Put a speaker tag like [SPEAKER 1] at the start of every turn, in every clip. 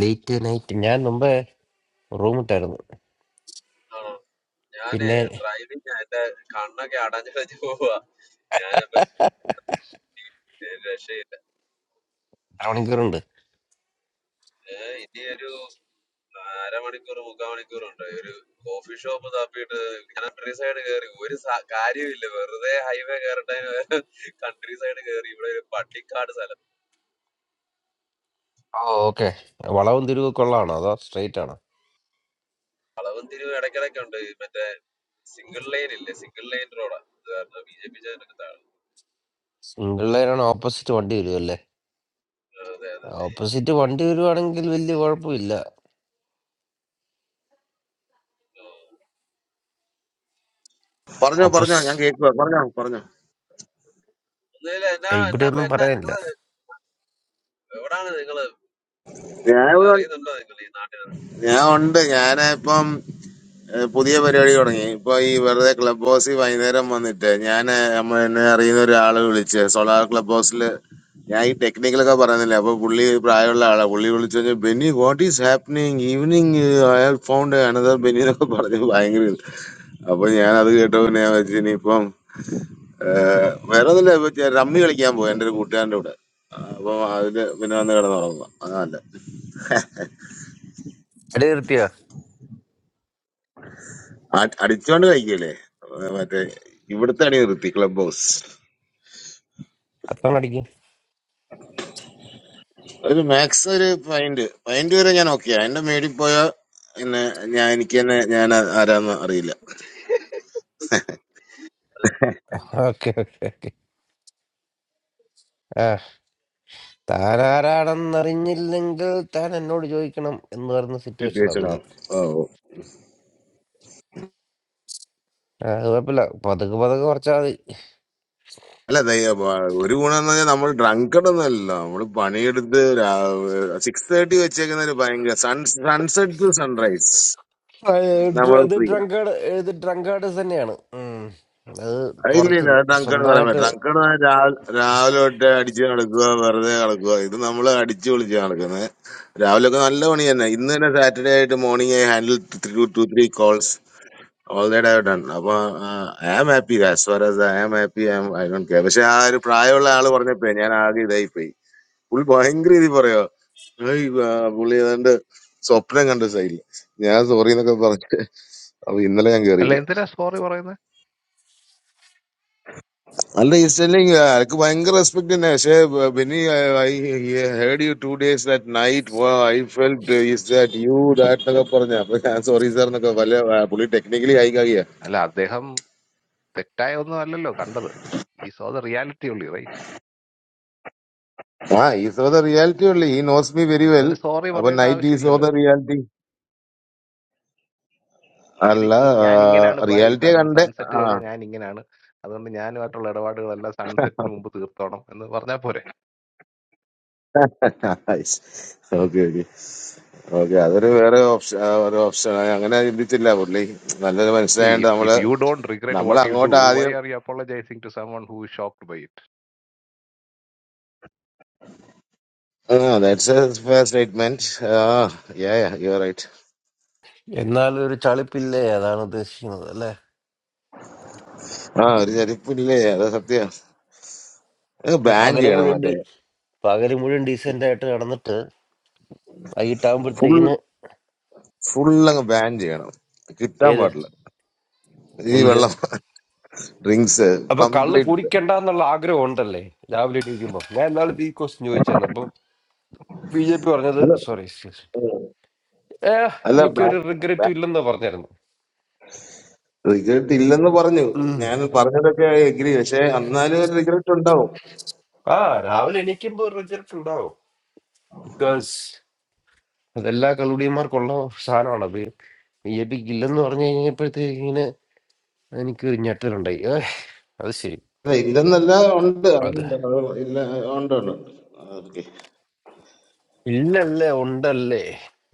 [SPEAKER 1] Late night ഞാൻ മുമ്പ് room ഇട്ടായിരുന്നു
[SPEAKER 2] ആ ഞാനേ
[SPEAKER 1] പിന്നെ എത്ര
[SPEAKER 2] ഡ്രൈവിംഗ് എന്റെ കണ്ണൊക്കെ അടഞ്ഞു വെച്ച് പോവാ ഞാനപ്പൊ രക്ഷയില്ല
[SPEAKER 1] മണിക്കൂറുണ്ട്
[SPEAKER 2] ഏഹ് ഇനി ഒരു അരമണിക്കൂർ മുക്കാൽ മണിക്കൂറുണ്ട് ഒരു കോഫി ഷോപ്പ് തപ്പിയിട്ട് കൺട്രി സൈഡ് കയറി ഒരു സ- കാര്യമില്ല വെറുതെ ഹൈവേ കയറട്ടെ കൺട്രി സൈഡ് കയറി ഇവിടെ ഒരു പട്ടിക്കാട് സ്ഥലം
[SPEAKER 1] ഓ ഓക്കെ വളവും തിരിവ് കൊള്ളാണോ അതോ സ്ട്രെയിറ്റ് ആണോ
[SPEAKER 2] വളവും തിരിവും ഇടയ്ക്കിടയ്ക്ക് ഉണ്ട് ഈ മറ്റേ സിംഗിൾ ലൈൻ ഇല്ലേ സിംഗിൾ ലൈൻ റോഡാ അത് കാരണം ബി ജെ പി ജാനൊക്കെ താഴെ
[SPEAKER 1] സിംഗിൾ ലൈൻ ആണ് ഓപ്പോസിറ്റ് വണ്ടി വരുമല്ലേ
[SPEAKER 2] ആ, അതെ അതെ
[SPEAKER 1] ഓപ്പോസിറ്റ് വണ്ടി വരുവാണെങ്കിൽ വലിയ കുഴപ്പമില്ല
[SPEAKER 2] ആ.
[SPEAKER 3] പറഞ്ഞോ പറഞ്ഞോ
[SPEAKER 1] ഓപ്പോസ്
[SPEAKER 3] ഞാൻ കേൾക്കുക പറഞ്ഞോ പറഞ്ഞോ
[SPEAKER 2] ഒന്നുമില്ല എന്നാ
[SPEAKER 1] ഇവിടെ
[SPEAKER 2] എന്നാ
[SPEAKER 1] ഒന്നും
[SPEAKER 2] എന്നാ നിങ്ങൾ
[SPEAKER 1] പറയാനില്ല
[SPEAKER 2] എവിടാണ് നിങ്ങള്
[SPEAKER 3] ഞാൻ
[SPEAKER 2] എല്ലാം
[SPEAKER 3] ഇവിടെ ഉണ്ട്.
[SPEAKER 2] അറിയുന്നുണ്ടോ നിങ്ങൾ ഈ നാട്ടിൽ
[SPEAKER 3] ഞാൻ ഉണ്ട് ഞാൻ ഇപ്പം ഏഹ്, പുതിയ പരിപാടി തുടങ്ങി ഇപ്പൊ ഈ വെറുതെ ക്ലബ് ഹൗസിൽ വൈകുന്നേരം വന്നിട്ട് ഞാൻ നമ്മ എന്നെ അറിയുന്ന ഒരാളെ വിളിച്ച് സോളാർ ക്ലബ് ഹൗസിൽ ഞാൻ ഈ ടെക്നിക്കലൊക്കെ പറയുന്നില്ല അപ്പൊ പുള്ളി ഒരു പ്രായമുള്ള ആളാ പുള്ളി വിളിച്ചു കഴിഞ്ഞാൽ Benny what is happening evening I have found another Benny എന്നൊക്കെ പറഞ്ഞു ഭയങ്കര ഇത്. അപ്പൊ ഞാൻ അത് കേട്ടോ പിന്നെ ഞാൻ വെച്ചു ഇനിയിപ്പം ഏഹ്, വേറെ ഒന്നുമില്ല ഇപ്പൊ ചെ- റമ്മി കളിക്കാൻ പോയി എന്റെ ഒരു കൂട്ടുകാരന്റെ കൂടെ അപ്പൊ അതിന് പിന്നെ വന്ന് കിടന്നുറങ്ങുക അതല്ല
[SPEAKER 1] എടി നിർത്തിയോ
[SPEAKER 3] അ- അടിച്ചോണ്ട് കഴിക്കല്ലേ മറ്റേ ഇവിടുത്തെ അടി നിർത്തി ക്ലബ് ഹൗസ്
[SPEAKER 1] അത്തം അടിക്കും
[SPEAKER 3] ഒരു മാക്സ് ഒരു പൈന്റ് പൈന്റ് വരെ ഞാൻ ഓക്കെ എന്റെ മേടി പോയ പിന്നെ ഞാൻ എനിക്ക് തന്നെ ഞാൻ ആ- ആരാന്ന് അറിയില്ല
[SPEAKER 1] ഓക്കെ ഓക്കെ ഓക്കെ ആ താനാരാണെന്നറിഞ്ഞില്ലെങ്കിൽ താൻ എന്നോട് ചോദിക്കണം എന്ന് പറയുന്ന സിറ്റുവേഷൻ
[SPEAKER 3] വിട്ടുവീഴ്ചയുടെ
[SPEAKER 1] ആകുമല്ലേ
[SPEAKER 3] ആള്. ഓ ഓ.
[SPEAKER 1] ആ അത് കുഴപ്പമില്ല പതുക്കെ പതുക്കെ കുറച്ചാൽ മതി
[SPEAKER 3] അല്ല ദയ- വ- ഒരു ഗുണം എന്ന് പറഞ്ഞാൽ നമ്മൾ ഡ്രങ്കഡൊന്നുമല്ല നമ്മൾ പണിയെടുത്ത് സിക്സ് തേർട്ടി വെച്ചേക്കുന്ന ഒരു ഭയങ്കര സൺ സൺസെറ്റ് ടു സൺറൈസ്
[SPEAKER 1] ആ,
[SPEAKER 3] നമ്മൾ
[SPEAKER 1] ഡ്ര- ഇത്
[SPEAKER 3] free.
[SPEAKER 1] ഡ്രങ്കേഡ് ഇത് ഡ്രങ്കേഡ് തന്നെയാണ് ഉം. അത്
[SPEAKER 3] അത് ഇല്ല
[SPEAKER 1] കുറച്ച്
[SPEAKER 3] ഇല്ല അത് തങ്കണ് പറയാൻ
[SPEAKER 1] സ്വന്തമായിട്ട്
[SPEAKER 3] പറ്റില്ല തങ്കണ് രാവിലെ രാവിലെ തൊട്ട് അടിച്ച് നടക്കുക വെറുതെ നടക്കുക ഇത് നമ്മൾ അടിച്ചു പൊളിച്ച് നടക്കുന്നത് രാവിലെ ഒക്കെ നല്ല പണി തന്നെ ഇന്ന് തന്നെ സാറ്റർഡേ ആയിട്ട് morning I handle three to three calls all died I done അപ്പൊ I am happy as far as I am happy I I don't care പക്ഷെ ആ ഒരു പ്രായമുള്ള ആള് പറഞ്ഞപ്പോ ഞാൻ ആകെ ഇതായി പോയി പുള്ളി ഭയങ്കര ഇത് പറയോ ഏയ്, ആ, പുള്ളി ഏതാണ്ട് സ്വപ്നം കണ്ട സൈഡിൽ ഞാൻ സോറി എന്നൊക്കെ പറഞ്ഞു അപ്പൊ ഇന്നലെ ഞാൻ കേറിയില്ല
[SPEAKER 4] അല്ല എന്തിനാ സോറി പറയുന്നെ?
[SPEAKER 3] അല്ല ഈ സ്റ്റെല്ലിങ് എനിക്ക് ഭയങ്കര റെസ്പെക്ട് തന്നെ പക്ഷേ Benny I heard you two days that night I felt is that you that എന്നൊക്കെ പറഞ്ഞ അപ്പൊ ഞാൻ സോറി സാർ എന്നൊക്കെ വല്ല ആ, പുള്ളി ടെക്നിക്കലി ആയിക്കാകിയ
[SPEAKER 4] അല്ല അദ്ദേഹം തെറ്റായ ഒന്നും അല്ലല്ലോ കണ്ടത്. ഈസ് ഓ ദ റിയാലിറ്റി ഉള്ളി റൈറ്റ്?
[SPEAKER 3] ആ ഈസ് ഓഫ് ദ റിയാലിറ്റി ഉള്ളു he knows me very well
[SPEAKER 4] അതിന് സോറി
[SPEAKER 3] അപ്പൊ
[SPEAKER 4] പറയേണ്ട
[SPEAKER 3] നൈറ്റ് ഈസ് ഓഫ്
[SPEAKER 4] ആവശ്യമില്ലല്ലോ.
[SPEAKER 3] ദ റിയാലിറ്റി
[SPEAKER 4] ഇത് ഇത്
[SPEAKER 3] അല്ല
[SPEAKER 4] ഇ- ഞാൻ ഇങ്ങനാണ് ബൈ
[SPEAKER 3] റിയാലിറ്റിയെ
[SPEAKER 4] സൺ
[SPEAKER 3] കണ്ടേ
[SPEAKER 4] സൺസെറ്റ്
[SPEAKER 3] ആ
[SPEAKER 4] കഴിഞ്ഞാൽ ഞാൻ ഇങ്ങനാണ്. അതുകൊണ്ട് ഞാനുമായിട്ടുള്ള ഇടപാടുകളെല്ലാം സൺസെറ്റിന് മുമ്പ് തീർത്തോണം എന്ന് പറഞ്ഞാൽ പോരെ?
[SPEAKER 3] ഓക്കെ ഓക്കെ ഓക്കെ അതൊരു വേറെ ഓപ്ഷൻ ഒരു ഓപ്ഷൻ അങ്ങനെ ചിന്തിച്ചില്ല പുള്ളി നല്ലൊരു മനസ്സിലായോണ്ട്
[SPEAKER 4] ഇഫ്
[SPEAKER 3] നമ്മള്
[SPEAKER 4] ഇഫ് യു ഡോണ്ട് റിഗ്രറ്റ്
[SPEAKER 3] നമ്മൾ
[SPEAKER 4] വാട്ട് യു ഡു
[SPEAKER 3] അങ്ങോട്ട്
[SPEAKER 4] why are you apologising to someone who shocked by it
[SPEAKER 3] Ah, that's a fair statement. Ah, yeah, yeah, you're right.
[SPEAKER 1] എന്നാലും ഒരു ചളിപ്പില്ലേ അതാണ് ഉദ്ദേശിക്കുന്നത് അല്ലെ
[SPEAKER 3] ആ ഒരു ചരിപ്പില്ലേ അത് സത്യം അത് ബാൻ
[SPEAKER 1] പകല്
[SPEAKER 3] ചെയ്യണം
[SPEAKER 1] മുഴുവൻ
[SPEAKER 3] മറ്റേ
[SPEAKER 1] ഡി പകല് മുഴുവൻ ഡീസെന്റ് ആയിട്ട് നടന്നിട്ട്
[SPEAKER 3] ഫുൾ
[SPEAKER 1] വൈകിട്ടാകുമ്പോഴത്തേക്കിന്
[SPEAKER 3] ഫുൾ അങ്ങ് ബാൻ ചെയ്യണം കിട്ടാൻ
[SPEAKER 1] ഏത്
[SPEAKER 3] പാടില്ല ഈ
[SPEAKER 1] എന്ത്
[SPEAKER 3] വെള്ളം ഡ്രിങ്ക്സ്
[SPEAKER 1] അപ്പൊ കള്ള്
[SPEAKER 3] കംപ്ലീറ്റ്
[SPEAKER 1] കുടിക്കണ്ട എന്നുള്ള ആഗ്രഹം ഉണ്ടല്ലേ രാവിലെ എണീക്കുമ്പോ ഞാൻ എന്നാലും ഈ ക്വസ്റ്റ്യൻ ചോദിച്ചായിരുന്നു അപ്പം ബി ജെ പി പറഞ്ഞത്
[SPEAKER 3] അല്ല
[SPEAKER 1] സോറി എക്സ്ക്യൂസ്
[SPEAKER 3] ഉം.
[SPEAKER 1] ഏ
[SPEAKER 3] അല്ല
[SPEAKER 1] എനിക്കൊരു റിഗ്രറ്റും ഇല്ലെന്ന് പറഞ്ഞായിരുന്നു
[SPEAKER 3] റിഗ്രറ്റ് ഇല്ലെന്ന് പറഞ്ഞു
[SPEAKER 1] ഉം.
[SPEAKER 3] ഞാൻ പറഞ്ഞതൊക്കെ എഗ്രി പക്ഷെ എന്നാലും ഒരു റിഗ്രറ്റ് ഉണ്ടാവും
[SPEAKER 1] ആ രാവിലെ എണീക്കുമ്പോ റിഗ്രറ്റ് ഉണ്ടാവും ബിക്കോസ് അതെല്ലാ കളുടിയന്മാർക്കുള്ള സാധനമാണ് ബി ബി ജെ പിക്ക് ഇല്ലെന്ന് പറഞ്ഞു കഴിഞ്ഞപ്പോഴത്തേക്കിന് എനിക്കൊരു ഞെട്ടലുണ്ടായി ഏ അത് ശരി
[SPEAKER 3] അല്ല, ഇല്ലെന്നല്ല ഉണ്ട്
[SPEAKER 1] അത്
[SPEAKER 3] അതുണ്ട്. അത് ഇല്ല ഉണ്ട് ഉണ്ട് ഉണ്ട് ഓക്കെ
[SPEAKER 1] ഇല്ലല്ലേ ഉണ്ടല്ലേ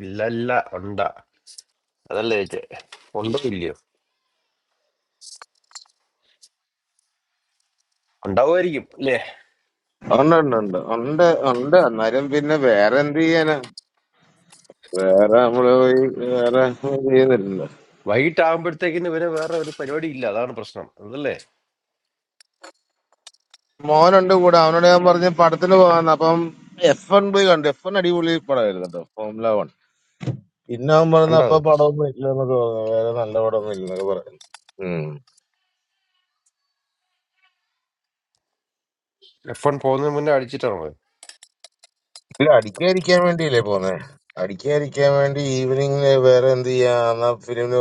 [SPEAKER 1] ഇല്ലല്ല ഉണ്ട അതല്ലേ ചേച്ചേ ഉണ്ടോ ഇല്ലയോ ഉണ്ടാവുമായിരിക്കും അല്ലേ
[SPEAKER 3] ഉണ്ട് ഉണ്ട് ഉണ്ട് ഉണ്ട് ഉണ്ട് എന്നാലും പിന്നെ വേറെ എന്ത് ചെയ്യാനാ വേറെ നമ്മള് പോയി വേറെ ചെയ്യുന്നില്ലല്ലോ
[SPEAKER 1] വൈകിട്ടാകുമ്പോഴത്തേക്കിന് ഇവരെ വേറെ ഒരു പരിപാടി ഇല്ല അതാണ് പ്രശ്നം അതല്ലേ
[SPEAKER 3] മോനുണ്ട് കൂടെ അവനോട് ഞാൻ പറഞ്ഞ് പടത്തിന് പോകാന്ന് അപ്പം എഫ് എൻ പോയി കണ്ടു എഫ് എൻ അടിപൊളി പടമായിരുന്നു കേട്ടോ ഫോമുല വൺ പിന്നെ അവൻ പറഞ്ഞ
[SPEAKER 1] ഉണ്ടോ
[SPEAKER 3] അപ്പൊ
[SPEAKER 1] അത്
[SPEAKER 3] പടമൊന്നും ഇല്ല എന്നൊക്കെ പറഞ്ഞു വേറെ നല്ല പടമൊന്നും ഇല്ലെന്നൊക്കെ പറയുന്നു ഉം.
[SPEAKER 1] എഫ് വൺ പോകുന്നതിന് മുന്നേ അടിച്ചിട്ടാണ് പോയത്
[SPEAKER 3] ഇല്ല അടിക്കാതിരിക്കാൻ വേണ്ടിയല്ലേ പോന്നെ അടിക്കാതിരിക്കാൻ വേണ്ടി ഈവനിങ്ങില് വേറെ എന്ത് ചെയ്യാ എന്നാ ഫിലിമിന്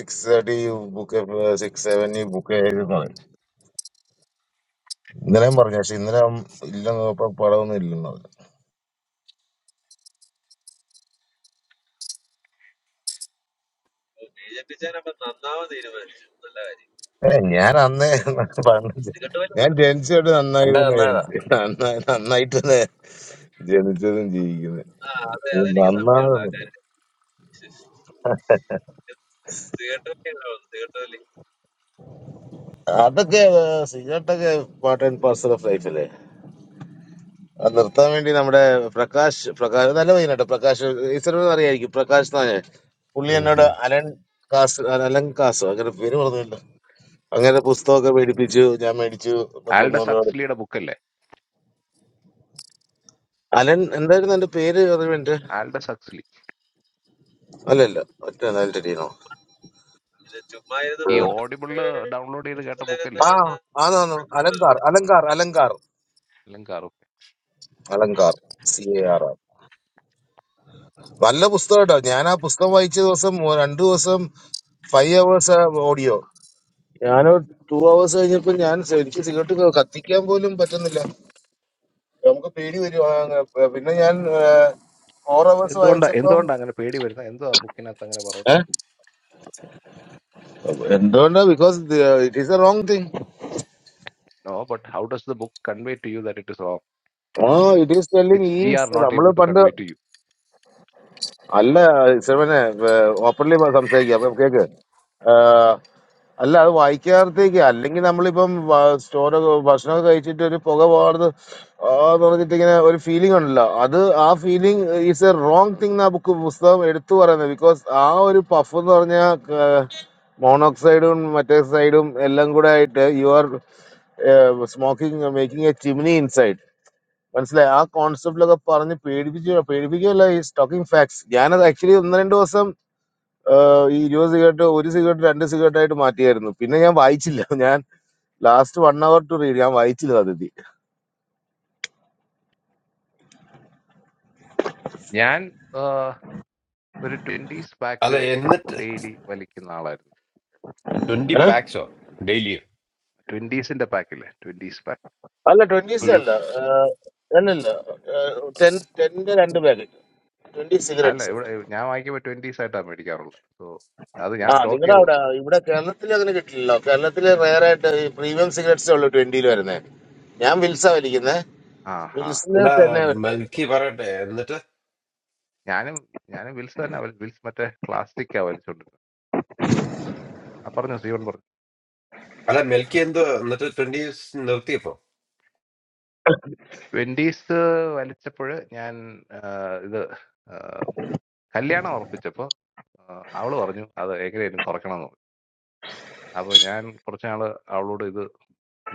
[SPEAKER 3] six thirty book six seven book ചെയ്ത് പറയും ഇന്നലെയും പറഞ്ഞു പക്ഷെ ഇന്നലെ അവൻ ഇല്ലെന്ന് പറഞ്ഞപ്പോ പടമൊന്നും ഇല്ലെന്ന് പറഞ്ഞു
[SPEAKER 2] ബിജെപിച്ചാൻ അപ്പൊ നന്നാവാൻ തീരുമാനിച്ചു നല്ല കാര്യം
[SPEAKER 3] ഏ, ഞാൻ അന്ന് പണ്ട്
[SPEAKER 2] സിഗട്ട് വലി
[SPEAKER 3] ഞാൻ ജനിച്ചോട്ട് നന്നായി
[SPEAKER 1] കണ്ട
[SPEAKER 3] തന്നെ
[SPEAKER 1] നന്നായതാ
[SPEAKER 3] ജനിച്ചു നന്നായി നന്നായിട്ട് തന്നെ ജനിച്ചതും ജീവിക്കുന്നത്
[SPEAKER 2] ആ അതെ അതെനിക്ക് സംശയമുണ്ട് ആ
[SPEAKER 3] നന്നാകുന്നുണ്ട്
[SPEAKER 2] കാര്യം സിഗട്ട് വലി ഉണ്ടാവുന്നു സിഗട്ട് വലി
[SPEAKER 3] അതൊക്കെ ഏഹ്, സിഗരറ്റൊക്കെ പാർട്ട് ആൻഡ് പാർസൽ ഓഫ് ലൈഫല്ലേ അത് നിർത്താൻ വേണ്ടി നമ്മുടെ പ്രകാശ് പ്രകാശ് നല്ല പയ്യനട്ടോ പ്രകാശ് ഈശ്വരനോട് അറിയായിരിക്കും പ്രകാശ് എന്നാണ് പുള്ളി
[SPEAKER 1] ഉം
[SPEAKER 3] എന്നോട്
[SPEAKER 1] ഉം.
[SPEAKER 3] അലൻ കാസ് അലൻ കാസോ അങ്ങനെ പേര് പറഞ്ഞില്ല അങ്ങനെ പുസ്തകമൊക്കെ മേടിപ്പിച്ചു ഞാൻ മേടിച്ചു
[SPEAKER 4] ആൽഡസ്
[SPEAKER 3] പത്തൊന്നൂറ് രൂപ
[SPEAKER 4] ഹക്സ്ലിയുടെ ബുക്കല്ലേ
[SPEAKER 3] അലൻ എന്തായിരുന്നു എന്റെ പേര് അറിവ്
[SPEAKER 4] ആൽഡസ് ഹക്സ്ലി
[SPEAKER 3] അല്ലല്ല ഒറ്റ അലൻ ടെടിയാണോ
[SPEAKER 2] ഇത് ചുമ്മാ ഇരുന്ന്
[SPEAKER 4] ഈ
[SPEAKER 2] മോട്ട്
[SPEAKER 4] ഓഡിബിളില് ഡൗൺലോഡ് ചെയ്ത് കേട്ട
[SPEAKER 2] തരുന്ന
[SPEAKER 4] ബുക്കല്ലേ
[SPEAKER 3] ആ ആന്നാന്ന് അലങ്കാർ അലങ്കാർ അലങ്കാർ
[SPEAKER 4] എല്ലാം കാറും
[SPEAKER 3] Alankar C A R R നല്ല പുസ്തകം കേട്ടോ ഞാൻ ആ പുസ്തകം വായിച്ച ദിവസം മൂ- രണ്ടു ദിവസം ഫൈവ് അവേഴ്സ് ഓഡിയോ ഞാനോ ടു അവേഴ്സ് കഴിഞ്ഞപ്പോ ഞാൻ സ- എനിക്ക് സിഗരറ്റ് ക- കത്തിക്കാൻ പോലും പറ്റുന്നില്ല നമുക്ക് പേടി വരും ആ, അങ്ങ് പ- പിന്നെ ഞാൻ ഫോർ അവേഴ്സ്
[SPEAKER 4] എന്തുകൊണ്ടാ
[SPEAKER 3] വായിച്ചപ്പം
[SPEAKER 4] എന്തുകൊണ്ടാ അങ്ങനെ പേടി വരുന്നത് എന്തോ ആ ബുക്കിനകത്ത് അങ്ങനെ പറയുന്നത്
[SPEAKER 3] ഏ? എന്തുകൊണ്ടാ because it is a wrong thing
[SPEAKER 4] No, but how does the book convey to you that it is wrong,
[SPEAKER 3] ah it is telling
[SPEAKER 4] which
[SPEAKER 3] ഈ
[SPEAKER 4] we are not
[SPEAKER 3] നമ്മള്
[SPEAKER 4] able to
[SPEAKER 3] പണ്ട്
[SPEAKER 4] convey to you?
[SPEAKER 3] അല്ല സെവനെ openly സംസാരിക്കുക അപ്പൊ cake അല്ല അത് വായിക്കാത്തേക്ക് അല്ലെങ്കിൽ നമ്മളിപ്പം വ- ചോറൊക്കെ ഭക്ഷണമൊക്കെ കഴിച്ചിട്ട് ഒരു പുക പോകാറത് എന്ന് പറഞ്ഞിട്ട് ഇങ്ങനെ ഒരു ഫീലിംഗ് ഉണ്ടല്ലോ അത് ആ feeling is a wrong thing ആ ബുക്ക് പുസ്തകം എടുത്തു പറയുന്നത് ബിക്കോസ് ആ ഒരു പഫ് എന്ന് പറഞ്ഞാൽ മോണോക്സൈഡും മറ്റേ സൈഡും എല്ലാം കൂടെ ആയിട്ട് you are smoking making a chimney inside മനസ്സിലായി ആ കോൺസെപ്റ്റിലൊക്കെ പറഞ്ഞ് പേടിപ്പിച്ചു പേടിപ്പിക്കുകയല്ല ഈസ് ടോക്കിംഗ് ഫാക്ട്സ് ഞാനത് ആക്ച്വലി ഒന്ന് രണ്ട് ദിവസം ഏഹ് ഈ ഇരുപത് സിഗരറ്റ് ഒരു സിഗരറ്റ് രണ്ട് സിഗരറ്റ് ആയിട്ട് മാറ്റിയായിരുന്നു പിന്നെ ഞാൻ വായിച്ചില്ല ഞാൻ last one hour to read ഞാൻ വായിച്ചില്ല അതിഥി
[SPEAKER 4] ഞാൻ ആഹ്, ഒരു ട്വന്റീസ് പാക്ക്
[SPEAKER 1] അതെ എന്നിട്ട്
[SPEAKER 4] ഡെയിലി വലിക്കുന്ന ആളായിരുന്നു
[SPEAKER 1] ട്വന്റി
[SPEAKER 3] ഏഹ്?
[SPEAKER 1] പാക്സോ ഡെയിലിയോ
[SPEAKER 4] ട്വന്റീസിന്റെ പാക്കില്ലേ ട്വന്റീസ് പാക്ക്
[SPEAKER 3] അല്ല ട്വന്റീസ്
[SPEAKER 1] ഒരു
[SPEAKER 4] ഇരു
[SPEAKER 3] അല്ല ഏഹ്, അല്ലല്ല ടെൻ ടെന്റെ രണ്ട് പാക്കറ്റ് ട്വന്റി
[SPEAKER 4] അല്ല
[SPEAKER 3] സിഗരറ്റ്സ്
[SPEAKER 4] ഇവിടെ ഞാൻ വാങ്ങിക്കുമ്പോൾ ട്വന്റീസ് ആയിട്ടാണ് മേടിക്കാറുള്ളത് സോ അത് ഞാൻ
[SPEAKER 3] ആ
[SPEAKER 4] സ്റ്റോക്ക്
[SPEAKER 3] നിങ്ങളുടെ
[SPEAKER 4] ചെയ്ത്
[SPEAKER 3] അവിടെ
[SPEAKER 4] വെക്കും
[SPEAKER 3] ഇവിടെ കേരളത്തിൽ അങ്ങനെ കിട്ടില്ലല്ലോ കേരളത്തിൽ റയറായിട്ട് ഈ പ്രീമിയം സിഗരറ്റ്സ് ഉള്ളു ട്വന്റിയിൽ വരുന്നത് ഞാൻ വിൽസ വലിക്കുന്നത്
[SPEAKER 4] ആ ഹാ ഹാ
[SPEAKER 3] വിൽസിന്
[SPEAKER 1] അല്ല
[SPEAKER 3] തന്നെ വരത്തുള്ളൂ
[SPEAKER 1] എനിക്ക് പറയട്ടെ എന്നിട്ട്
[SPEAKER 4] ഞാനും ഞാനും വിൽസ് തന്നെ വലി- വിൽസ് മറ്റേ ക്ലാസ്റ്റിക്കാ വലിച്ചോണ്ടിരുന്നത് ആ പറഞ്ഞു സീവൺ പറഞ്ഞു
[SPEAKER 1] അല്ല മിൽക്കി എന്തോ എന്നിട്ട് ട്വന്റി നിർത്തിയപ്പോ
[SPEAKER 4] ട്വന്റീസ് വലിച്ചപ്പോൾ ഞാൻ ആഹ്, ഇത് ആഹ്, കല്യാണം ഉറപ്പിച്ചപ്പോൾ അവള് പറഞ്ഞു അത് എങ്ങനെയായിരുന്നു കുറയ്ക്കണം എന്ന്. അപ്പൊ ഞാൻ കുറച്ച് നാള് അവളോട് ഇത്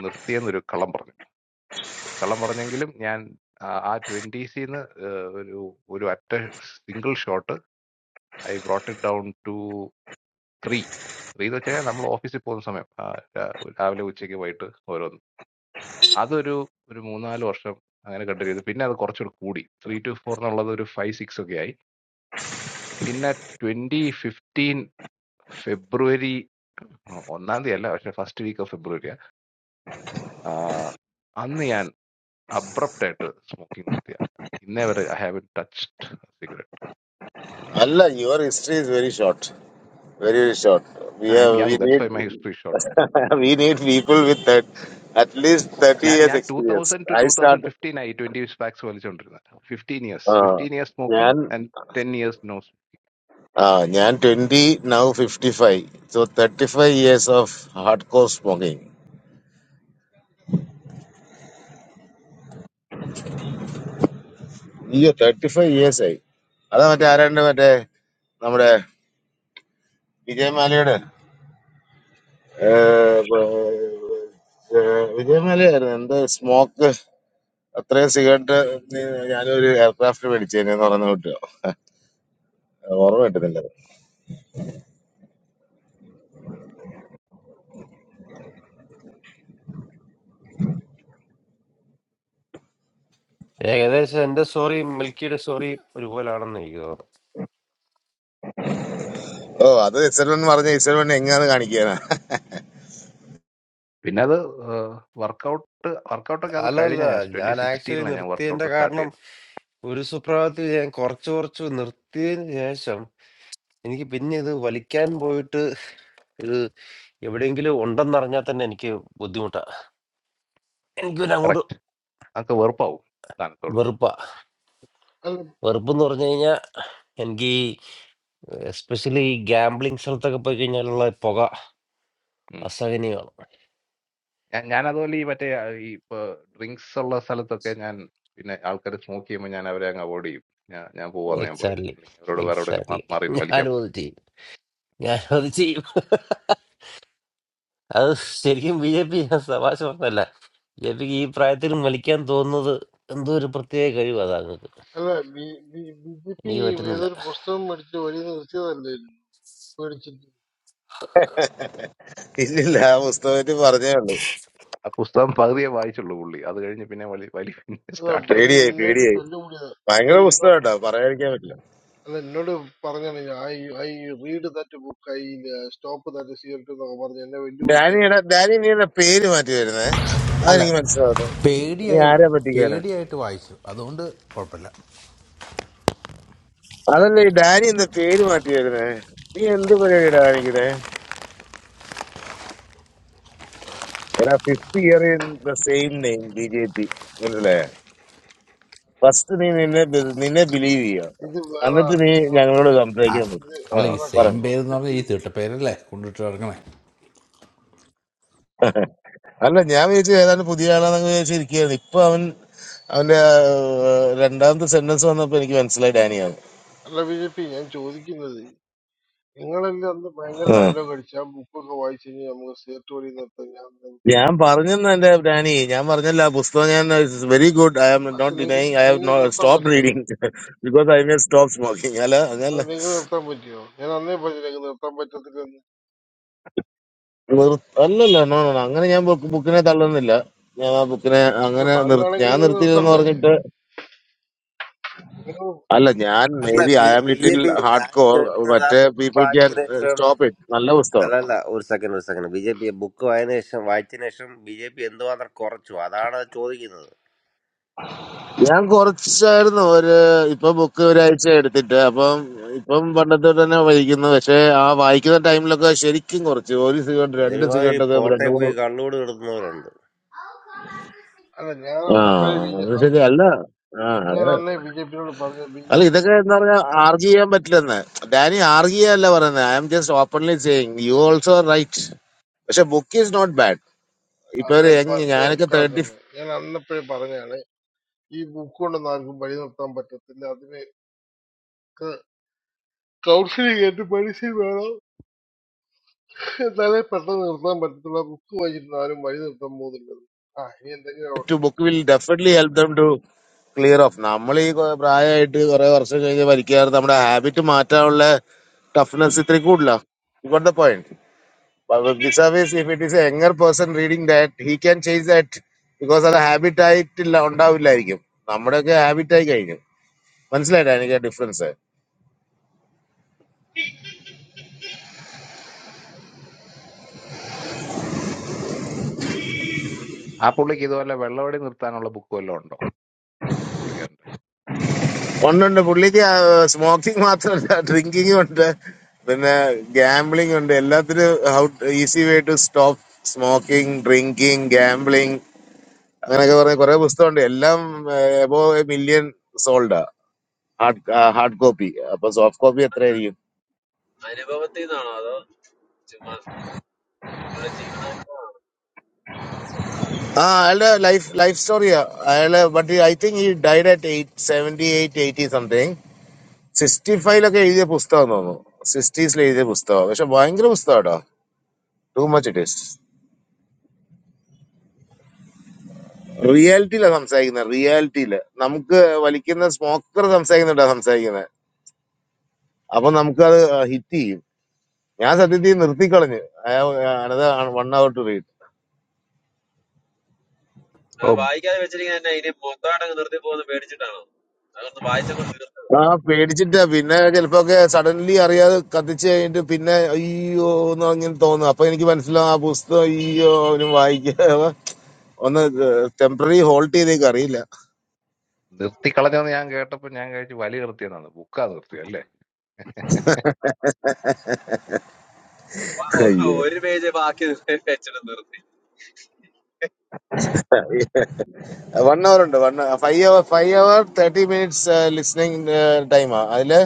[SPEAKER 4] നിർത്തിയെന്നൊരു കള്ളം പറഞ്ഞു. കള്ളം പറഞ്ഞെങ്കിലും ഞാൻ ആഹ് ആ 20സ്സിന്ന് ഏഹ് ഒരു ഒരു ഒറ്റ single shot I brought it down to 3. 3ന്ന് വെച്ച് കഴിഞ്ഞാൽ നമ്മള് ഓഫീസിൽ പോകുന്ന സമയം. ആഹ് രാ- രാവിലെ, ഉച്ചയ്ക്ക്, വൈകിട്ട് ഓരോന്ന്. അതൊരു ഒരു 3, 4 വർഷം അങ്ങനെ കണ്ടിന്യൂ ചെയ്തു. പിന്നെ അത് കുറച്ചുകൂടി കൂടി. 3-4 എന്നുള്ളത് ഒരു 5, 6 ഒക്കെ ആയി. പിന്നെ 2015 ഫെബ്രുവരി ആഹ് ഒന്നാം തീയതി അല്ല. പക്ഷെ ഫസ്റ്റ് വീക്ക് ഓഫ് ഫെബ്രുവരിയാ. ആഹ് അന്ന് ഞാൻ അബ്രപ്റ്റായിട്ട് സ്മോക്കിംഗ് നിർത്തിയ ഇന്നേ വരെ ഐ ഹാവ് ടച്ച്ഡ് സിഗരറ്റ്
[SPEAKER 3] അല്ല your history is very short Very, very short. We
[SPEAKER 4] I am
[SPEAKER 3] have
[SPEAKER 4] young
[SPEAKER 3] we
[SPEAKER 4] that's
[SPEAKER 3] need
[SPEAKER 4] why my history short
[SPEAKER 3] we need people with that at least thirty
[SPEAKER 4] ഞാൻ
[SPEAKER 3] years
[SPEAKER 4] ഞാൻ two
[SPEAKER 3] experience.
[SPEAKER 4] Thousand two
[SPEAKER 3] I
[SPEAKER 4] two
[SPEAKER 3] start.
[SPEAKER 4] Thousand fifteen ആയി twenty packs വലിച്ചുകൊണ്ടിരുന്നത് fifteen years
[SPEAKER 3] Uh,
[SPEAKER 4] fifteen years smoking
[SPEAKER 3] Nyan,
[SPEAKER 4] and ten years no
[SPEAKER 3] uh, Nyan 20, now 55. So 35 years of hardcore smoking. Yeah, 35 years ആയി. അതാ മറ്റേ ആരാണ്ട് മറ്റേ നമ്മുടെ വിജയമാലയുടെ ഏഹ്, ഏഹ്, വിജയമാലയായിരുന്നു എന്താ smoke അത്രയും സിഗരറ്റ് ഞാനൊരു എയർക്രാഫ്റ്റ് മേടിച്ചേനെന്ന് പറഞ്ഞു കിട്ടുക ഓർമ്മ കിട്ടുന്നില്ല
[SPEAKER 1] ഏകദേശം എന്റെ സ്റ്റോറി മിൽക്കിയുടെ സ്റ്റോറി ഒരുപോലാണെന്ന് എനിക്ക് തോന്നുന്നു
[SPEAKER 3] ഓ അത് എക്സൽ വൺ പറഞ്ഞ എക്സൽ വൺ എങ്ങാന്ന് കാണിക്കാനാ
[SPEAKER 4] പിന്നെ അത് വർക്കൗട്ട് വർക്കൗട്ടൊക്കെ അത്
[SPEAKER 1] അല്ല അല്ല
[SPEAKER 4] കഴിഞ്ഞ ഞാൻ ട്വന്റി
[SPEAKER 1] ഞാൻ ആക്ച്വലി
[SPEAKER 4] സിക്സ്റ്റീനിലാണ് ഞാൻ
[SPEAKER 1] നിർത്തിയതിന്റെ
[SPEAKER 4] വർക്കൗട്ട് സ്റ്റാർട്ട്
[SPEAKER 1] കാരണം
[SPEAKER 4] ചെയ്തത്
[SPEAKER 1] ഒരു സുപ്രഭാതത്തിൽ ഞാൻ കുറച്ച് കുറച്ച് നിർത്തിയതിന് ശേഷം എനിക്ക് പിന്നെ ഇത് വലിക്കാൻ പോയിട്ട് ഇത് എവിടെയെങ്കിലും ഉണ്ടെന്നറിഞ്ഞാൽ തന്നെ എനിക്ക് ബുദ്ധിമുട്ടാ എനിക്ക് പിന്നെ അങ്ങോട്ട്
[SPEAKER 4] കറക്റ്റ് അതൊക്കെ വെറുപ്പാവും സാധനത്തോട്
[SPEAKER 1] വെറുപ്പാ
[SPEAKER 5] അല്ല
[SPEAKER 1] വെറുപ്പെന്ന് പറഞ്ഞു കഴിഞ്ഞാൽ എനിക്ക് ഈ എസ്പെഷ്യലി ഈ ഗാംബ്ലിംഗ് സ്ഥലത്തൊക്കെ പോയി കഴിഞ്ഞാലുള്ള പുക അസഹനീയമാണ്
[SPEAKER 4] ഞാൻ ഞാൻ അതുപോലെ ഈ മറ്റേ ആ, ഈ ഇപ്പൊ ഡ്രിങ്ക്സ് ഉള്ള സ്ഥലത്തൊക്കെ ഞാൻ പിന്നെ ആൾക്കാർ സ്മോക്ക് ചെയ്യുമ്പോൾ ഞാൻ അവരെ അങ്ങ് അവോയ്ഡ് ചെയ്യും ഞാൻ ഞാൻ പോവാന്ന് ഞാൻ പറയും
[SPEAKER 1] എക്സാക്ട്ലി
[SPEAKER 4] അല്ലെങ്കിൽ അവരോട് വേറെ എവിടെയെങ്കിലും
[SPEAKER 1] എക്സാക്ട്ലി
[SPEAKER 4] മാ- മാറി നിന്ന് വലിക്കാൻ
[SPEAKER 1] ഞാനും
[SPEAKER 4] പറയും
[SPEAKER 1] അത് ചെയ്യും ഞാനത് ചെയ്യും അത് ശരിക്കും ബി ജെ പി തമാശ പറഞ്ഞല്ല ബി ജെ പിക്ക് ഈ പ്രായത്തിൽ മലിക്കാൻ തോന്നുന്നത് എന്തോ ഒരു പ്രത്യേക കഴിവ് അതാണ്
[SPEAKER 5] അല്ല B B B J P
[SPEAKER 1] എനിക്ക് പറ്റുന്നില്ല
[SPEAKER 5] ഏതൊരു പുസ്തകം മേടിച്ച് വരി നിർത്തിയതല്ലേ മേടിച്ചിട്ട്
[SPEAKER 3] ഇല്ലില്ല ആ പുസ്തകത്തിൽ പറഞ്ഞേ ഉള്ളൂ
[SPEAKER 4] ആ പുസ്തകം പകുതിയെ വായിച്ചുള്ളൂ പുള്ളി അത് കഴിഞ്ഞ് പിന്നെ വലി വലി പിന്നെ
[SPEAKER 5] അല്ല ഇവിടെ
[SPEAKER 4] സ്റ്റാർട്ടായി
[SPEAKER 3] പേടിയായി
[SPEAKER 5] നിന്നോട്
[SPEAKER 3] പേടിയായി
[SPEAKER 5] തല്ലുകൂടിയതാണ്
[SPEAKER 3] ഭയങ്കര പുസ്തകം കേട്ടോ പറയാതിരിക്കാൻ പറ്റില്ല
[SPEAKER 5] അല്ല എന്നോട് പറഞ്ഞാണ് ഞാൻ I I read that book I stop that cigarette എന്നൊക്കെ പറഞ്ഞ് എന്നെ വെല്ലുവിളിച്ചായിരുന്നു
[SPEAKER 3] ഡാനിയുടെ ഡാനി നീയുടെ പേര് മാറ്റി വരുന്നേ അതെനിക്ക് മനസ്സിലാവട്ടെ നീ ആരാ പറ്റിക്കാനാ അതല്ല ഈ ഡാനി എന്താ പേര് മാറ്റി വരുന്നേ നീ എന്ത് പരിപാടിയുടെ കാണിക്കുന്നേ എടാ fifth year in the same name B J P മനസ്സിലായോ ഫസ്റ്റ് നീ നിന്നെ ബി- നിന്നെ ബിലീവ് ചെയ്യുക
[SPEAKER 5] ഇത് വേറെ
[SPEAKER 3] എന്നിട്ട് നീ
[SPEAKER 5] അക്കൗണ്ടല്ല
[SPEAKER 3] ഞങ്ങളോട് സംസാരിക്കാൻ പറ്റും
[SPEAKER 5] ഇത്
[SPEAKER 3] ആ
[SPEAKER 5] വേറെ അക്കൗണ്ടല്ല
[SPEAKER 3] പറഞ്ഞു
[SPEAKER 5] പക്ഷെ ബി-
[SPEAKER 3] അല്ല ഞാൻ വിചാരിച്ചു ഏതാണ്ട് പുതിയ ആളാന്നൊക്കെ വിചാരിച്ചിരിക്കുകയാണ് ഇപ്പൊ അവൻ അവന്റെ ആ, രണ്ടാമത്തെ സെന്റൻസ് വന്നപ്പോ എനിക്ക് മനസ്സിലായി ഡാനിയാണ്
[SPEAKER 5] അല്ല ബി ജെ പി ഞാൻ ചോദിക്കുന്നത് നിങ്ങളെല്ലാം അന്ന് ഭയങ്കര
[SPEAKER 3] ആ.
[SPEAKER 5] ഡയലോഗ് അടിച്ച് ആ ബുക്കൊക്കെ വായിച്ചു കഴിഞ്ഞാൽ നമുക്ക് സിഗരറ്റ് വഴി നിർത്താൻ ഞാൻ
[SPEAKER 3] ഞാൻ പറഞ്ഞെന്ന് എന്റെ ഡാനി ഞാൻ പറഞ്ഞല്ല ആ പുസ്തകം ഞാൻ വെരി ഗുഡ് ഐ ആം
[SPEAKER 5] പക്ഷെ
[SPEAKER 3] നോട്ട്
[SPEAKER 5] നിങ്ങൾക്ക്
[SPEAKER 3] ഡിനൈങ് ഐ ഹാവ്
[SPEAKER 5] നിങ്ങൾ
[SPEAKER 3] നോട്ട്
[SPEAKER 5] നിർത്താൻ
[SPEAKER 3] സ്റ്റോപ്പ്
[SPEAKER 5] പറ്റിയോ
[SPEAKER 3] reading because I may stop smoking അല്ല
[SPEAKER 5] അത്
[SPEAKER 3] അങ്ങനല്ല
[SPEAKER 5] നിങ്ങൾ നിർത്താൻ പറ്റിയോ ഞാൻ അന്നേ പറഞ്ഞു ഞങ്ങൾ നിർത്താൻ പറ്റത്തില്ലെന്ന്
[SPEAKER 3] നിർ- അല്ലല്ല നോ നോ നോ, അങ്ങനെ ഞാൻ ബുക്ക് ബുക്കിനെ തള്ളുന്നില്ല ഞാൻ ആ ബുക്കിനെ
[SPEAKER 5] അപ്പൊ
[SPEAKER 3] അങ്ങനെ നിർ-
[SPEAKER 5] താങ്കളാണെങ്കിൽ
[SPEAKER 3] ഞാൻ
[SPEAKER 5] നിങ്ങൾ
[SPEAKER 3] നിർത്തിയില്ലെന്ന്
[SPEAKER 5] നിർത്തണ്ടേ
[SPEAKER 3] പറഞ്ഞിട്ട്
[SPEAKER 5] നിങ്ങൾ
[SPEAKER 3] അല്ല ഞാൻ മേ
[SPEAKER 1] അല്ല
[SPEAKER 3] B
[SPEAKER 1] B
[SPEAKER 3] I am
[SPEAKER 1] J
[SPEAKER 3] little
[SPEAKER 1] P
[SPEAKER 3] hard
[SPEAKER 1] ഞാൻ
[SPEAKER 3] കോർ
[SPEAKER 1] ചോദിക്കുന്നത് ആ
[SPEAKER 3] മറ്റേ
[SPEAKER 1] ബുക്ക്
[SPEAKER 3] പീപ്പിൾ ക്യാൻ
[SPEAKER 1] വായിച്ചതിന് ശേഷം
[SPEAKER 3] സ്റ്റോപ്പ് ഇറ്റ് നല്ല പുസ്തകം
[SPEAKER 1] അല്ലല്ല ഒരു സെക്കൻഡ് ഒരു second B J P book വായന ശേഷം വായിച്ചതിന് ശേഷം ബി ജെ പി എന്തുമാത്രം കുറച്ചു അതാണ് ചോദിക്കുന്നത്
[SPEAKER 3] ഞാൻ കുറച്ചായിരുന്നു ഒരു ഇപ്പൊ ബുക്ക് ഒരാഴ്ച എടുത്തിട്ട് അപ്പം ഇപ്പം പണ്ടത്തെ തന്നെ വായിക്കുന്നു പക്ഷെ ആ വായിക്കുന്ന ടൈമിലൊക്കെ ശരിക്കും കുറച്ച് ഒരു സിഗരറ്റ് രണ്ട്
[SPEAKER 1] ഒരുമാതിരി
[SPEAKER 3] സിഗരറ്റ് ഒക്കെ
[SPEAKER 1] പോട്ടെ
[SPEAKER 3] രണ്ട് മൂന്ന്
[SPEAKER 1] പോയി കള്ളോട് കിടത്തുന്നവരുണ്ട്
[SPEAKER 5] അല്ല ഞാൻ
[SPEAKER 3] ആ
[SPEAKER 5] അന്നപ്പോഴേ ബി ജെ-
[SPEAKER 3] അത്
[SPEAKER 5] അ-
[SPEAKER 3] ശരി അല്ല ആ
[SPEAKER 5] ഞാൻ
[SPEAKER 3] അത്
[SPEAKER 5] അന്നേ ബി ജെ പിയോട് പറഞ്ഞു ബി ജെ
[SPEAKER 3] അല്ല ഇതൊക്കെ എന്താ പറയാ ആർഗ്യ ചെയ്യാൻ പറ്റില്ലെന്ന് ഡാനി ആർഗ്യ അല്ല പറയുന്നത് I am just openly saying you also right പക്ഷെ ബുക്ക് ഈസ് നോട്ട് ബാഡ് ഇപ്പൊ
[SPEAKER 5] അത്
[SPEAKER 3] ഒരു
[SPEAKER 5] പ-
[SPEAKER 3] യങ്
[SPEAKER 5] ഇത്
[SPEAKER 3] ഞാനൊക്കെ തേർട്ടി
[SPEAKER 5] കിടക്കുന്നത് ഞാൻ അന്നപ്പോഴേ പറഞ്ഞാണ് ഈ ബുക്ക് കൊണ്ടൊന്നും ആർക്കും വഴി നിർത്താൻ പറ്റത്തില്ല അതിന് കൗൺസിലിംഗ് ആയിട്ട് പരിശീലനം വേണം എന്നാലേ പെട്ടെന്ന് നിർത്താൻ പറ്റത്തില്ല ബുക്ക് വായിച്ചിട്ട് ആരും വഴി നിർത്താൻ പോകുന്നില്ല ആ ഇനി എന്തെങ്കിലും ആവട്ടെ.
[SPEAKER 3] To book will definitely help them clear of നമ്മൾ ഈ കൊ- പ്രായമായിട്ട് കുറെ വർഷം കഴിഞ്ഞ് വലിക്കാറ് നമ്മുടെ ഹാബിറ്റ് മാറ്റാനുള്ള ടഫ്നെസ് ഇത്തിരി കൂടില്ല got the point service if it is younger person reading that he can change that because അത് ഹാബിറ്റ് ആയിട്ടില്ല ഉണ്ടാവില്ലായിരിക്കും നമ്മുടെയൊക്കെ ഹാബിറ്റ് ആയി കഴിഞ്ഞു മനസ്സിലായിട്ടാ എനിക്ക് ഡിഫറൻസ്
[SPEAKER 4] ആ പുള്ളിക്ക് ഇതുപോലെ വെള്ളവടി നിർത്താനുള്ള ബുക്ക് വല്ലതും ഉണ്ടോ ആ പുള്ളിക്കാരൻ്റെ
[SPEAKER 3] ഒന്നുണ്ട് പുള്ളിക്ക് സ്മോക്കിംഗ് മാത്രമല്ല ഡ്രിങ്കിങ് ഉണ്ട് പിന്നെ ഗാംബ്ലിംഗ് ഉണ്ട് എല്ലാത്തിനും how easy way to stop smoking drinking അങ്ങനെയൊക്കെ പറഞ്ഞ കുറെ പുസ്തകമുണ്ട് എല്ലാം എബോ മില്യൺ സോൾഡാ ഹാർഡ് ഹാർഡ് കോപ്പി അപ്പൊ സോഫ്റ്റ് കോപ്പി എത്രയായിരിക്കും
[SPEAKER 2] അനുഭവത്തിൽ നിന്നാണോ അതോ ചുമ്മാ ഇവിടെ ജീവിതാനുഭവമാണോ
[SPEAKER 3] ആ അയാളുടെ ലൈഫ് ലൈഫ് സ്റ്റോറിയാ അയാള് ബട്ട് ഐ തിങ്ക് ഈ died at eight seventy eight eighty something sixty ഫൈവിലൊക്കെ എഴുതിയ പുസ്തകം തോന്നുന്നു സിക്സ്റ്റീസിൽ എഴുതിയ പുസ്തകം പക്ഷെ ഭയങ്കര പുസ്തകം കേട്ടോ ടു മച്ച് ഇറ്റ് ഈസ് റിയാലിറ്റിയിലാ സംസാരിക്കുന്നത് റിയാലിറ്റിയില് നമുക്ക് വലിക്കുന്ന സ്മോക്കർ സംസാരിക്കുന്നുണ്ടാ സംസാരിക്കുന്നത് അപ്പൊ നമുക്ക് അത് ഹിറ്റ് ചെയ്യും ഞാൻ സത്യത്തിൽ നിർത്തിക്കളഞ്ഞു വൺ അവർ ടു റീഡ്
[SPEAKER 2] അത്
[SPEAKER 4] ഓ
[SPEAKER 2] വായിക്കാതെ വെച്ചിരിക്കുന്ന തന്നെ ഇനി മൊത്തമായിട്ടങ്ങ് നിർത്തി പോകുന്ന പേടിച്ചിട്ടാണോ അതൊന്ന് വായിച്ചങ്ങോട്ട് തീർത്തത്
[SPEAKER 3] ആ പേടിച്ചിട്ടാ പിന്നെ ചിലപ്പോക്കെ സഡൻലി അറിയാതെ കത്തിച്ച് കഴിഞ്ഞിട്ട് പിന്നെ അയ്യോ എന്ന് അങ്ങനെ തോന്നും അപ്പൊ എനിക്ക് മനസ്സിലാവും ആ പുസ്തകം അയ്യോ അവന് വായിക്കാ ഒന്ന് ടെമ്പററി ഹോൾഡ് ചെയ്തേക്ക് അറിയില്ല
[SPEAKER 4] നിർത്തിക്കളഞ്ഞെന്ന് ഞാൻ കേട്ടപ്പോൾ ഞാൻ കഴിച്ച് വലി നിർത്തിയെന്നാണ് ബുക്കാ നിർത്തി അല്ലേ
[SPEAKER 2] വാ- ഒ-
[SPEAKER 3] അയ്യേ
[SPEAKER 2] ഒരു പേജ് ബാക്കി വെച്ചിട്ട് നിർത്തി
[SPEAKER 3] വൺ അവർ ഉണ്ട് one five hour five hour thirty minutes listening ടൈമാ അതില്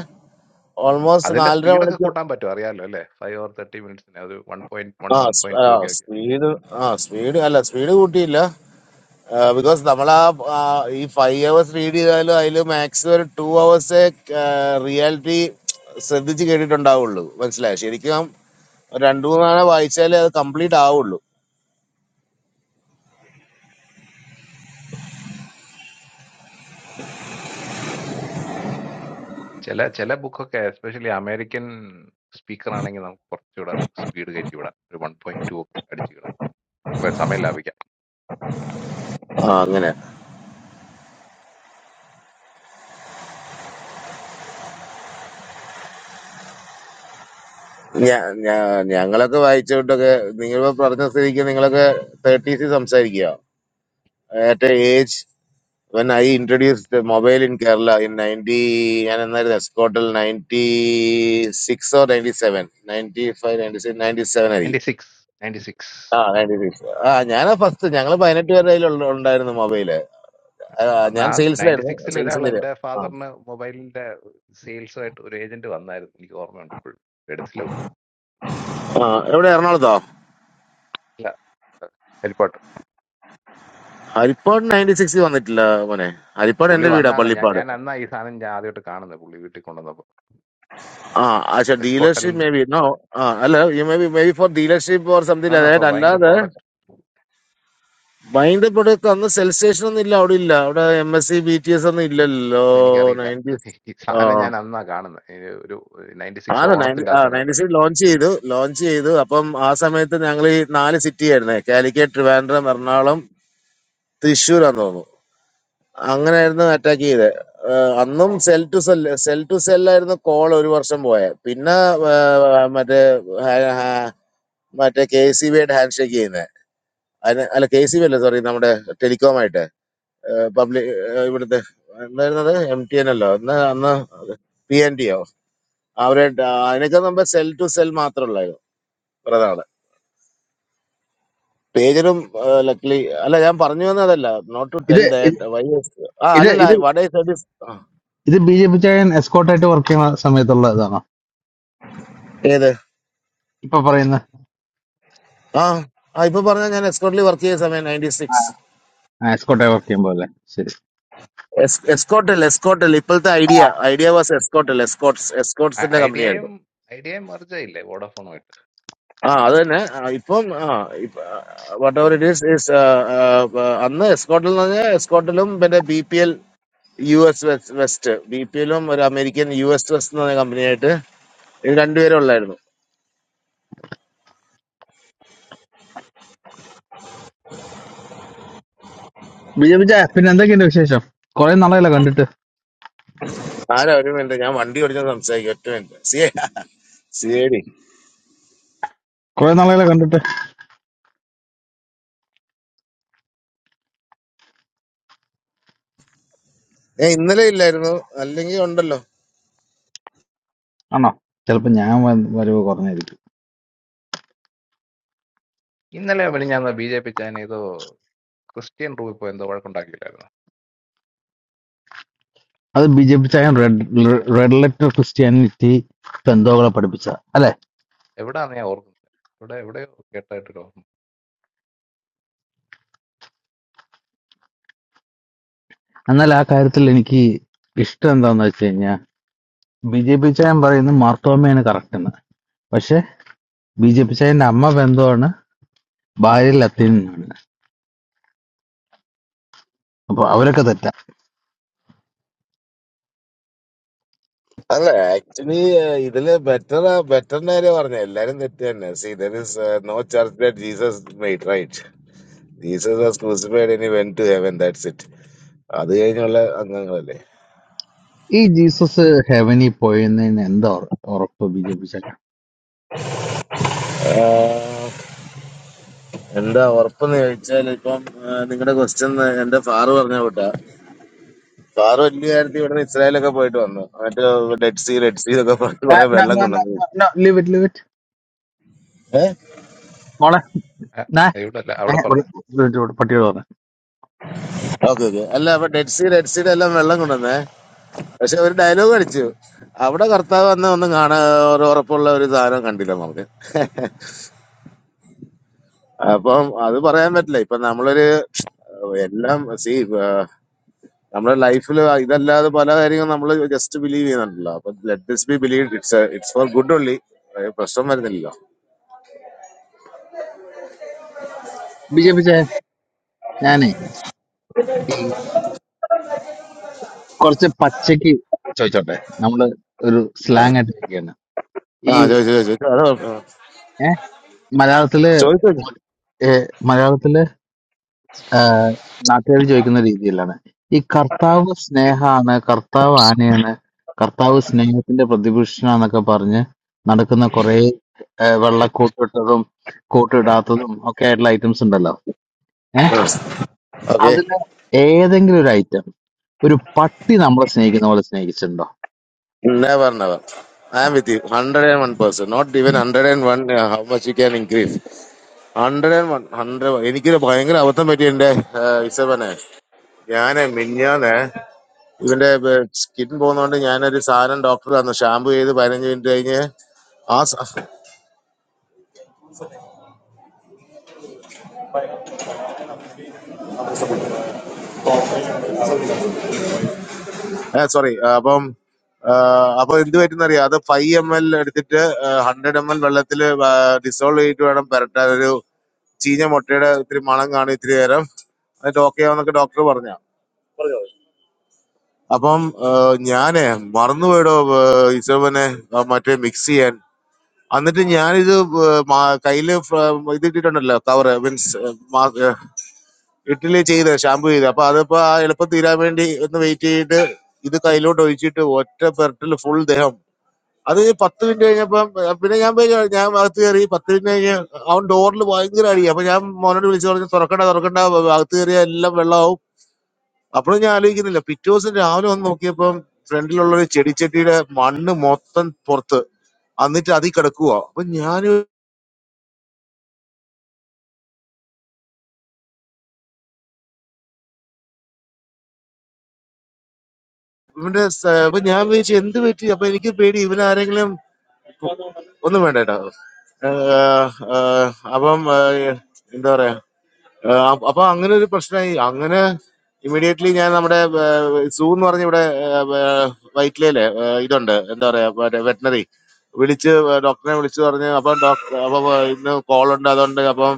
[SPEAKER 3] ഓൾമോസ്റ്റ്
[SPEAKER 4] അതിന്റെ
[SPEAKER 3] നാലര
[SPEAKER 4] സ്പീഡൊക്കെ
[SPEAKER 3] മണിക്കൂർ
[SPEAKER 4] കൂട്ടാൻ പറ്റും അറിയാലോ അല്ലേ ഫൈവ് ഓർ തേർട്ടി മിനിറ്റ്സിന് ഒരു one point one one point two
[SPEAKER 3] ആ
[SPEAKER 4] ഒക്കെ ആക്കി
[SPEAKER 3] സ്പീഡ് ആ സ്പീഡ് അല്ല സ്പീഡ് കൂട്ടിയില്ല ബിക്കോസ് നമ്മൾ ആ ആ, ഈ ഫൈവ് അവേഴ്സ് റീഡ് ചെയ്താലും അതിൽ മാക്സിമം ഒരു ടു അവേഴ്സേ റിയാലിറ്റി ശ്രദ്ധിച്ച് കേട്ടിട്ടുണ്ടാവുള്ളൂ മനസ്സിലായി ശരിക്കും ഒരു രണ്ടു മൂന്നാണ് വായിച്ചാലേ അത് കംപ്ലീറ്റ് ആവുള്ളൂ
[SPEAKER 4] ചില ചില ബുക്കൊക്കെ എസ്പെഷ്യലി അമേരിക്കൻ സ്പീക്കർ ആണെങ്കിൽ നമുക്ക് കുറച്ചുകൂടെ സ്പീഡ് കയറ്റി വിടാം ഒരു വൺ പോയിന്റ് ടു ഒക്കെ അടിച്ചു വിടാം കുറെ സമയം ലാഭിക്കാം
[SPEAKER 3] ആ അങ്ങനെ ഞാ- ഞാ- ഞങ്ങളൊക്കെ വായിച്ചോട്ടൊക്കെ നിങ്ങൾ പറഞ്ഞ സ്ഥിതിക്ക് നിങ്ങളൊക്കെ തേർട്ടീസ് സംസാരിക്കുക at a age when i introduced the mobile in kerala in 90 ഞാൻ എന്നായിരുന്നു എസ്കോട്ടിൽ ninety six or ninety seven ninety five ninety six ninety seven
[SPEAKER 4] ninety six ninety six
[SPEAKER 3] ആ നയൻറ്റി സിക്സ് ആ ഞാൻ ഫസ്റ്റ് ഞങ്ങൾ പതിനെട്ട് പേരുടെ കയ്യിൽ ഉണ്ടായിരുന്നു മൊബൈല് ആ,
[SPEAKER 4] അന്ന്
[SPEAKER 3] ഞാൻ
[SPEAKER 4] ആ നയൻറ്റി
[SPEAKER 3] സെയിൽസിലായിരുന്നു
[SPEAKER 4] സിക്സിൽ
[SPEAKER 3] സെയിൽസ്
[SPEAKER 4] ഒരാൾ
[SPEAKER 3] എഞ്ചിനീയർ
[SPEAKER 4] എൻ്റെ
[SPEAKER 3] ആ
[SPEAKER 4] ഫാദറിന് മൊബൈലിന്റെ സെയിൽസുമായിട്ട് ഒരു ഏജന്റ് വന്നായിരുന്നു എനിക്ക് ഓർമ്മയുണ്ട് ഇപ്പോഴും എടുത്തില്ല പുള്ളി
[SPEAKER 3] ആ, എവിടെ എറണാകുളത്തോ
[SPEAKER 4] ഇല്ല ഹെൽപ്പോട്ട്
[SPEAKER 3] ഹരിപ്പാട് നയൻറ്റി സിക്സ് വന്നിട്ടില്ല മോനെ ഹരിപ്പാട്
[SPEAKER 4] പുള്ളി
[SPEAKER 3] എന്റെ വീടാ
[SPEAKER 4] വന്നാന്ന് ഞാൻ
[SPEAKER 3] പള്ളിപ്പാട്
[SPEAKER 4] ഞാൻ അന്നാ ഈ സാധനം ഞാൻ ആദ്യമായിട്ട് കാണുന്നത് പുള്ളി വീട്ടിൽ കൊണ്ടുവന്നപ്പോൾ
[SPEAKER 3] ആ പക്ഷെ
[SPEAKER 4] Escotel
[SPEAKER 3] dealership maybe no ആ അല്ല you may maybe maybe for dealership or
[SPEAKER 4] no
[SPEAKER 3] something
[SPEAKER 4] no for
[SPEAKER 3] അതായത്
[SPEAKER 4] ബൈങ് ദ
[SPEAKER 3] അല്ലാതെ
[SPEAKER 4] പ്രോഡക്റ്റ്
[SPEAKER 3] ബൈൻഡ് പ്രൊഡക്റ്റ് അന്ന് സെൽ സ്റ്റേഷൻ ഒന്നും ഇല്ല അവിടെ ഇല്ല അവിടെ M S C B T S ഒന്നും ഇല്ലല്ലോ
[SPEAKER 4] എനിക്കറിയില്ല ഈ സാധനം
[SPEAKER 3] നയൻറ്റി
[SPEAKER 4] ഞാൻ അന്നാ കാണുന്നത് ഒരു നയൻറ്റി സിക്സ്
[SPEAKER 3] ആണ് നയൻറ്റി
[SPEAKER 4] ഓണത്തിന്റെ
[SPEAKER 3] ആ
[SPEAKER 4] ആ സമയത്ത്
[SPEAKER 3] നയൻറ്റി സിക്സ് ലോഞ്ച് ചെയ്തു ലോഞ്ച് ചെയ്തു അപ്പം ആ സമയത്ത് ഞങ്ങൾ ഈ നാല് സിറ്റി ആയിരുന്നേ കാലിക്കറ്റ് ട്രിവാൻഡ്രം എറണാകുളം തൃശ്ശൂരാന്ന് തോന്നുന്നു അങ്ങനെയായിരുന്നു അറ്റാക്ക് ചെയ്തത് ഏഹ് അന്നും cell to cell cell to സെല്ലായിരുന്നു കോൾ ഒരു വർഷം പോയത് പിന്നെ ഏഹ് മറ്റേ ഹാ- ഹാ- മറ്റേ കെ സി ബിയുടെ ഹാൻഡ് ഷേക്ക് ചെയ്യുന്നത് അതിന് അല്ല കെ സി ബി അല്ല സോറി നമ്മുടെ ടെലികോം ആയിട്ട് പബ്ലിക് ഇവിടുത്തെ എന്തായിരുന്നത് എം ടി എൻ അല്ലോ അന്ന് അന്ന് പി എൻ ടിയോ അവരായിട്ട് ആ, അതിനൊക്കെ നമ്മൾ സെൽ ടു സെൽ മാത്രമല്ലായിരുന്നു പ്രധാനം പേജറും ലക്ലി അല്ല ഞാൻ പറഞ്ഞു വന്നതല്ല നോട്ട് ടു
[SPEAKER 6] ഇത്
[SPEAKER 3] ടെൽ
[SPEAKER 6] ഇത്
[SPEAKER 3] ദാറ്റ് വൈ ആ
[SPEAKER 6] ഇത്
[SPEAKER 3] അല്ലല്ല
[SPEAKER 6] ഇത്
[SPEAKER 3] വട സർവീസ്
[SPEAKER 6] ഇത് ബി ജെ പി ചായൻ എസ്കോട്ടായിട്ട് വർക്ക് ചെയ്യുന്ന സമയത്തുള്ള ഇതാണോ
[SPEAKER 3] ഏത്
[SPEAKER 6] ഇപ്പൊ പറയുന്ന
[SPEAKER 3] ആ ആ ഇപ്പൊ പറഞ്ഞ ഞാൻ എസ്കോട്ടിൽ വർക്ക് ചെയ്ത സമയം നയൻറ്റി സിക്സ്
[SPEAKER 6] എസ്കോട്ടായി വർക്ക് ചെയ്യുമ്പോ അല്ലേ ശരി
[SPEAKER 3] എസ്കോട്ടൽ എസ്കോട്ടൽ ഇപ്പോഴത്തെ Idea Idea was Escotel Escorts
[SPEAKER 4] ഐ-
[SPEAKER 3] എസ്കോട്ട്സിന്റെ കമ്പനി
[SPEAKER 4] ഐഡിയയും
[SPEAKER 3] ആയിരുന്നു
[SPEAKER 4] ഐഡിയയും merge ആയില്ലേ വോഡാഫോണുമായിട്ട്
[SPEAKER 3] ആ അത് തന്നെ ആ, ഇപ്പം ആ whatever it is is അന്ന് എസ്കോട്ടിൽ എന്ന് പറഞ്ഞാൽ എസ്കോട്ടിലും പിന്നെ B P L U S West B P എല്ലും ഒരു അമേരിക്കൻ യു എസ് വെസ്റ്റ് എന്ന് പറഞ്ഞ കമ്പനിയായിട്ട് ഇത് രണ്ടുപേരും ഉള്ളായിരുന്നു
[SPEAKER 6] ബി ജെ പി ചായ പിന്നെ എന്തൊക്കെയുണ്ട് വിശേഷം കുറെ നാളെയല്ല കണ്ടിട്ട്
[SPEAKER 3] ആരാ ഒരു മിനിറ്റ് ഞാൻ വണ്ടി ഓടിച്ചാൽ സംസാരിക്കും ഒറ്റ മിനിറ്റ് സിയെ സിയേടി
[SPEAKER 6] കുറെ നാളെയല്ല കണ്ടിട്ട്
[SPEAKER 3] ഏ ഇന്നലെ ഇല്ലായിരുന്നു അല്ലെങ്കിൽ ഉണ്ടല്ലോ
[SPEAKER 6] ആണോ ചിലപ്പോ ഞാൻ വ- വരവ് കുറഞ്ഞായിരിക്കും
[SPEAKER 4] ഇന്നലെ പിന്നെ ഞാൻ ബി ജെ പി ചാൻ ഏതോ ക്രിസ്ത്യൻ റൂമിൽ പോയി എന്തോ വഴക്കുണ്ടാക്കിയില്ലായിരുന്നു
[SPEAKER 6] അത് ബി ജെ പി ചായൻ റെഡ് റെഡ് ലെറ്റർ ക്രിസ്ത്യാനിറ്റി ബന്ധോകളെ പഠിപ്പിച്ച അല്ലെ
[SPEAKER 4] എവിടാന്ന് ഞാൻ ഓർക്കുന്നത് ഇവിടെ എവിടെയോ കേട്ടായിട്ടൊരു ഓർമ്മ
[SPEAKER 6] എന്നാൽ ആ കാര്യത്തിൽ എനിക്ക് ഇഷ്ടം എന്താന്ന് വെച്ച് കഴിഞ്ഞാൽ ബി ജെ പി ചായൻ പറയുന്നത് മാർത്തോമയാണ് കറക്റ്റ് എന്ന് പക്ഷെ ബി ജെ പി ചായന്റെ അമ്മ ബന്ധമാണ് ഭാര്യ ലത്തീൻ എന്നാണ് അപ്പൊ അവരൊക്കെ തെറ്റാ
[SPEAKER 3] അല്ല ആക്ച്വലി ഇതില് ബെറ്റർ ബെറ്റർ കാര്യം പറഞ്ഞ എല്ലാരും തെറ്റ് തന്നെ see there is no church that Jesus made right Jesus was crucified ഇനി went to heaven that's it അത് കഴിഞ്ഞുള്ള അംഗങ്ങളല്ലേ
[SPEAKER 6] ഈ ജീസസ് ഹെവനിൽ പോയെന്നതിന് എന്താ ഉറ- ഉറപ്പ് ബി ജെ പി
[SPEAKER 3] ആ, എന്താ ഉറപ്പെന്ന് ചോദിച്ചാൽ ഇപ്പം നിങ്ങളുടെ ക്വസ്റ്റ്യൻ എന്റെ ഫാറ് പറഞ്ഞ കൂട്ടാ ഫാറ് വലിയ കാര്യത്തിൽ ഇവിടുന്ന് ഇസ്രായേലൊക്കെ പോയിട്ട് വന്നു മറ്റേ ഡെഡ് സീ റെഡ് സീ എന്നൊക്കെ പറഞ്ഞ് കുറെ വെള്ളം കൊണ്ടുവന്നു
[SPEAKER 6] ലിവിറ്റ് ലിവിറ്റ് മോളെ
[SPEAKER 4] ഏ,
[SPEAKER 6] നാ,
[SPEAKER 4] ഇവിടെ അല്ല
[SPEAKER 6] ഏ,
[SPEAKER 4] അവിടെ പറഞ്ഞ
[SPEAKER 6] ഒരു- ഒരു minute കൂടെ പട്ടിയോട് പറഞ്ഞു
[SPEAKER 3] ഓക്കെ ഓക്കെ അല്ല അപ്പൊ ഡെഡ് സി ഡെഡ് സീഡ് എല്ലാം വെള്ളം കൊണ്ടുവന്നേ പക്ഷെ ഒരു ഡയലോഗ് അടിച്ചു അവിടെ കർത്താവ് വന്ന ഒന്നും കാണാൻ ഒരു ഉറപ്പുള്ള ഒരു സാധനം കണ്ടില്ല നമുക്ക് അപ്പം അത് പറയാൻ പറ്റില്ല ഇപ്പൊ നമ്മളൊരു എല്ലാം സി നമ്മുടെ ലൈഫിൽ ഇതല്ലാതെ പല കാര്യങ്ങളും നമ്മൾ ജസ്റ്റ് ബിലീവ് ചെയ്യുന്നുണ്ടല്ലോ അപ്പൊ let this be believe it's it's for good only പ്രശ്നം വരുന്നില്ലല്ലോ
[SPEAKER 6] ബി ജെ പി ചേ ഞാനേ ഈ കുറച്ച് പച്ചക്ക് ചോദിച്ചോട്ടെ നമ്മള് ഒരു സ്ലാങ് ആയിട്ട് ഇരിക്കുകയാണ് ഈ
[SPEAKER 3] ആ ചോദിച്ചു ചോദിച്ചു
[SPEAKER 6] ഏ, മലയാളത്തില്
[SPEAKER 3] ചോദിച്ചു
[SPEAKER 6] ഏ, മലയാളത്തില് നാട്ടുകാർ ചോദിക്കുന്ന രീതിയിലാണ് ഈ കർത്താവ് സ്നേഹാണ് കർത്താവ് ആനയാണ് കർത്താവ് സ്നേഹത്തിന്റെ പ്രതിപുരുഷനാന്നൊക്കെ പറഞ്ഞ് നടക്കുന്ന കുറെ വെള്ളക്കൂട്ടിട്ടതും കൂട്ടിടാത്തതും ഒക്കെ ആയിട്ടുള്ള ഐറ്റംസ് ഉണ്ടല്ലോ ഏഹ്
[SPEAKER 3] ഓക്കെ
[SPEAKER 6] അതില് ഏതെങ്കിലും ഒരു ഐറ്റം ഒരു പട്ടി നമ്മളെ സ്നേഹിക്കുന്ന പോലെ സ്നേഹിച്ചിട്ടുണ്ടോ
[SPEAKER 3] Never, never. I am with you. 101 percent. Not even 101 uh, how much you can increase. 101, 100. എനിക്കൊരു ഭയങ്കര അബദ്ധം പറ്റി എന്റെ ഇസവനെ ഞാൻ മിന്നാന്ന് ഇവന്റെ സ്കിൻ പോകുന്നോണ്ട് ഞാനൊരു സാധനം ഡോക്ടർ തന്നു ഷാമ്പു ചെയ്ത് പതിനഞ്ച് മിനിറ്റ് കഴിഞ്ഞ് ആ സോറി അപ്പം ആ, അപ്പൊ എന്ത് പറ്റുന്നറിയാം അത് ഫൈവ് എം എൽ എടുത്തിട്ട് ഹൺഡ്രഡ് എം എൽ വെള്ളത്തിൽ ഡിസോൾവ് ചെയ്തിട്ട് വേണം പുരട്ടാൻ ഒരു ചീഞ്ഞ മുട്ടയുടെ ഇത്തിരി മണം കാണും ഇത്തിരി നേരം എന്നിട്ട് ഓക്കെ ആവുന്നൊക്കെ ഡോക്ടർ പറഞ്ഞ അപ്പം ആ, ഞാനേ മറന്നുപോയടോ ഇസവനെ മറ്റേ മിക്സ് ചെയ്യാൻ എന്നിട്ട് ഞാനിത് ആ, മാ- കയ്യില് ഫ്ര- ഇത് ഇട്ടിട്ടുണ്ടല്ലോ കവർ മീൻസ് ഇട്ടില് ചെയ്ത് ഷാമ്പു ചെയ്ത് അപ്പൊ അതിപ്പോ ആ എളുപ്പം തീരാൻ വേണ്ടി ഒന്ന് വെയിറ്റ് ചെയ്തിട്ട് ഇത് കയ്യിലോട്ട് ഒഴിച്ചിട്ട് ഒറ്റ പെരട്ടില് ഫുൾ ദേഹം അത് പത്ത് മിനിറ്റ് കഴിഞ്ഞപ്പം ഏ, പിന്നെ ഞാൻ പോയി ക- ഞാൻ അകത്ത് കയറി പത്ത് മിനിറ്റ് കഴിഞ്ഞ് അവൻ ഡോറിൽ ഭയങ്കര അടി അപ്പൊ ഞാൻ മോനോട് വിളിച്ചു പറഞ്ഞു തുറക്കണ്ട തുറക്കണ്ട അ- അകത്ത് കയറിയ എല്ലാം വെള്ളമാവും അപ്പോഴും ഞാൻ ആലോചിക്കുന്നില്ല പിറ്റേ ദിവസം രാവിലെ വന്ന് നോക്കിയപ്പം ഫ്രണ്ടിലുള്ള ഒരു ചെടിച്ചട്ടിയുടെ മണ്ണ് മൊത്തം പുറത്ത് എന്നിട്ട് അതിൽ കിടക്കുക അപ്പൊ ഞാൻ ഇവന്റെ സ- അപ്പൊ ഞാൻ വിചാരിച്ചു എന്ത് പറ്റി അപ്പൊ എനിക്ക് പേടി ഇവനാരെങ്കിലും ഒന്നും വേണ്ട കേട്ടോ ഏഹ്, ഏഹ്, അപ്പം ഏഹ്, എന്താ പറയാ ആഹ് അപ്പൊ അങ്ങനെ ഒരു പ്രശ്നമായി അങ്ങനെ ഇമ്മീഡിയറ്റ്ലി ഞാൻ നമ്മുടെ സൂ എന്ന് പറഞ്ഞ ഇവിടെ വൈറ്റ്ലയിലെ ഇതുണ്ട് എന്താ പറയാ വെറ്റിനറി വിളിച്ച് ഡോക്ടറിനെ വിളിച്ച് പറഞ്ഞ് അപ്പം ഡോക്ടർ അപ്പം ഇന്ന് കോളുണ്ട് അതുണ്ട് അപ്പം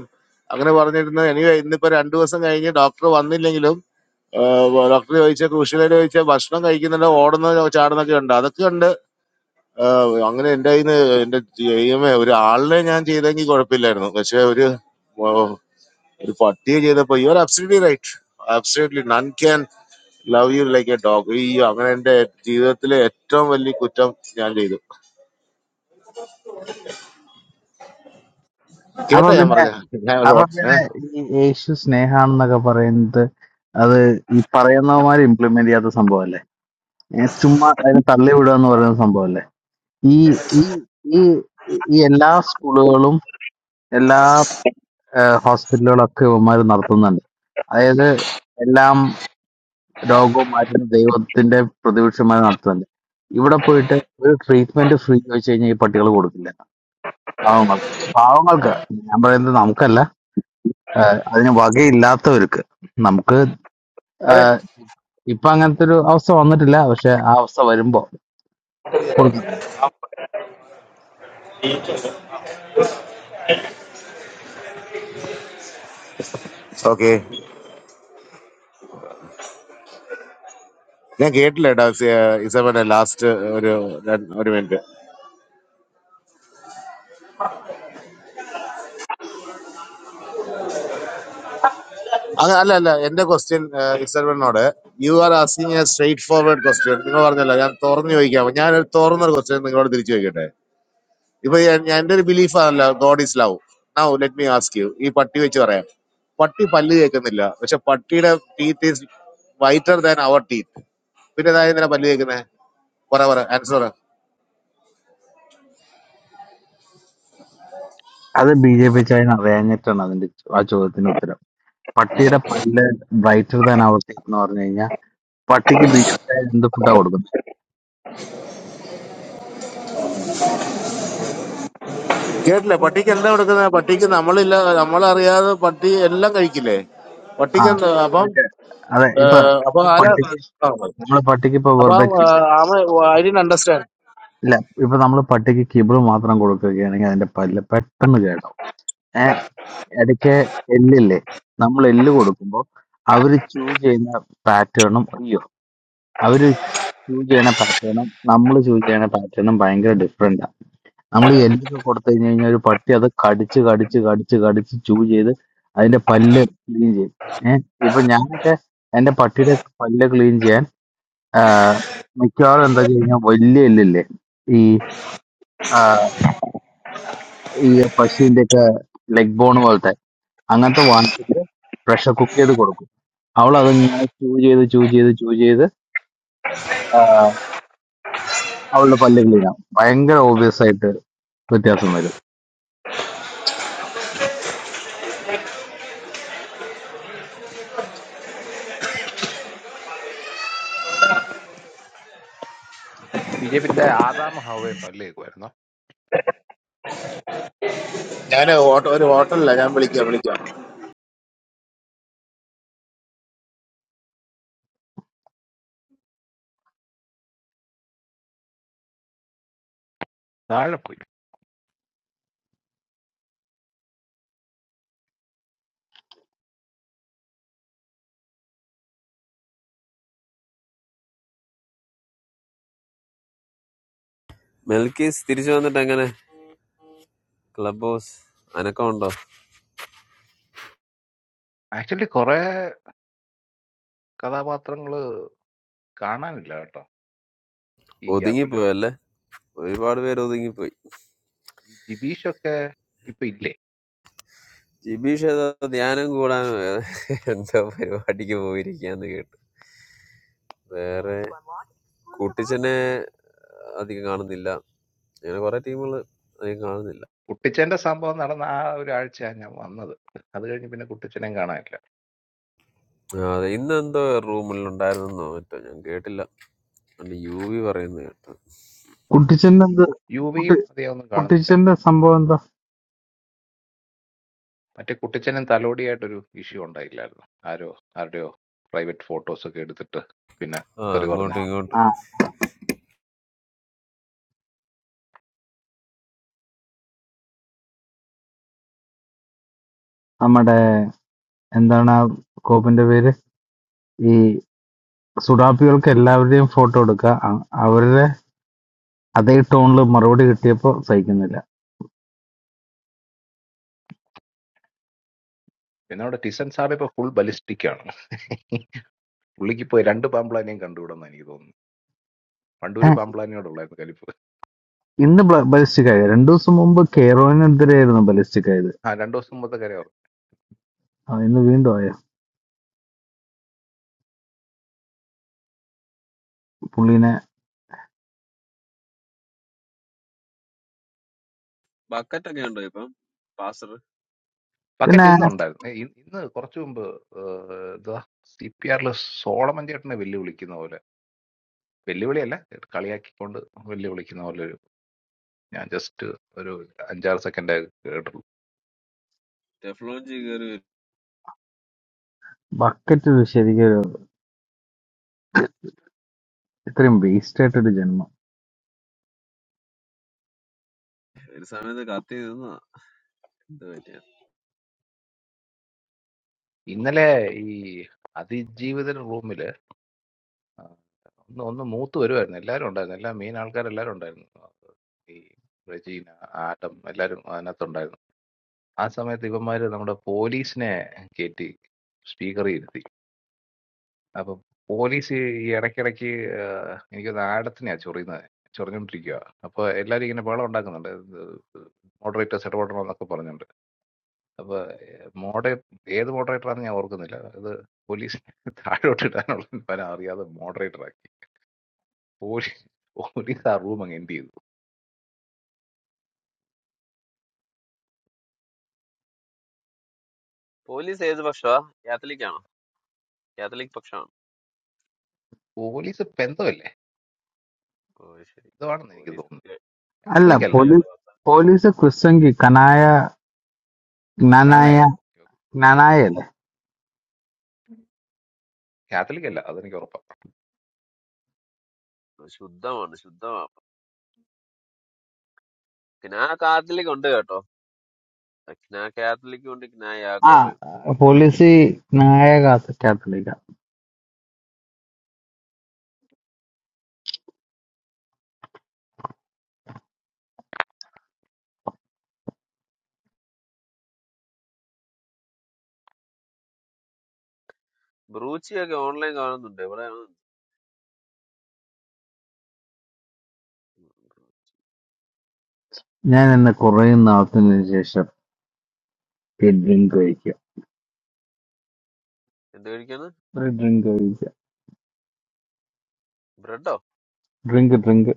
[SPEAKER 3] അങ്ങനെ പറഞ്ഞിരുന്നു എനിക്ക് ഇന്നിപ്പോ രണ്ടു ദിവസം കഴിഞ്ഞ് ഡോക്ടർ വന്നില്ലെങ്കിലും ഡോക്ടർ ചോദിച്ച കൃഷിയിലോട് ചോദിച്ച ഭക്ഷണം കഴിക്കുന്നുണ്ട് ഓടുന്ന ചാടുന്നൊക്കെ ഉണ്ട് അതൊക്കെ ഉണ്ട് ആഹ് അങ്ങനെ എന്റെ കയ്യിൽ നിന്ന് എന്റെ ദൈവമേ ഒരു ആളിനെ ഞാൻ ചെയ്തെങ്കിൽ കുഴപ്പമില്ലായിരുന്നു പക്ഷെ ഒരു ഒരു പട്ടിയെ ചെയ്തപ്പോ you are absolutely right absolutely none can love you like a dog അയ്യോ അങ്ങനെ എന്റെ ജീവിതത്തിലെ ഏറ്റവും വലിയ കുറ്റം ഞാൻ ചെയ്തു
[SPEAKER 6] അപ്പൊ
[SPEAKER 3] കേട്ടോ ഞാൻ
[SPEAKER 6] പിന്നെ
[SPEAKER 3] പറഞ്ഞ ഞാൻ
[SPEAKER 6] അപ്പൊ
[SPEAKER 3] ഹോട്ട് ഏ
[SPEAKER 6] പിന്നെ ഈ യേശു സ്നേഹാണെന്നൊക്കെ പറയുന്നത് അത് ഈ പറയുന്നവന്മാർ ഇംപ്ലിമെന്റ് ചെയ്യാത്ത സംഭവം അല്ലേ ചുമ്മാ അതിനെ തള്ളി വിടുക എന്ന് പറയുന്ന സംഭവം ഈ ഈ ഈ ഈ എല്ലാ സ്കൂളുകളും എല്ലാ ഹോസ്പിറ്റലുകളും ഒക്കെ ഇവന്മാർ നടത്തുന്നുണ്ട് അതായത് എല്ലാം രോഗവും മാറ്റുന്ന ദൈവത്തിന്റെ പ്രതിപക്ഷമായി നടത്തുന്നുണ്ട് ഇവിടെ പോയിട്ട് ഒരു ട്രീറ്റ്മെന്റ് ഫ്രീ ചോദിച്ചു കഴിഞ്ഞാൽ ഈ പട്ടികൾ കൊടുക്കില്ല പാവങ്ങൾക്ക് പാവങ്ങൾക്ക് ഞാൻ പറയുന്നത് നമുക്കല്ല ഏഹ് അതിന് വകയില്ലാത്തവർക്ക് നമുക്ക്
[SPEAKER 3] അതെ
[SPEAKER 6] ഏഹ് ഇപ്പൊ അങ്ങനത്തെ ഒരു അവസ്ഥ വന്നിട്ടില്ല പക്ഷെ ആ അവസ്ഥ വരുമ്പോ കൊടുക്കത്തില്ല
[SPEAKER 3] ഓക്കെ ഞാൻ കേട്ടില്ല കേട്ടോ ഇസബന്റെ ലാസ്റ്റ് ഒരു രണ്ട് ഒരു മിനിറ്റ് അല്ല അല്ല എന്റെ ക്വസ്റ്റ്യൻ ഇസബനോട് you are asking a straightforward question നിങ്ങൾ പറഞ്ഞല്ലോ ഞാൻ തുറന്നു ചോദിക്കാം ഞാനൊരു തുറന്നൊരു ക്വസ്റ്റ്യൻ നിങ്ങളോട് തിരിച്ചു ചോദിക്കട്ടെ ഇപ്പൊ ഞാൻ ഞാൻ- എൻ്റെ ഒരു ബിലീഫ് ആണല്ലോ God is love now let me ask you ഈ പട്ടി വെച്ച് പറയാം പട്ടി പല്ല് കേൾക്കുന്നില്ല പക്ഷെ പട്ടിയുടെ teeth is whiter than our teeth പിന്നെ ഇതായി ഇന്നലെ പല്ല് കേൾക്കുന്നത് പറ പറ ആൻസർ പറ.
[SPEAKER 6] അത് ബി ജെ പി ചൈന അറിയാഞ്ഞിട്ടാണ് അതിന്റെ ആ ചോദ്യത്തിന് ഉത്തരം പട്ടിയുടെ പല്ല് ബ്രൈറ്റർ ദാൻ അവർ ടീത്ത് എന്ന് പറഞ്ഞു കഴിഞ്ഞാൽ പട്ടിക്ക് ബിജെപി എന്ത് ഫുഡാ കൊടുക്കുന്നത്
[SPEAKER 3] കേട്ടില്ലേ പട്ടിക്ക് എന്താ കൊടുക്കുന്നത് പട്ടിക്ക് നമ്മളില്ല നമ്മളറിയാതെ പട്ടി എല്ലാം കഴിക്കില്ലേ
[SPEAKER 6] ആ
[SPEAKER 3] പട്ടിക്ക് എന്താ അപ്പം
[SPEAKER 6] അതൊക്കെ അതെ ഇപ്പൊ
[SPEAKER 3] ഏഹ്, അപ്പൊ
[SPEAKER 6] നമ്മള്
[SPEAKER 3] ആരാ
[SPEAKER 6] പട്ടിക്ക്
[SPEAKER 3] ആ,
[SPEAKER 6] നമ്മള് പട്ടിക്ക് ഇപ്പൊ
[SPEAKER 3] അപ്പൊ
[SPEAKER 6] വെറുതെ kibble-
[SPEAKER 3] ആമ ഐ ഡിൻ അണ്ടർസ്റ്റാൻഡ്
[SPEAKER 6] ഇല്ല ഇപ്പൊ നമ്മള് പട്ടിക്ക് കിബിൾ മാത്രം കൊടുക്കുകയാണെങ്കിൽ അതിന്റെ പല്ല് പെട്ടെന്ന് കേട്ടോ ഏഹ് ഇടയ്ക്ക് എല്ലില്ലേ നമ്മൾ എല്ല് കൊടുക്കുമ്പോൾ അവര് ചൂസ് ചെയ്യുന്ന പാറ്റേണും അയ്യോ അവര് ചൂസ് ചെയ്യണ പാറ്റേണും നമ്മൾ ചൂസ് ചെയ്യണ പാറ്റേണും ഭയങ്കര ഡിഫറെന്റ് നമ്മൾ ഈ എല്ലൊക്കെ കൊടുത്തു കഴിഞ്ഞ് കഴിഞ്ഞാൽ ഒരു പട്ടി അത് കടിച്ച് കടിച്ച് കടിച്ച് കടിച്ച് ചൂ ചെയ്ത് അതിന്റെ പല്ല് ക്ലീൻ ചെയ്യും ഏഹ് ഇപ്പൊ ഞാനൊക്കെ എന്റെ പട്ടിയുടെ പല്ല് ക്ലീൻ ചെയ്യാൻ ആ, മിക്കവാറും എന്താ വെച്ച് കഴിഞ്ഞാൽ വലിയ എല്ലില്ലേ ഈ ആ, ഈ പശുവിന്റെ ഒക്കെ ലെഗ് ബോൺ പോലത്തെ അങ്ങനത്തെ വാങ്ങിച്ചിട്ട് പ്രഷർ കുക്ക് ചെയ്ത് കൊടുക്കും അവൾ അതിങ്ങനെ ചൂ ചെയ്ത് ചൂ ചെയ്ത് ചൂ ചെയ്ത് ആ, അവളുടെ പല്ല് ക്ലീൻ ആവും ഭയങ്കര ഓബിയസ് ആയിട്ട് വ്യത്യാസം വരും
[SPEAKER 4] ബി ജെ പിത്തെ ആദാം ഹവയും പല്ലേക്കുമായിരുന്നു
[SPEAKER 3] ഞാൻ ഒരു ഹോട്ടലില്ല ഞാൻ വിളിക്കാം വിളിക്കാം
[SPEAKER 4] താഴെ പോയി
[SPEAKER 2] മെൽക്കീസ് തിരിച്ചു വന്നിട്ട് എങ്ങനെ ക്ലബ് ഹൗസ് അനക്കമുണ്ടോ
[SPEAKER 4] ആക്ച്വലി കുറെ കഥാപാത്രങ്ങള് കാണാനില്ല കേട്ടോ ഈ ഗ്യാപ്പില്
[SPEAKER 2] ഒതുങ്ങിപ്പോയല്ലേ ഒരുപാട് പേര് ഒതുങ്ങിപ്പോയി
[SPEAKER 4] ഈ ജിബീഷൊക്കെ ഇപ്പൊ ഇല്ലേ
[SPEAKER 2] ജിബീഷ് ഏതോ ധ്യാനം കൂടാനോ ഏതോ എന്തോ പരിപാടിക്ക് പോയിരിക്കാന്ന് കേട്ടു വേറെ കൂട്ടിച്ചനെ അധികം കാണുന്നില്ല അങ്ങനെ കുറെ ടീമുകൾ അധികം കാണുന്നില്ല
[SPEAKER 4] കുട്ടിച്ചന്റെ സംഭവം നടന്ന ആ ഒരു ആഴ്ചയാണ് ഞാൻ വന്നത് അത് കഴിഞ്ഞ് പിന്നെ കുട്ടിച്ചനെയും കാണാനില്ല
[SPEAKER 2] ആ, അതെ ഇന്ന് എന്തോ റൂമിൽ ഉണ്ടായിരുന്നെന്നോ മറ്റോ ഞാൻ കേട്ടില്ല അല്ല യു വി പറയുന്നത് കേട്ടു
[SPEAKER 6] കുട്ടിച്ചന്റെ എന്ത് കുട്ടി
[SPEAKER 4] യുവിയും അധികം ഒന്നും കാണുന്നില്ല
[SPEAKER 6] കുട്ടിച്ചന്റെ സംഭവം എന്താ
[SPEAKER 4] മറ്റേ കുട്ടിച്ചനും തലോടിയായിട്ടൊരു ഇഷ്യൂ ഉണ്ടായില്ലായിരുന്നു ആരോ ആരുടെയോ പ്രൈവറ്റ് ഫോട്ടോസ് ഒക്കെ എടുത്തിട്ട് പിന്നെ
[SPEAKER 2] ആ
[SPEAKER 4] തെറി പറഞ്ഞ്
[SPEAKER 2] അങ്ങോട്ടും ഇങ്ങോട്ടും
[SPEAKER 6] നമ്മുടെ എന്താണ് ആ കോപ്പിന്റെ പേര് ഈ സുഡാപ്പികൾക്ക് എല്ലാവരുടെയും ഫോട്ടോ എടുക്കുക അ- അവരുടെ അതേ ടോണിൽ മറുപടി കിട്ടിയപ്പോ സഹിക്കുന്നില്ല
[SPEAKER 4] പിന്നെ അവിടെ ടിസൻ സാറ് ഇപ്പൊ ഫുൾ ബലിസ്റ്റിക് ആണ് പുള്ളിക്ക് ഇപ്പൊ രണ്ട് പാമ്പ്ലാനെയും കണ്ടുവിടുന്ന എനിക്ക് തോന്നുന്നു പണ്ട്
[SPEAKER 6] ഏ,
[SPEAKER 4] ഒരു പാമ്പ്ലാനിയോടുള്ളായിരുന്നു കലിപ്പ്
[SPEAKER 6] ഇന്ന് ബലിസ്റ്റിക് ആയ രണ്ടു ദിവസം മുമ്പ് കെയറോയിനെതിരെയായിരുന്നു ബലിസ്റ്റിക് ആയത്
[SPEAKER 4] ആ രണ്ടു ദിവസം മുമ്പത്തെ കരയാവും
[SPEAKER 6] ആ, ഇന്ന് വീണ്ടും ആയ പുള്ളിനെ
[SPEAKER 2] ബക്കറ്റ് ഒക്കെ ഉണ്ടോ ഇപ്പം പാസർ
[SPEAKER 4] പക്കറ്റ്
[SPEAKER 6] പിന്നെ
[SPEAKER 4] ഇന്നുണ്ടായിരുന്നു ഏ, ഇ- ഇന്ന് കുറച്ചു മുമ്പ് ഏഹ്, ഇതാ സി പി ആറിൽ സോളമൻ ചേട്ടനെ വെല്ലുവിളിക്കുന്ന പോലെ വെല്ലുവിളിയല്ല കളിയാക്കിക്കൊണ്ട് വെല്ലുവിളിക്കുന്ന പോലെ ഒരു ഞാൻ ജസ്റ്റ് ഒരു അഞ്ചാറ് സെക്കൻഡ് കേട്ടുള്ളൂ
[SPEAKER 2] ടെഫ്ലോഞ്ചി കയറി വരും.
[SPEAKER 6] ബക്കറ്റ് ശരിക്കും ഒരു ഇത്രയും വേസ്റ്റ് ആയിട്ടൊരു ജന്മം
[SPEAKER 2] ഒരു സമയത്ത് കത്തി നിന്നാ എന്ത് പറ്റിയ
[SPEAKER 4] ഇന്നലെ ഈ അതിജീവിതരുടെ റൂമിൽ ആ, ഒന്ന് ഒന്ന് മൂത്ത് വരുമായിരുന്നു എല്ലാവരും ഉണ്ടായിരുന്നു എല്ലാ മെയിൻ ആൾക്കാരെല്ലാവരും ഉണ്ടായിരുന്നു ഈ റെജീന ആട്ടം എല്ലാവരും അതിനകത്തുണ്ടായിരുന്നു ആ സമയത്ത് ഇവന്മാര് നമ്മുടെ പോലീസിനെ കയറ്റി സ്പീക്കറിൽ ഇരുത്തി അപ്പൊ പോലീസ് ഈ ഇടയ്ക്കിടയ്ക്ക് എനിക്ക് ആടത്തിനെയാ ചൊറിയുന്നത് ചൊറിഞ്ഞോണ്ടിരിക്കുക അപ്പൊ എല്ലാരും ഇങ്ങനെ ബഹളം ഉണ്ടാക്കുന്നുണ്ട് മോഡറേറ്റേഴ്സ് ഇടപെടണമെന്നൊക്കെ പറഞ്ഞുണ്ട് അപ്പൊ മോഡേ ഏത് മോഡറേറ്ററാന്ന് ഞാൻ ഓർക്കുന്നില്ല അത് പോലീസിനെ താഴോട്ട് ഇടാനുള്ള പല അറിയാതെ മോഡറേറ്റർ പോലീസ് പോലീസ് ആ റൂം അങ്ങ് എന്ത് ചെയ്തു
[SPEAKER 2] പോലീസ് ഏത് പക്ഷമാ കാത്തലിക് ആണോ കാത്തലിക് പക്ഷമാണോ
[SPEAKER 4] പോലീസ് പെന്തമല്ലേ
[SPEAKER 2] ഓ ശരി
[SPEAKER 4] ഇതാണെന്ന് എനിക്ക്
[SPEAKER 2] പോലീസ്
[SPEAKER 4] തോന്നുന്നു
[SPEAKER 6] അല്ല
[SPEAKER 4] കാത്തലിക് അല്ല
[SPEAKER 6] പോലീസ്
[SPEAKER 2] കേട്ടിട്ടുണ്ടോ
[SPEAKER 6] പോലീസ് ക്രിസ്വങ്കി കനായ നാനായ
[SPEAKER 4] ഞാനായ ഓക്കെ
[SPEAKER 6] നാനായ അല്ലേ
[SPEAKER 4] കാത്തലിക് അല്ല അതെനിക്ക് ഉറപ്പാണ്
[SPEAKER 2] ശുദ്ധമാണ് ശുദ്ധമാണ് ക്നാ കാത്തലിക് ഉണ്ട് കേട്ടോ ക്നാ കാത്തലിക് ഉണ്ട് ക്നാ
[SPEAKER 6] ആ
[SPEAKER 2] യാക്കോബയും
[SPEAKER 6] പോലീസ് നായ കാത്ത കാത്തലിക്ക
[SPEAKER 2] ബ്രൂച്ചിയൊക്കെ ഓൺലൈൻ കാണുന്നുണ്ട് ഇവിടെ
[SPEAKER 6] ഞാൻ ഇന്ന് കുറെ നാളത്തിന് ശേഷം ഒരു ഡ്രിങ്ക് കഴിക്കുക
[SPEAKER 2] എന്ത് കഴിക്കാണ്
[SPEAKER 6] ഒരു ഡ്രിങ്ക് കഴിക്കുക
[SPEAKER 2] ബ്രെഡോ
[SPEAKER 6] ഡ്രിങ്ക് ഡ്രിങ്ക്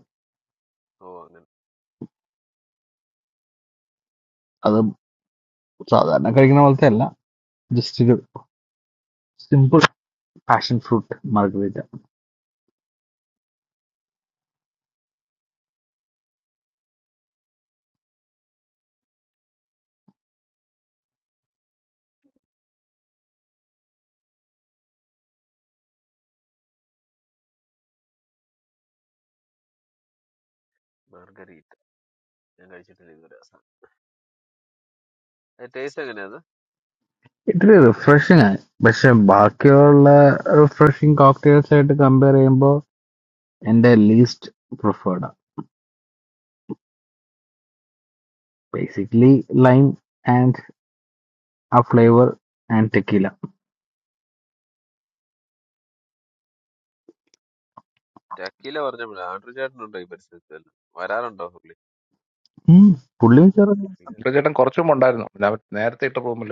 [SPEAKER 2] ഓ അങ്ങനെ
[SPEAKER 6] അത് സാധാരണ കഴിക്കുന്ന പോലത്തെ അല്ല ജസ്റ്റ് ഒരു simple passion fruit margarita
[SPEAKER 2] margarita ഞാൻ കഴിച്ചിട്ടില്ല ഇതുവരെ അവസാനം ടേസ്റ്റ് എങ്ങനെയാ
[SPEAKER 6] ഇത്തിരി റിഫ്രഷിങ് ആണ് പക്ഷെ ബാക്കിയുള്ള റിഫ്രഷിങ് കോക്ടെയിൽസ് ആയിട്ട് കമ്പയർ ചെയ്യുമ്പോൾ എന്റെ ലീസ്റ്റ് പ്രിഫേർഡ് ആണ് ബേസിക്കലി ലൈം ആൻഡ് ആ ഫ്ലേവർ ആൻഡ് ടെക്കീല
[SPEAKER 2] ടക്കീല പറഞ്ഞപ്പോഴേ ആൻഡ്രു ചേട്ടനുണ്ടോ ഈ പരിസരത്ത് വല്ലതും? വരാറുണ്ടോ പുള്ളി
[SPEAKER 6] പുള്ളിയും ചെറുത്
[SPEAKER 2] പുള്ളി
[SPEAKER 4] അണ്ടു ചേട്ടൻ കുറച്ചു മുമ്പ് ഉണ്ടായിരുന്നു പിന്നെ അവർ നേരത്തെ ഇട്ട റൂമിൽ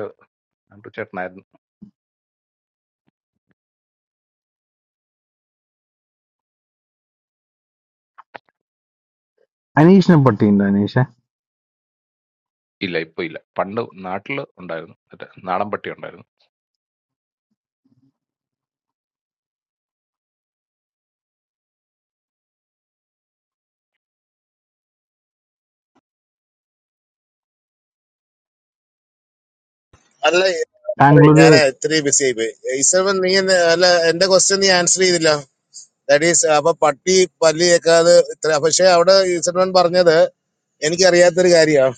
[SPEAKER 4] അണ്ടു ചേട്ടനായിരുന്നു
[SPEAKER 6] അനീഷിനെ പട്ടിയുണ്ട് അനീഷ്
[SPEAKER 4] ഇല്ല ഇപ്പൊ ഇല്ല പണ്ട് നാട്ടിൽ ഉണ്ടായിരുന്നു മറ്റേ നാടൻ പട്ടി ഉണ്ടായിരുന്നു
[SPEAKER 3] അല്ല sorry,
[SPEAKER 6] ബാംഗ്ലൂര്
[SPEAKER 3] ഞാനേ ഇത്തിരി ബിസി ആയിപ്പോയി ഈശ്വരൻ നീ എന്നെ- അല്ല എന്റെ ക്വസ്റ്റ്യൻ നീ ആൻസർ ചെയ്തില്ല ദാറ്റ് ഈസ് അപ്പൊ പട്ടി പല്ലി കേൾക്കാതെ ഇത്ര പക്ഷെ അവിടെ ഈശ്വരൻ പറഞ്ഞത് എനിക്കറിയാത്തൊരു കാര്യമാണ്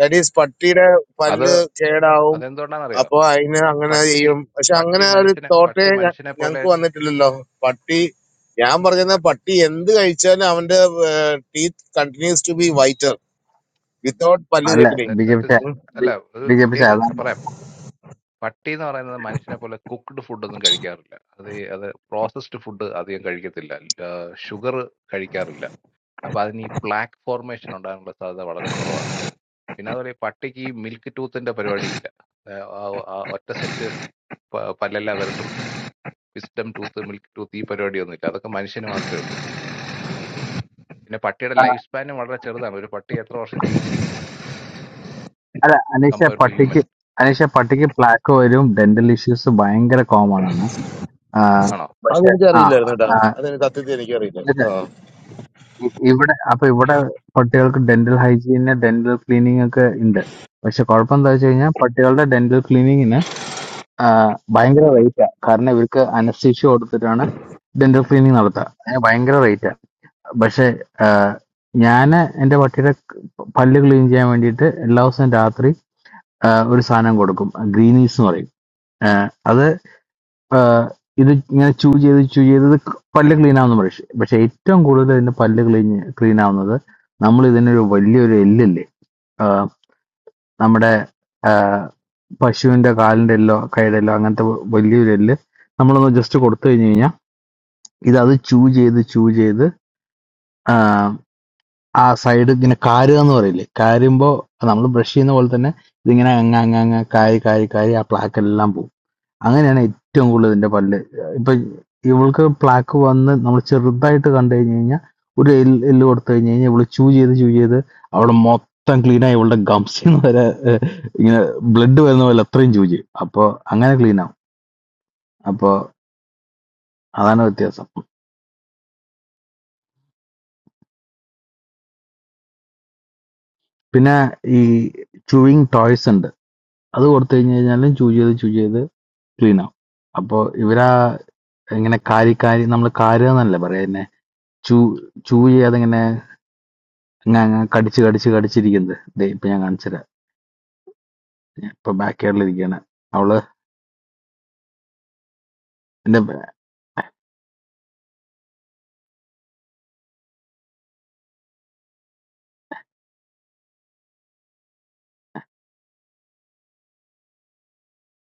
[SPEAKER 3] ദാറ്റ് ഈസ് പട്ടിയുടെ
[SPEAKER 4] അത്
[SPEAKER 3] പല്ല് കേടാവും
[SPEAKER 4] അതെന്തുകൊണ്ടാണെന്നറിയോ
[SPEAKER 3] അപ്പൊ അതിന്
[SPEAKER 4] പ-
[SPEAKER 3] അങ്ങനെ
[SPEAKER 4] പട്ടി
[SPEAKER 3] ചെയ്യും പക്ഷെ
[SPEAKER 4] പട്ടി
[SPEAKER 3] അങ്ങനെ ഒരു
[SPEAKER 4] മനുഷ്യനെ
[SPEAKER 3] തോട്ടേ
[SPEAKER 4] പട്ടി മനുഷ്യനെ പോലെ
[SPEAKER 3] ഞങ്ങക്ക് വന്നിട്ടില്ലല്ലോ പട്ടി ഞാൻ പറഞ്ഞത് പട്ടി എന്ത് കഴിച്ചാലും അവന്റെ teeth continues to be whiter without പല്ല്
[SPEAKER 6] അല്ല
[SPEAKER 3] തേക്കണേ
[SPEAKER 6] B J
[SPEAKER 4] that
[SPEAKER 6] P
[SPEAKER 4] is
[SPEAKER 6] ചാ-
[SPEAKER 4] അല്ല ഒരു
[SPEAKER 6] ബി ജെ പി ചാ-
[SPEAKER 4] കേക്ക് പറയാം
[SPEAKER 6] അതാണ്
[SPEAKER 4] പട്ടി എന്ന് പറയുന്നത് മനുഷ്യനെ പോലെ കുക്ക്ഡ് ഫുഡൊന്നും കഴിക്കാറില്ല അത് ഈ- അത് പ്രോസസ്ഡ് ഫുഡ് അധികം കഴിക്കത്തില്ല ഷുഗർ കഴിക്കാറില്ല അപ്പൊ അതിന് ഈ പ്ലാക്ക് ഫോർമേഷൻ ഉണ്ടാകാനുള്ള സാധ്യത വളരെ കുറവാണ് പിന്നെ അതുപോലെ ഈ പട്ടിക്ക് ഈ മിൽക്ക് ടൂത്തിന്റെ പരിപാടി ഇല്ല ആ, ആ- ആ ഒറ്റ സെറ്റ് പല്ലല്ല വരത്തുള്ളൂ വിസ്ഡം ടൂത്ത് മിൽക്ക് ടൂത്ത് ഈ പരിപാടിയൊന്നും ഇല്ല അതൊക്കെ മനുഷ്യന് മാത്രമേ ഉള്ളൂ പിന്നെ പട്ടിയുടെ ലൈഫ് സ്പാനും വളരെ ചെറുതാണ് ഒരു പട്ടി എത്ര വർഷം ജീവിച്ചിരിക്കും
[SPEAKER 6] അല്ല അനീഷ
[SPEAKER 4] കമ്പയർ ടു ഹ്യൂമൻ
[SPEAKER 6] പട്ടിക്ക് അനീഷ പട്ടിക്ക് പ്ലാക്ക് വരും ഡെന്റൽ ഇഷ്യൂസ് ഭയങ്കര കോമൺ ആണ് ആ,
[SPEAKER 4] ആണോ
[SPEAKER 6] പക്ഷെ
[SPEAKER 3] അതെനിക്ക്
[SPEAKER 6] ആ
[SPEAKER 3] അറിയില്ലായിരുന്നു കേട്ടോ
[SPEAKER 6] ആ,
[SPEAKER 3] അതെനിക്ക് സത്യത്തിൽ
[SPEAKER 6] അല്ല,
[SPEAKER 3] എനിക്കറിയില്ല
[SPEAKER 6] ഇ- ഇവിടെ അപ്പൊ ഇവിടെ പട്ടികൾക്ക് ഡെന്റൽ ഹൈജീന് ഡെന്റൽ ക്ലീനിങ് ഒക്കെ ഉണ്ട് പക്ഷെ കുഴപ്പം എന്താ വെച്ച് കഴിഞ്ഞാൽ പട്ടികളുടെ ഡെന്റൽ ക്ലീനിങ്ങിന് ഭയങ്കര റേറ്റാ കാരണം ഇവർക്ക് അനസ്തീഷ്യ കൊടുത്തിട്ടാണ് ഡെന്റൽ ക്ലീനിങ് നടത്തുക അതിന് ഭയങ്കര rate ആ പക്ഷെ ഞാൻ എൻ്റെ പട്ടിയുടെ പല്ല് ക്ലീൻ ചെയ്യാൻ വേണ്ടിയിട്ട് എല്ലാ ദിവസവും രാത്രി ആ, ഒരു സാധനം കൊടുക്കും ഗ്രീനീസ് എന്ന് പറയും ആ, അത് ആ, ഇത് ഇങ്ങനെ ചൂ ചെയ്ത് ചൂ ചെയ്ത് ഇത് പല്ല് ക്ലീൻ ആവുന്ന പക്ഷേ പക്ഷെ ഏറ്റവും കൂടുതൽ ഇതിന്റെ പല്ല് ക്ലീൻ ക്ലീൻ ആവുന്നത് നമ്മൾ ഇതിനൊരു വലിയൊരു എല്ലില്ലേ ആ, നമ്മുടെ ആ, പശുവിന്റെ കാലിന്റെ എല്ലോ കൈയുടെ എല്ലോ അങ്ങനത്തെ വലിയൊരു എല്ല് നമ്മളൊന്ന് ജസ്റ്റ് കൊടുത്തു കഴിഞ്ഞു കഴിഞ്ഞാൽ ഇത് അത് ചൂ ചെയ്ത് ചൂ ചെയ്ത് ആ സൈഡ് ഇങ്ങനെ കാരുക എന്ന് പറയില്ലേ കാരുമ്പോ നമ്മൾ ബ്രഷ് ചെയ്യുന്ന പോലെ തന്നെ ഇതിങ്ങനെ അങ്ങ് അങ്ങ് അങ്ങ് കാരി കാരി കാരി ആ പ്ലാക്ക് എല്ലാം പോകും അങ്ങനെയാണ് ഏറ്റവും കൂടുതൽ ഇതിന്റെ പല്ല് ഇപ്പൊ ഇവൾക്ക് പ്ലാക്ക് വന്ന് നമ്മൾ ചെറുതായിട്ട് കണ്ടു കഴിഞ്ഞു കഴിഞ്ഞാൽ ഒരു എല്ല് എല്ല് കൊടുത്തു കഴിഞ്ഞു കഴിഞ്ഞാൽ ഇവള് ചൂ ചെയ്ത് ചൂ ചെയ്ത് അവിടെ മൊത്തം ക്ലീൻ ആയി ഇവളുടെ ഗംസിൽ നിന്ന് വരെ ഏഹ്, ഇങ്ങനെ ബ്ലഡ് വരുന്ന പോലെ അത്രയും ചൂ ചെയ്യും അപ്പൊ അങ്ങനെ ക്ലീൻ ആവും അപ്പൊ അതാണ് വ്യത്യാസം പിന്നെ ഈ ചൂയിങ് ടോയ്സ് ഉണ്ട് അത് കൊടുത്ത് കഴിഞ്ഞ് കഴിഞ്ഞാലും ചൂസ് ചെയ്ത് ചൂസ് ചെയ്ത് ക്ലീൻ ആവും അപ്പോൾ ഇവരാ ഇങ്ങനെ കാരി കാരി നമ്മൾ കാരുക എന്നല്ല പറയാ പിന്നെ ചൂ ചൂ ചെയ്യാതെ ഇങ്ങനെ അങ്ങ് അങ്ങ് കടിച്ച് കടിച്ച് കടിച്ചിരിക്കുന്നത് ദേ ഇപ്പൊ ഞാൻ കാണിച്ചുതരാം ഞാൻ ഇപ്പൊ ബാക്ക് ഇരിക്കുകയാണ് അവള് എന്റെ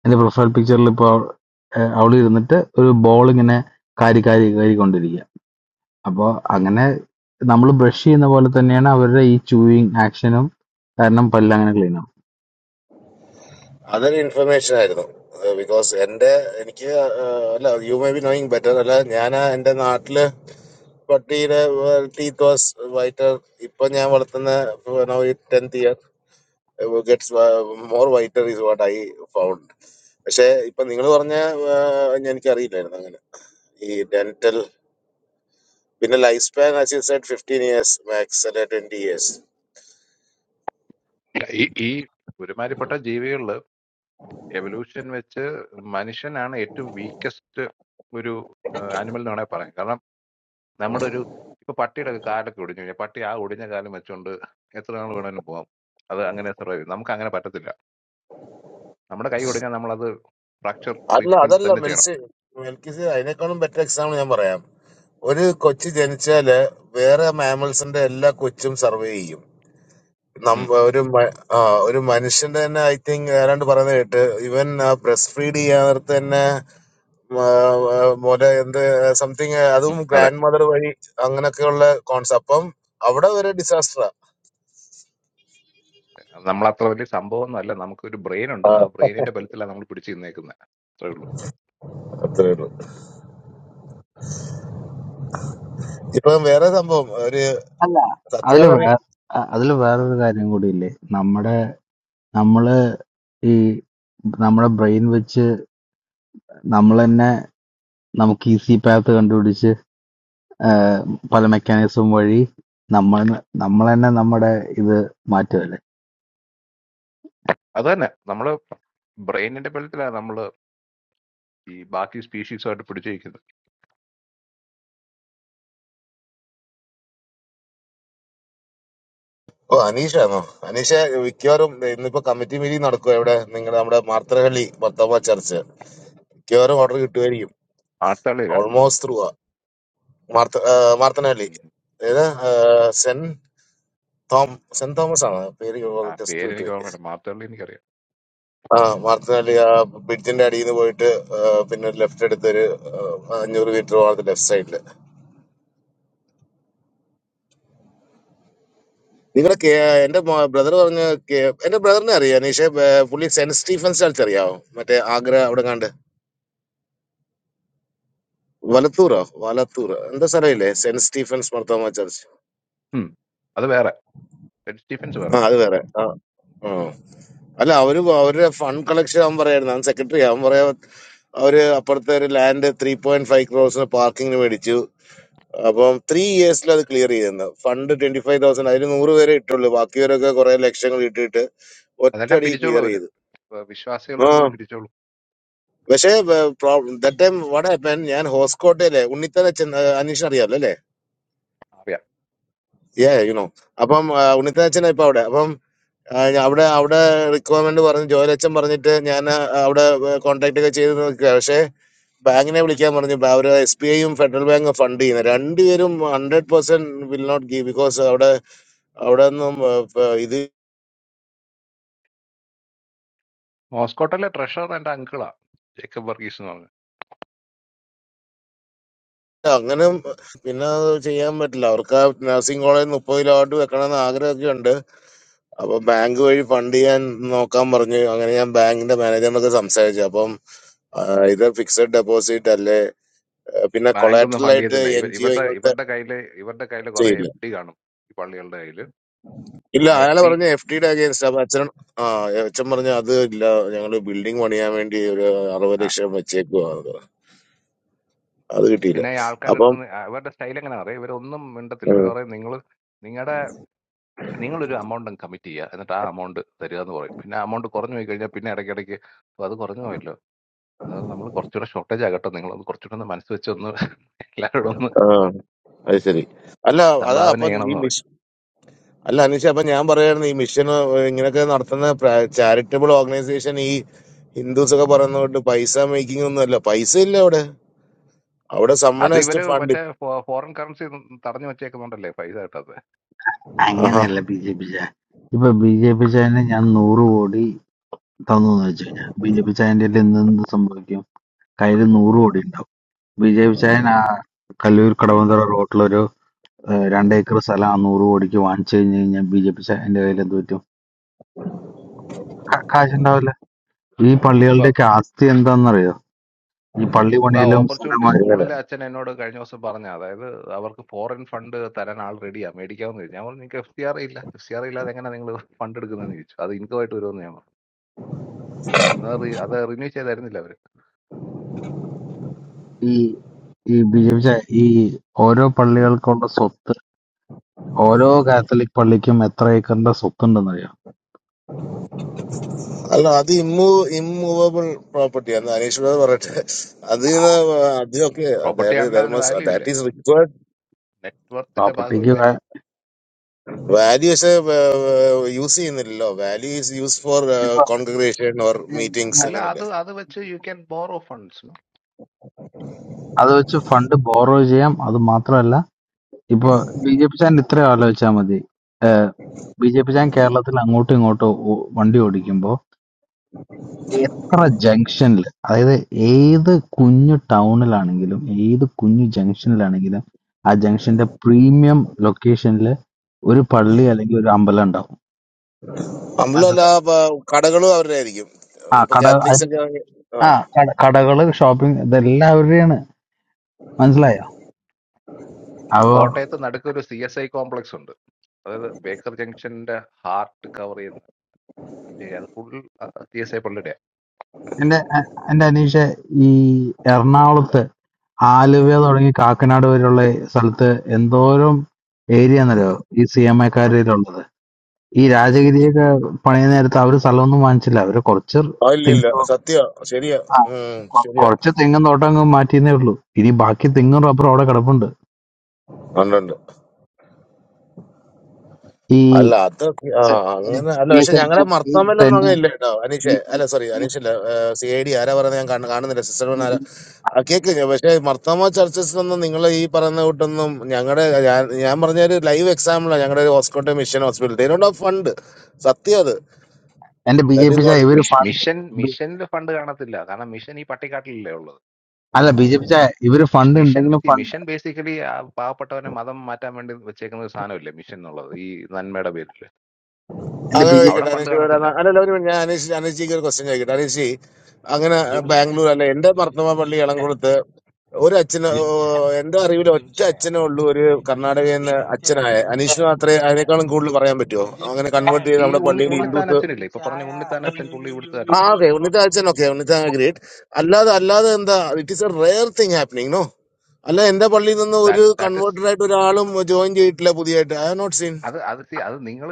[SPEAKER 6] എന്റെ പ്രൊഫൈൽ പിക്ചറിൽ ഇപ്പൊ അവള് ഇരുന്നിട്ട് ഒരു ബോൾ ഇങ്ങനെ കാരി കാരി കാരി കൊണ്ടിരിക്കുക അപ്പോൾ അങ്ങനെ നമ്മൾ ബ്രഷ് ചെയ്യുന്ന പോലെ തന്നെയാണ് അവരുടെ ഈ ചൂയിങ് ആക്ഷനും കാരണം പല്ല് അങ്ങനെ ക്ലീൻ ആവും
[SPEAKER 3] അതൊരു ഇൻഫർമേഷൻ ആയിരുന്നു ബിക്കോസ് എന്റെ എനിക്ക് ഏഹ്, അല്ല you may be knowing better അല്ല ഞാൻ എന്റെ നാട്ടില് പട്ടിയുടെ ടീത്ത് വാസ് വൈറ്റർ ഇപ്പൊ ഞാൻ വളർത്തുന്ന tenth year gets more whiter is what I found പക്ഷെ ഇപ്പൊ നിങ്ങൾ പറഞ്ഞ ഏഹ്, ഞാൻ- എനിക്കറിയില്ലായിരുന്നു അങ്ങനെ ഈ ഡെന്റൽ പിന്നെ life span assisted fifteen years max അല്ലെ ട്വന്റി ഇയേഴ്സ്
[SPEAKER 4] ഈ ഈ ഒരുമാതിരിപ്പെട്ട ജീവികളിൽ എവല്യൂഷൻ വെച്ച് മനുഷ്യനാണ് ഏറ്റവും വീക്കസ്റ്റ് ഒരു ആനിമൽ എന്ന് വേണമെങ്കിൽ പറയാം കാരണം നമ്മുടെ ഒരു ഇപ്പൊ പട്ടിയുടെ ഒക്കെ കാലൊക്കെ ഒടിഞ്ഞു കഴിഞ്ഞാൽ പട്ടി ആ ഒടിഞ്ഞ കാലം വെച്ചുകൊണ്ട് എത്ര നാൾ വേണമെങ്കിലും പോകാം അത് അങ്ങനെ സർവൈവ് ചെയ്യും നമുക്ക് അങ്ങനെ പറ്റത്തില്ല നമ്മുടെ കൈ ഒടിഞ്ഞാൽ നമ്മളത് ഫ്രാക്ചർ
[SPEAKER 3] അല്ല
[SPEAKER 4] ട്രീറ്റ്മെന്റ്
[SPEAKER 3] അതല്ല
[SPEAKER 4] തന്നെ ചെയ്യണം
[SPEAKER 3] മെൽസി മെൽക്കിസ് അതിനേക്കാളും ബെറ്റർ എക്സാമ്പിൾ ഞാൻ പറയാം ഒരു കൊച്ചു ജനിച്ചാല് വേറെ മാമൽസിന്റെ എല്ലാ കൊച്ചും സർവേ ചെയ്യും
[SPEAKER 4] ഉം,
[SPEAKER 3] നമ്മ ഒരു മ- ആ, ഒരു മനുഷ്യന്റെ തന്നെ ഐ തിങ്ക് ഏതാണ്ട് പറയുന്നത് കേട്ട് ഇവൻ ബ്രസ്റ്റ് ഫീഡ് ചെയ്യാത്ത തന്നെ ആ, ആ, മുല എന്ത് സംതിങ് അതും
[SPEAKER 4] ഉം, അതെ
[SPEAKER 3] ഗ്രാൻഡ് മദർ വഴി അങ്ങനൊക്കെയുള്ള കോൺസെപ്റ്റ് അപ്പം അവിടെ ഒരു ഡിസാസ്റ്ററാ
[SPEAKER 4] നമ്മളത്ര വലിയ സംഭവമൊന്നും അല്ല നമുക്കൊരു ബ്രെയിൻ ഉണ്ട്
[SPEAKER 3] ആ,
[SPEAKER 4] ആ ബ്രെയിനിന്റെ ബലത്തിലാണ് നമ്മൾ പിടിച്ചു നിന്നേക്കുന്നത് അത്രേ ഉള്ളൂ
[SPEAKER 3] അത്രേ ഉള്ളൂ ഇപ്പൊ വേറെ സംഭവം ഒരു
[SPEAKER 6] അല്ല അതില് വേ
[SPEAKER 3] സത്യാന്നറി
[SPEAKER 6] അ- അതില് വേറൊരു കാര്യം കൂടിയില്ലേ നമ്മുടെ നമ്മള് ഈ നമ്മുടെ ബ്രെയിൻ വെച്ച് നമ്മൾ തന്നെ നമുക്ക് ഈസി പാത്ത് കണ്ടുപിടിച്ച് ആഹ് പല മെക്കാനിസം വഴി നമ്മൾ നമ്മൾ തന്നെ നമ്മുടെ ഇത് മാറ്റുമല്ലേ
[SPEAKER 4] അത് തന്നെ നമ്മള് ബ്രെയിനിന്റെ ബലത്തിലാണ് നമ്മൾ ഈ ബാക്കി സ്പീഷീസുമായിട്ട് പിടിച്ചു നിൽക്കുന്നത്
[SPEAKER 3] ഓ അനീഷാണോ അനീഷ മിക്കവാറും ഇന്നിപ്പോ കമ്മിറ്റി മീറ്റിംഗ് നടക്കും എവിടെ നിങ്ങളുടെ നമ്മുടെ മാർത്തറഹള്ളി ഭർത്താവ് ചർച്ച് മിക്കവാറും ഓർഡർ കിട്ടുമായിരിക്കും
[SPEAKER 4] ആർത്തള്ളിയില്ല
[SPEAKER 3] almost through ആ. മാർത്ത- ആ, മാർത്തണ്ഡവല്ലി. ഏത്? ആ, സെന്റ് തോം- സെന്റ് തോമസ് ആണ് പേര്
[SPEAKER 4] ആ
[SPEAKER 3] ജസ്റ്റ്
[SPEAKER 4] പേര് എനിക്ക്
[SPEAKER 3] വിട്ടുപോയി
[SPEAKER 4] ഓർമ്മയില്ല മാർത്തോളി എനിക്കറിയാം
[SPEAKER 3] ആ മാർത്തനാലി ആ ബ്രിഡ്ജിന്റെ അടിയിൽ നിന്ന് പോയിട്ട് ആ, പിന്നെ ലെഫ്റ്റ് എടുത്ത് ഒരു ആ, അഞ്ഞൂറ് മീറ്റർ മാർത്ത് ലെഫ്റ്റ് സൈഡിൽ നിങ്ങളെ കേ- എന്റെ ബ്രദർ പറഞ്ഞ കേ- എന്റെ ബ്രദറിനെ അറിയാം നീഷെ ബ- പുള്ളി സെന്റ് സ്റ്റീഫൻസ് ചർച്ച് അറിയാവോ മറ്റേ ആഗ്ര അവിടെ കണ്ട് വലത്തൂറോ വലത്തൂർ എന്താ സ്ഥലമില്ലേ സെന്റ് സ്റ്റീഫൻസ് മർത്തോമ ചർച്ച്
[SPEAKER 4] ഉം. അത് വേറെ സ്റ്റീഫൻസ് വേറെ
[SPEAKER 3] ആ അത് വേറെ ആ അല്ല അവര് അവരുടെ ഫണ്ട് കളക്ഷൻ ആവാൻ പറയായിരുന്നു അവൻ സെക്രട്ടറി അവൻ പറയാ അവര് അപ്പുറത്തെ ഒരു ലാൻഡ് ത്രീ പോയിന്റ് ഫൈവ് ക്രോസിന് പാർക്കിങ്ങിന് മേടിച്ചു അപ്പം ത്രീ ഇയേഴ്സിൽ അത് ക്ലിയർ ചെയ്യുന്നു ഫണ്ട് ട്വന്റി ഫൈവ് തൗസൻഡ് അതിന് നൂറ് പേരെ ഇട്ടുള്ളൂ ബാക്കിയവരൊക്കെ കുറെ ലക്ഷങ്ങൾ ഇട്ടിട്ട്
[SPEAKER 4] അതെല്ലാം
[SPEAKER 3] ഒറ്റടി
[SPEAKER 4] പിരിച്ചോളൂ
[SPEAKER 3] ക്ലിയർ
[SPEAKER 4] അവര്
[SPEAKER 3] ചെയ്തു
[SPEAKER 4] വ- വിശ്വാസികളുടെ
[SPEAKER 3] ആ
[SPEAKER 4] അടുത്ത് നിന്ന് പിരിച്ചോളൂ
[SPEAKER 3] പക്ഷേ ദാറ്റ് ടൈം വട ഹാപ്പൻ ഞാൻ ഹോസ്കോട്ടയിലെ ഉണ്ണിത്തലച്ചൻ അനീഷ് അറിയാലോ അല്ലേ
[SPEAKER 4] അറിയാം
[SPEAKER 3] യാ യുനോ അപ്പം ആ, ഉണ്ണിത്താച്ചനാ ഇപ്പൊ അവിടെ അപ്പം ആ ഞാ അവിടെ അവിടെ റിക്വയർമെന്റ് പറഞ്ഞ് ജോയലച്ഛൻ പറഞ്ഞിട്ട് ഞാൻ അവിടെ കോൺടാക്ട് ഒക്കെ ചെയ്ത് നോക്കുക പക്ഷേ ബാങ്കിനെ വിളിക്കാൻ പറഞ്ഞു ബാ- അവര് എസ് ബി ഐയും ഫെഡറൽ ബാങ്കും ഫണ്ട് ചെയ്യുന്നത് രണ്ടുപേരും hundred percent will not give because അവിടെ അവിടെ ഒന്നും ആ, പ- ഇത്
[SPEAKER 4] മോസ്കോട്ടിലെ ട്രഷറർ എന്റെ അങ്കിളാ ജേക്കബ് വർഗീസ് എന്ന് പറഞ്ഞു
[SPEAKER 3] അങ്ങനെ പിന്നെ അത് ചെയ്യാൻ പറ്റില്ല അവർക്ക് ആ നഴ്സിംഗ് കോളേജ് മുപ്പത് കിലോട്ട് വെക്കണമെന്ന് ആഗ്രഹമൊക്കെ ഉണ്ട് അപ്പൊ ബാങ്ക് വഴി ഫണ്ട് ചെയ്യാൻ നോക്കാൻ പറഞ്ഞു അങ്ങനെ ഞാൻ ബാങ്കിന്റെ മാനേജറിനൊക്കെ സംസാരിച്ചു അപ്പം ഇത് ഫിക്സഡ് ഡെപ്പോസിറ്റ് അല്ലേ ആ, പിന്നെ
[SPEAKER 4] ബാങ്കൊന്നും
[SPEAKER 3] കൊളാറ്ററൽ
[SPEAKER 4] ഫണ്ട്
[SPEAKER 3] ആയിട്ട്
[SPEAKER 4] ചെയ്തില്ല
[SPEAKER 3] എൻ
[SPEAKER 4] ഇവർ
[SPEAKER 3] ജി
[SPEAKER 4] ഇവരുടെ
[SPEAKER 3] ഒ
[SPEAKER 4] ഇവരുടെ കയ്യില് ഇവരുടെ കയ്യില് കുറെ
[SPEAKER 3] ചെയ്യില്ല
[SPEAKER 4] എഫ് ഡി കാണും ഈ പള്ളികളുടെ കയ്യില്
[SPEAKER 3] ഇല്ല
[SPEAKER 4] ആ എഫ്
[SPEAKER 3] അയാള്
[SPEAKER 4] ഡി
[SPEAKER 3] പറഞ്ഞ എഫ് ഡിയുടെ അഗേൻസ്റ്റ് അപ്പൊ അച്ഛൻ ആ അച്ഛൻ പറഞ്ഞ അത് ഇല്ല ഞങ്ങള് ബിൽഡിംഗ് പണിയാൻ വേണ്ടി ഒരു അറുപത്
[SPEAKER 4] ആ
[SPEAKER 3] ലക്ഷം വെച്ചേക്കുവാ അത് കിട്ടിയില്ല
[SPEAKER 4] പിന്നെ ഈ ആൾക്കാരുടെ
[SPEAKER 3] അപ്പം
[SPEAKER 4] അടുത്ത് നിന്ന് ആ, ഇവരുടെ സ്റ്റൈൽ എങ്ങനെ അറിയാം ഇവരൊന്നും മിണ്ടത്തില്ല ഇവർ
[SPEAKER 3] ഉം,
[SPEAKER 4] പറയും നിങ്ങൾ നിങ്ങളുടെ നിങ്ങളൊരു അമൗണ്ട് കമ്മിറ്റ് ചെയ്യുക എന്നിട്ട് ആ അമൗണ്ട് തരിക എന്ന് പറയും പിന്നെ ആ അമൗണ്ട് കുറഞ്ഞു പോയി കഴിഞ്ഞാൽ പിന്നെ ഇടയ്ക്കിടയ്ക്ക് "ഓ, അത് കുറഞ്ഞു പോയല്ലോ എന്നാൽ നമ്മൾ കുറച്ചുകൂടെ ഷോർട്ടേജ് ആകട്ടെ നിങ്ങളൊന്ന് കുറച്ചുകൂടെ ഒന്ന് മനസ്സ് വെച്ചൊന്ന് എല്ലാവരോടും ഒന്ന്
[SPEAKER 3] ആ അത് ശരി അല്ല അതാ
[SPEAKER 4] സംഭാവന
[SPEAKER 3] അപ്പം ഈ
[SPEAKER 4] ചെയ്യണമെന്ന് പറയും
[SPEAKER 3] മിഷൻ അല്ല അനീഷ അപ്പൊ ഞാൻ പറയായിരുന്നു ഈ മിഷൻ ഇങ്ങനെയൊക്കെ നടത്തുന്ന ചാരിറ്റബിൾ ഓർഗനൈസേഷൻ ഈ ഹിന്ദുസ് ഒക്കെ പറയുന്നതുകൊണ്ട് പൈസ മേക്കിംഗ് ഒന്നും അല്ല പൈസ ഇല്ല അവിടെ അവിടെ സമ്മൺ
[SPEAKER 4] അത്
[SPEAKER 3] ഹാസ് ടു
[SPEAKER 4] ഇവര്
[SPEAKER 3] ഫണ്ട്
[SPEAKER 4] മറ്റേ ഫോറിൻ കറൻസി തടഞ്ഞു വെച്ചേക്കുന്നുണ്ടല്ലേ പൈസ കിട്ടാത്തത്
[SPEAKER 3] ആഹാ
[SPEAKER 6] അങ്ങനെയല്ല ബി ജെ പി ചായ ഇപ്പൊ ബി ജെ പി ചായനെ ഞാൻ നൂറ് കോടി തന്നു എന്ന് വെച്ച് കഴിഞ്ഞാൽ ബി ജെ പി ചായന്റെ എന്തെന്ത് സംഭവിക്കും കയ്യിൽ നൂറ് കോടി ഉണ്ടാവും ബി ജെ പി ചായൻ ആ കല്ലൂർ കടവന്തറ റോട്ടിലൊരു ഏഹ് രണ്ട് ഏക്കർ സ്ഥലം നൂറ് കോടിക്ക് വാങ്ങിച്ചു കഴിഞ്ഞ് കഴിഞ്ഞാൽ ബി ജെ പി എന്റെ കയ്യിൽ എന്ത് പറ്റും കാ- കാശുണ്ടാവില്ല ഈ
[SPEAKER 4] ഇപ്പൊ
[SPEAKER 6] പള്ളികളുടെയൊക്കെ ആസ്തി എന്താണെന്നറിയോ ഈ പള്ളി
[SPEAKER 4] ഇപ്പൊ ആ
[SPEAKER 6] പണിയിലും
[SPEAKER 4] ഓപ്പർച്യൂണിറ്റി
[SPEAKER 6] സ്ഥലമായി
[SPEAKER 3] അങ്ങനെ
[SPEAKER 4] സ്കൂളിലെ അച്ഛൻ എന്നോട് കഴിഞ്ഞ ദിവസം പറഞ്ഞ അതായത് അവർക്ക് ഫോറിൻ ഫണ്ട് തരാൻ ആൾ റെഡിയാ മേടിക്കാമെന്ന് ചോദിച്ചു ഞാൻ പറഞ്ഞു നിങ്ങൾക്ക് എഫ് സി ആർ ഇല്ല എഫ് സി ആർ ഇല്ലാതെ എങ്ങനെ നിങ്ങൾ ഫണ്ട് എടുക്കുന്നതെന്ന് ചോദിച്ചു അത് income ആയിട്ട് വരുമെന്ന് ഞാൻ പറഞ്ഞു അത് re- അത് റിന്യൂ ചെയ്തായിരുന്നില്ല അവര്
[SPEAKER 6] ഈ ഈ ബി ജെ പി ഈ ഓരോ പള്ളികൾക്കുള്ള സ്വത്ത് ഓരോ കാത്തലിക് പള്ളിക്കും എത്ര ഏക്കറിന്റെ സ്വത്ത് ഉണ്ടെന്നറിയോ
[SPEAKER 3] അല്ല അത് ഇമ്മൂ ഇമ്മൂവബിൾ പ്രോപ്പർട്ടി എന്ന് അനീഷ് ബ്രദർ പറയട്ടെ അതിൽ നിന്ന് അതിനൊക്കെ
[SPEAKER 4] പ്രോപ്പർട്ടി ആണെങ്കിൽ അതിന് വാല്യൂ ഇല്ല
[SPEAKER 3] ദാറ്റ് ഈസ് റിക്വയർഡ്
[SPEAKER 4] നെറ്റ്വർത്തിന്റെ
[SPEAKER 6] പ്രോപ്പർട്ടിക്ക്
[SPEAKER 4] ഭാഗമല്ലേ
[SPEAKER 3] വാല്യൂസ് യൂസ് ചെയ്യുന്നില്ലല്ലോ വാല്യൂ ഈസ് യൂസ് ഫോർ
[SPEAKER 6] ഇപ്പൊ
[SPEAKER 3] കോൺഗ്രേഷൻ ഓർ മീറ്റിംഗ്സ്
[SPEAKER 4] അല്ല അത്
[SPEAKER 3] അങ്ങനല്ലേ
[SPEAKER 4] അത് വെച്ച് യു ക്യാൻ ബോറോ ഫണ്ട്സ്
[SPEAKER 6] അത് വെച്ച് ഫണ്ട് ബോറോ ചെയ്യാം അത് മാത്രമല്ല ഇപ്പൊ ബി ജെ പി ചാൻ ഇത്രയും ആലോചിച്ചാൽ മതി ബി ജെ പി ചാൻ കേരളത്തിൽ അങ്ങോട്ടും ഇങ്ങോട്ടും ഓ- വണ്ടി ഓടിക്കുമ്പോ എത്ര ജംഗ്ഷനിൽ അതായത് ഏത് കുഞ്ഞു ടൗണിലാണെങ്കിലും ഏത് കുഞ്ഞു ജംഗ്ഷനിലാണെങ്കിലും ആ ജംഗ്ഷന്റെ പ്രീമിയം ലൊക്കേഷനിൽ ഒരു പള്ളി അല്ലെങ്കിൽ ഒരു അമ്പലം ഉണ്ടാവും
[SPEAKER 3] നമ്മളല്ല
[SPEAKER 6] മനസ്സിലായോ
[SPEAKER 3] കടകളും അവരുടെ ആയിരിക്കും
[SPEAKER 6] ആ
[SPEAKER 3] ഇപ്പൊ
[SPEAKER 6] കട
[SPEAKER 3] കാത്തലിക്സ്
[SPEAKER 6] അതിന്
[SPEAKER 3] ഒക്കെ ആണെങ്കിൽ- ആ
[SPEAKER 6] ആ കട- കടകള് ഷോപ്പിംഗ് ഇതെല്ലാവരുടെയാണ് മനസ്സിലായോ അപ്പോ
[SPEAKER 4] കോട്ടയത്ത് നടുക്ക് ഒരു സി എസ് ഐ കോംപ്ലക്സ് ഉണ്ട് അതായത് ബേക്കർ ജംഗ്ഷന്റെ ഹാർട്ട് കവർ ചെയ്യുന്ന ഏരിയ. അത് ഫുൾ സി എസ് ഐ പള്ളിയുടെ
[SPEAKER 6] എന്റെ എ- എന്റെ അനീഷ ഈ എറണാകുളത്ത് ആലുവ തുടങ്ങി കാക്കനാട് വരെയുള്ള സ്ഥലത്ത് എന്തോരം ഏരിയ എന്നറിയോ ഈ സി എം എക്കാരുള്ളത് ഈ രാജഗിരിയൊക്കെ പണിയ നേരത്ത് അവര് സ്ഥലമൊന്നും വാങ്ങിച്ചില്ല അവര് കുറച്ച്
[SPEAKER 3] ആ, ഇല്ല ഇല്ല
[SPEAKER 6] തെങ്ങ്
[SPEAKER 3] സത്യ ശരിയാ
[SPEAKER 6] ആ
[SPEAKER 3] ഉം,
[SPEAKER 6] കൊ-
[SPEAKER 3] ശരിയാ
[SPEAKER 6] കുറച്ച് തെങ്ങും തോട്ടം അങ്ങ് മാറ്റിയെന്നേ ഉള്ളൂ ഇനി ബാക്കി തെങ്ങും റബ്ബറും അവിടെ കിടപ്പുണ്ട്
[SPEAKER 3] ഉണ്ട് ഉണ്ട്
[SPEAKER 6] ഈ
[SPEAKER 3] അല്ല അത് ആ
[SPEAKER 6] സെ-
[SPEAKER 3] അങ്ങനെ അല്ല
[SPEAKER 6] ഈ
[SPEAKER 3] പക്ഷെ ഞങ്ങളെ
[SPEAKER 6] സെന്റ് ഈ
[SPEAKER 3] മർത്തമല്ലൊന്നും
[SPEAKER 6] സെന്റ്
[SPEAKER 3] അങ്ങനെ ഇല്ല കേട്ടോ അനീഷേ
[SPEAKER 6] ഈ- ഈ-
[SPEAKER 3] അല്ല സോറി
[SPEAKER 6] ഈ-
[SPEAKER 3] അനീഷല്ല സി ഐ ഡി ആരാ പറയുന്നത് ഞാൻ കാണ- കാണുന്നില്ല സിസ്റ്റർ
[SPEAKER 6] ഈ-
[SPEAKER 3] ആരാ
[SPEAKER 6] ഈ-
[SPEAKER 3] ആ, കേക്കില്ല പക്ഷെ മർത്തമ ചർച്ചസിലൊന്നും നിങ്ങൾ ഈ പറയുന്ന കൂട്ടൊന്നും ഞങ്ങളുടെ ഞാൻ ഞാൻ പറഞ്ഞ ഒരു ലൈവ് എക്സാമ്പിളാണ് ഞങ്ങളുടെ ഒരു ഹോസ്കോട്ടെ മിഷൻ ഹോസ്പിറ്റൽ ഇതിനോട് ഫണ്ട് സത്യം അത്
[SPEAKER 6] എന്റെ B J
[SPEAKER 3] that
[SPEAKER 6] P
[SPEAKER 3] is
[SPEAKER 6] ചായ
[SPEAKER 3] വാട്ട് ഇറ്റ്
[SPEAKER 6] ഇവര്
[SPEAKER 3] ഈസ്
[SPEAKER 6] ഫണ്ട്
[SPEAKER 4] മിഷൻ മിഷനിൽ ഫണ്ട് കാണത്തില്ല കാരണം മിഷൻ ഈ പട്ടിക്കാട്ടിലല്ലേ ഉള്ളത്
[SPEAKER 6] അല്ല ബി ജെ പി ചായ ഇവര്
[SPEAKER 4] മിഷ-
[SPEAKER 6] ഫണ്ട്
[SPEAKER 4] മിഷൻ
[SPEAKER 6] ഉണ്ടെങ്കിലും
[SPEAKER 4] സി
[SPEAKER 6] ഫണ്ട്
[SPEAKER 4] മിഷൻ ബേസിക്കലി പാവപ്പെട്ടവനെ മതം മാറ്റാൻ വേണ്ടി വെച്ചേക്കുന്ന ഒരു സാധനമില്ലേ മിഷൻ എന്നുള്ളത് ഈ നന്മയുടെ പേരിൽ
[SPEAKER 6] എന്റെ
[SPEAKER 3] അങ്ങനെ
[SPEAKER 6] ബി ജെ
[SPEAKER 4] അവിടെ
[SPEAKER 6] പി
[SPEAKER 3] ചോദിക്കട്ടെ
[SPEAKER 4] ഫണ്ട്
[SPEAKER 3] അനീഷ്
[SPEAKER 4] കാണത്തില്ല
[SPEAKER 3] പേരാണ് അല്ലല്ല ഒരു minute, ഞാൻ അനീഷ് അനീഷിക്ക് ഒരു ക്വസ്റ്റ്യൻ ചോദിക്കട്ടെ അനീഷ് അങ്ങനെ
[SPEAKER 7] ബിജെപിച്ചേ
[SPEAKER 3] ബാംഗ്ലൂർ അല്ല എന്റെ
[SPEAKER 7] ബിജെ-
[SPEAKER 3] മർത്തമ പള്ളി
[SPEAKER 7] ബിജെപിച്ചേ
[SPEAKER 3] ഇളംകുളത്ത് ഒരു അച്ഛന്
[SPEAKER 7] ബിജെപിച്ചേ
[SPEAKER 3] എന്റെ അറിവിൽ ഒറ്റ
[SPEAKER 7] ബിജെപിച്ചേ
[SPEAKER 3] അച്ഛനേ ഉള്ളൂ ഒരു
[SPEAKER 7] ബിജെപിച്ചേ
[SPEAKER 3] കർണാടകയിൽ നിന്ന്
[SPEAKER 7] ബിജെപിച്ചേ
[SPEAKER 3] അച്ഛനായ
[SPEAKER 7] ബിജെപിച്ചേ
[SPEAKER 3] അനീഷിന് മാത്രമേ
[SPEAKER 7] ബിജെപിച്ചേ
[SPEAKER 3] അതിനേക്കാളും കൂടുതൽ പറയാൻ പറ്റുമോ അങ്ങനെ കൺവേർട്ട്
[SPEAKER 7] ബിജെപിച്ചേ
[SPEAKER 3] ചെയ്ത്
[SPEAKER 4] ഈ
[SPEAKER 3] നമ്മുടെ
[SPEAKER 4] ഉണ്ണി
[SPEAKER 3] പള്ളിയിൽ
[SPEAKER 7] ബിജെപിച്ചേ
[SPEAKER 4] ഉണ്ണിത്താൻ
[SPEAKER 3] ഹിന്ദുസ്
[SPEAKER 4] അച്ഛനില്ലേ ഇപ്പൊ പറഞ്ഞ
[SPEAKER 7] ബിജെപിച്ചായ
[SPEAKER 4] ഉണ്ണിത്താൻ അച്ഛൻ പുള്ളി
[SPEAKER 3] ആ
[SPEAKER 4] ഇവിടുത്തുകാരനല്ലേ
[SPEAKER 3] ഓക്കെ ഉണ്ണിത്ത
[SPEAKER 7] അയ്യോയ്യോയ്യോയ്യോയ്യോയ്യോയ്യോയ്യോ.
[SPEAKER 3] അച്ഛൻ ഓക്കെ ഉണ്ണിത്ത ഗ്രേറ്റ് അല്ലാതെ അല്ലാതെ എന്താ it is a rare thing happening no അല്ല എന്റെ പള്ളിയിൽ നിന്ന് ഒരു
[SPEAKER 4] ദാറ്റ് ദാറ്റ് ഇസ്
[SPEAKER 3] കൺവേർട്ടഡ് ആയിട്ട് ഒരാളും ജോയിൻ ചെയ്തിട്ടില്ല പുതിയതായിട്ട് ഐ ഹാവ് നോട്ട് സീൻ
[SPEAKER 4] അത് അത് സി അത് നിങ്ങൾ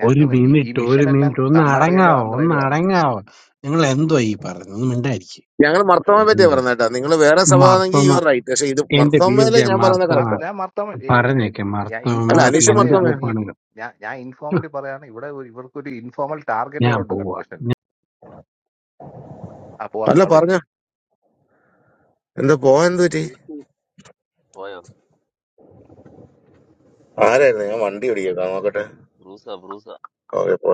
[SPEAKER 4] ഞാൻ
[SPEAKER 7] ഒരു
[SPEAKER 4] പറഞ്ഞ ഈ
[SPEAKER 7] മിനിറ്റ് ഒരു
[SPEAKER 4] മിഷൻ എല്ലാം
[SPEAKER 7] മിനിറ്റ് ഒന്ന്
[SPEAKER 4] കർണാടകയിലും
[SPEAKER 7] അടങ്ങാവോ ഒന്ന്
[SPEAKER 4] ആന്ധ്രയിലും ആണ്.
[SPEAKER 7] അടങ്ങാവോ നിങ്ങൾ എന്തോ ഈ പറഞ്ഞത് ഒന്ന് മിണ്ടായിരിക്കും
[SPEAKER 3] ഞങ്ങൾ മർത്തോമെ പറ്റിയാ പറഞ്ഞ കേട്ടാ നിങ്ങൾ വേറെ സഭ ആണെങ്കിൽ
[SPEAKER 7] മർത്തമ
[SPEAKER 3] യു ആർ റൈറ്റ് പക്ഷെ ഇത്
[SPEAKER 7] എന്റെ ബി എഫ്
[SPEAKER 3] മർത്തോമയിലെ
[SPEAKER 7] ജെ
[SPEAKER 3] ഞാൻ പറയുന്ന
[SPEAKER 7] മർത്തമ
[SPEAKER 4] മ-
[SPEAKER 3] കറക്റ്റാ
[SPEAKER 4] ഞാൻ മർത്തമ
[SPEAKER 7] പറഞ്ഞേക്കെ
[SPEAKER 4] ഞാൻ
[SPEAKER 7] മർത്തമ
[SPEAKER 3] അല്ല
[SPEAKER 4] ഇൻഫോർമലി
[SPEAKER 3] അനീഷ്
[SPEAKER 7] എന്ത്
[SPEAKER 3] മർത്തോമ
[SPEAKER 4] പറയാണ് ഈ ഈ-
[SPEAKER 7] കോപ്പാണെങ്കിലും
[SPEAKER 4] ഞാൻ ഞാൻ
[SPEAKER 7] ഹ്,
[SPEAKER 4] ഇൻഫോർമലി പറയാണ് ഇവിടെ ഒരു- ഇവർക്കൊരു ഇൻഫോർമൽ ടാർഗറ്റ്
[SPEAKER 7] ഞാൻ
[SPEAKER 4] വരെ ഉണ്ട്
[SPEAKER 7] പോവാ
[SPEAKER 4] കൺവേർഷനിൽ അപ്പോ അത്
[SPEAKER 3] അല്ല
[SPEAKER 4] അവിടെ
[SPEAKER 3] പറഞ്ഞ
[SPEAKER 4] ഇരിക്കും
[SPEAKER 3] എന്താ പോവാൻ എന്ത് പറ്റി
[SPEAKER 2] ബ്രൂസ് പോയോ
[SPEAKER 3] ആരായിരുന്നു ഞാൻ വണ്ടി ഓടിക്കാം നോക്കട്ടെ
[SPEAKER 2] ബ്രൂസ ബ്രൂസ
[SPEAKER 3] ഓക്കെ അപ്പൊ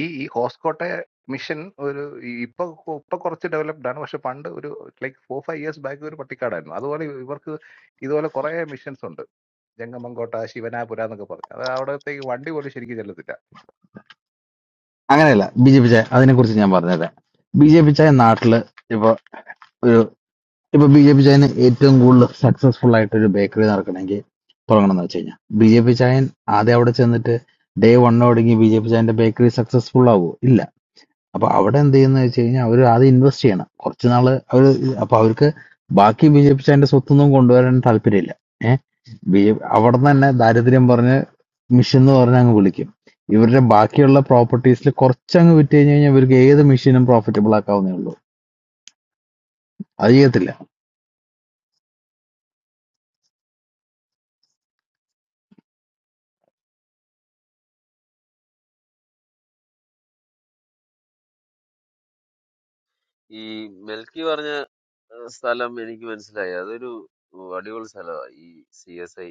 [SPEAKER 4] ഈ ഈ ഹോസ്കോട്ടെ മിഷൻ ഒരു ഈ- ഇപ്പൊ കൊ- ഇപ്പൊ കുറച്ച് ഡെവലപ്ഡ് ആണ് പക്ഷെ പണ്ട് ഒരു like four five years back ഒരു പട്ടിക്കാടായിരുന്നു അതുപോലെ ഇവർക്ക് ഇതുപോലെ കുറെ മിഷൻസ് ഉണ്ട് ജംഗമങ്കോട്ട ശിവനാപുര എന്നൊക്കെ പറഞ്ഞു അത് അവിടത്തേക്ക് വണ്ടി പോലും ശരിക്കും ചെല്ലത്തില്ല
[SPEAKER 6] അങ്ങനെയല്ല ബി ജെ പി ചായ അതിനെ കുറിച്ച് ഞാൻ പറഞ്ഞുതരാം ബി ജെ പി ചായ നാട്ടില് ഇപ്പൊ ഇപ്പൊ ബി ജെ പി ചായന് ഏറ്റവും കൂടുതൽ സക്സസ്ഫുൾ ആയിട്ട് ഒരു ബേക്കറി നടക്കണമെങ്കിൽ തുടങ്ങണം എന്ന് വെച്ച് കഴിഞ്ഞാൽ ബി ജെ പി ചായൻ ആദ്യം അവിടെ ചെന്നിട്ട് ഡേ വണ്ണോടെങ്കിൽ ബി ജെ പി ചായന്റെ ബേക്കറി സക്സസ്ഫുൾ ആവുമോ ഇല്ല അപ്പൊ അവിടെ എന്ത് ചെയ്യുന്ന വെച്ച് കഴിഞ്ഞാൽ അവർ ആദ്യം ഇൻവെസ്റ്റ് ചെയ്യണം കുറച്ച് നാള് അവർ അപ്പൊ അവർക്ക് ബാക്കി ബി ജെ പി ചായന്റെ സ്വത്തൊന്നും കൊണ്ടുവരാൻ താല്പര്യമില്ല ഏഹ് ബി ജെ അവിടെ തന്നെ ദാരിദ്ര്യം പറഞ്ഞ് മിഷൻ എന്ന് പറഞ്ഞ് അങ്ങ് വിളിക്കും ഇവരുടെ ബാക്കിയുള്ള പ്രോപ്പർട്ടീസിൽ കുറച്ചങ്ങ് വിറ്റ് കഴിഞ്ഞ് കഴിഞ്ഞാൽ ഇവർക്ക് ഏത് മിഷനും പ്രോഫിറ്റബിൾ ആക്കാവുന്നേ ഉള്ളൂ അത് ചെയ്യത്തില്ല
[SPEAKER 2] ഈ മെൽക്കി പറഞ്ഞ ഏഹ്, സ്ഥലം എനിക്ക് മനസ്സിലായി അതൊരു അടിപൊളി സ്ഥലമാണ് ഈ സി എസ് ഐ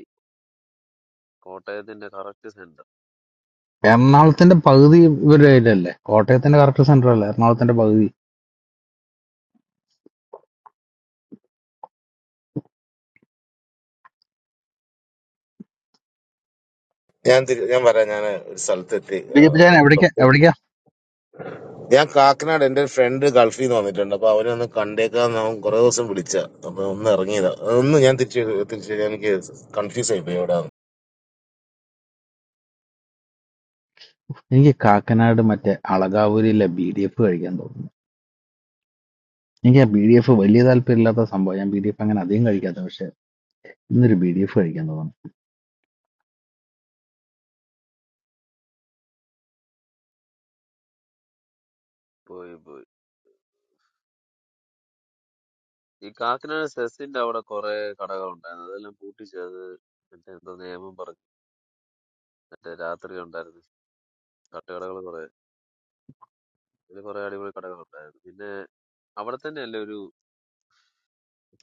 [SPEAKER 2] കോട്ടൺ
[SPEAKER 6] എറണാകുളത്തിന്റെ പകുതി ഇവരുടെ കയ്യിലല്ലേ കോട്ടയത്തിന്റെ കറക്റ്റ് സെന്റർ അല്ലേ എറണാകുളത്തിന്റെ പകുതി
[SPEAKER 3] ഞാൻ തിരി- ഞാൻ പറയാം ഞാൻ ഒരു സ്ഥലത്തെത്തി
[SPEAKER 6] ബി
[SPEAKER 3] ആ,
[SPEAKER 6] ജെ പി ചാൻ എവിടേക്കാ
[SPEAKER 3] ലൊക്കേ-
[SPEAKER 6] എവിടേക്കാ
[SPEAKER 3] ഞാൻ കാക്കനാട് എന്റെ ഒരു ഫ്രണ്ട് ഗൾഫിൽ നിന്ന് വന്നിട്ടുണ്ട് അപ്പൊ അവനെ ഒന്ന് കണ്ടേക്കാൻ ഞാൻ കുറെ ദിവസം വിളിച്ച അപ്പൊ ഒന്ന് ഇറങ്ങിയതാ ഒന്ന് ഞാൻ തിരിച്ചു തിരിച്ചു എനിക്ക് കൺഫ്യൂസ് ആയിപ്പോയി എവിടെ
[SPEAKER 6] എനിക്ക് കാക്കനാട് മറ്റേ അളകാവൂരിലെ ബി ഡി എഫ് കഴിക്കാൻ തോന്നുന്നു എനിക്ക് ആ ബി ഡി എഫ് വലിയ താല്പര്യമില്ലാത്ത സംഭവം ഞാൻ ബി ഡി എഫ് അങ്ങനെ അധികം കഴിക്കാത്ത പക്ഷെ ഇന്നൊരു ബി ഡി എഫ് കഴിക്കാൻ തോന്നുന്നു
[SPEAKER 2] പോയി പോയി ഈ കാക്കനാട് സെസിന്റെ അവിടെ കുറെ കടകളുണ്ടായിരുന്നു അതെല്ലാം പൂട്ടിച്ചത് മറ്റേ എന്തോ നിയമം പറഞ്ഞു മറ്റേ രാത്രി ഉണ്ടായിരുന്നു തട്ടുകടകൾ കുറെ അതിൽ കുറെ അടിപൊളി കടകളുണ്ടായിരുന്നു പിന്നെ അവിടെ തന്നെയല്ലേ ഒരു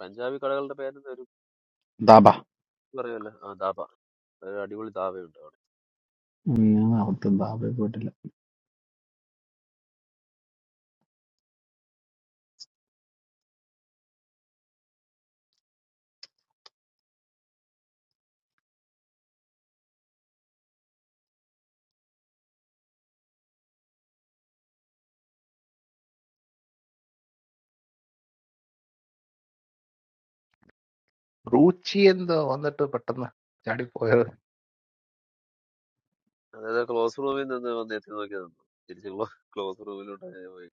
[SPEAKER 2] പഞ്ചാബി കടകളുടെ പേരെന്താ ഒരു
[SPEAKER 6] ദാബ
[SPEAKER 2] പറയല്ലോ ആ ധാബ ഒരു അടിപൊളി ധാബയുണ്ട് അവിടെ
[SPEAKER 6] ഉം, ഞാൻ അവിടുത്തെ ദാബയിൽ പോയിട്ടില്ല
[SPEAKER 4] റൂച്ചി എന്തോ വന്നിട്ട് പെട്ടെന്ന് ചാടിപ്പോയത്
[SPEAKER 2] അതായത് ക്ലോസ് റൂമിൽ നിന്ന് വന്ന് എത്തി നോക്കി നിന്നു തിരിച്ച് ക്ലോസ് റൂമിലോട്ട് പോയി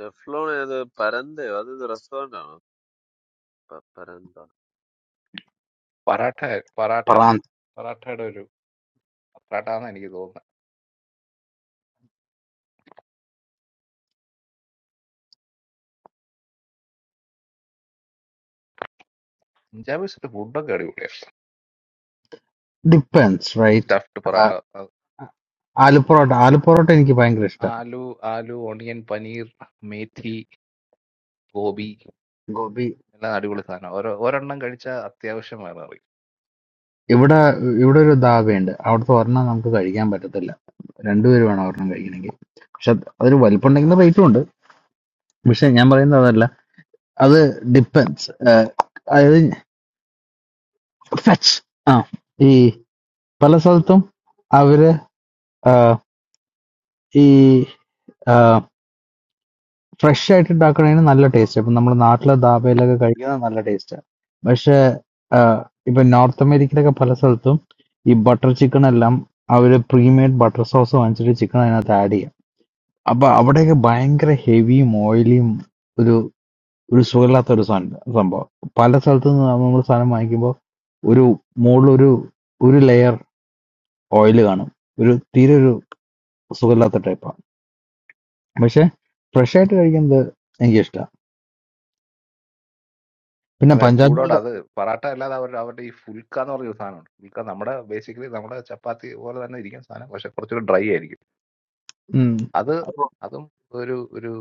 [SPEAKER 2] ടെഫ്ലോൺ ഏത് പരന്തയോ അത് റെസ്റ്റോറന്റ് ആണോ പ- പരന്ത
[SPEAKER 4] പറാട്ട പറാട്ട
[SPEAKER 6] പ്രാന്ത്
[SPEAKER 4] പറാട്ടയുടെ ഒരു പറാട്ട എനിക്ക് തോന്നുന്നത് പഞ്ചാബിസിന്റെ ഫുഡൊക്കെ അടിപൊളിയാണ്
[SPEAKER 6] ഡിപ്പെൻസ് റൈറ്റ്
[SPEAKER 4] സ്റ്റഫ്ഡ് പൊറാട്ട അത്
[SPEAKER 6] ആലുപൊറോട്ട ആലുപൊറോട്ട എനിക്ക് ഭയങ്കര ഇഷ്ടമാണ്
[SPEAKER 4] ആലു ആലു ഓണിയൻ പനീർ മേഥി ഗോബി
[SPEAKER 6] ഗോപി
[SPEAKER 4] എല്ലാം അടിപൊളി സാധനം ഓരോ ഒരെണ്ണം കഴിച്ചാൽ അത്യാവശ്യം വേറെ അറിയും
[SPEAKER 6] ഇവിടെ ഇവിടെ ഒരു ധാബയുണ്ട് അവിടുത്തെ ഒരെണ്ണം നമുക്ക് കഴിക്കാൻ പറ്റത്തില്ല രണ്ടുപേര് വേണം ഒരെണ്ണം കഴിക്കണമെങ്കിൽ പക്ഷെ അതൊരു വലിപ്പമുണ്ടെങ്കിൽ റേറ്റും ഉണ്ട് പക്ഷെ ഞാൻ പറയുന്നത് അതല്ല അത് ഡിപ്പെൻസ് അതായത് ഫെച്ച് ആ ഈ പല സ്ഥലത്തും അവര് ആ, ഈ ഫ്രഷ് ആയിട്ട് ഉണ്ടാക്കണതിന് നല്ല ടേസ്റ്റ് ഇപ്പൊ നമ്മുടെ നാട്ടിലെ ധാബയിലൊക്കെ കഴിക്കുന്നത് നല്ല ടേസ്റ്റാണ് പക്ഷെ ആ, ഇപ്പൊ നോർത്ത് അമേരിക്കയിലൊക്കെ പല സ്ഥലത്തും ഈ ബട്ടർ ചിക്കൻ എല്ലാം അവര് പ്രീമെയ്ഡ് ബട്ടർ സോസ് വാങ്ങിച്ചിട്ട് ചിക്കൻ അതിനകത്ത് ആഡ് ചെയ്യും അപ്പൊ അവിടെയൊക്കെ ഭയങ്കര ഹെവിയും ഓയിലിയും ഒരു ഒരു സുഖമില്ലാത്ത ഒരു സാധനം സംഭവം പല സ്ഥലത്തു നിന്ന് നമ്മൾ സാധനം വാങ്ങിക്കുമ്പോൾ ഒരു മുകളിൽ ഒരു ഒരു ലെയർ ഓയിൽ കാണും ഒരു തീരെ ഒരു സുഖമില്ലാത്ത ടൈപ്പാണ് പക്ഷെ ഫ്രഷ് ആയിട്ട് കഴിക്കുന്നത് എനിക്ക് ഇഷ്ടമാണ് പിന്നെ
[SPEAKER 4] അതെ ചൂടോടെ
[SPEAKER 6] പഞ്ചാബികളുടെ
[SPEAKER 4] അത് പൊറാട്ട അല്ലാതെ അവരുടെ അവരുടെ ഈ ഫുൽക്ക എന്ന് പറഞ്ഞൊരു സാധനമുണ്ട് ഫുൽക്ക നമ്മുടെ ബേസിക്കലി നമ്മുടെ ചപ്പാത്തി പോലെ തന്നെ ഇരിക്കുന്ന സാധനം പക്ഷെ കുറച്ചുകൂടി ഡ്രൈ ആയിരിക്കും
[SPEAKER 6] ഉം,
[SPEAKER 4] അത്
[SPEAKER 6] അപ്പൊ-
[SPEAKER 4] അതും ഒരു ഒരു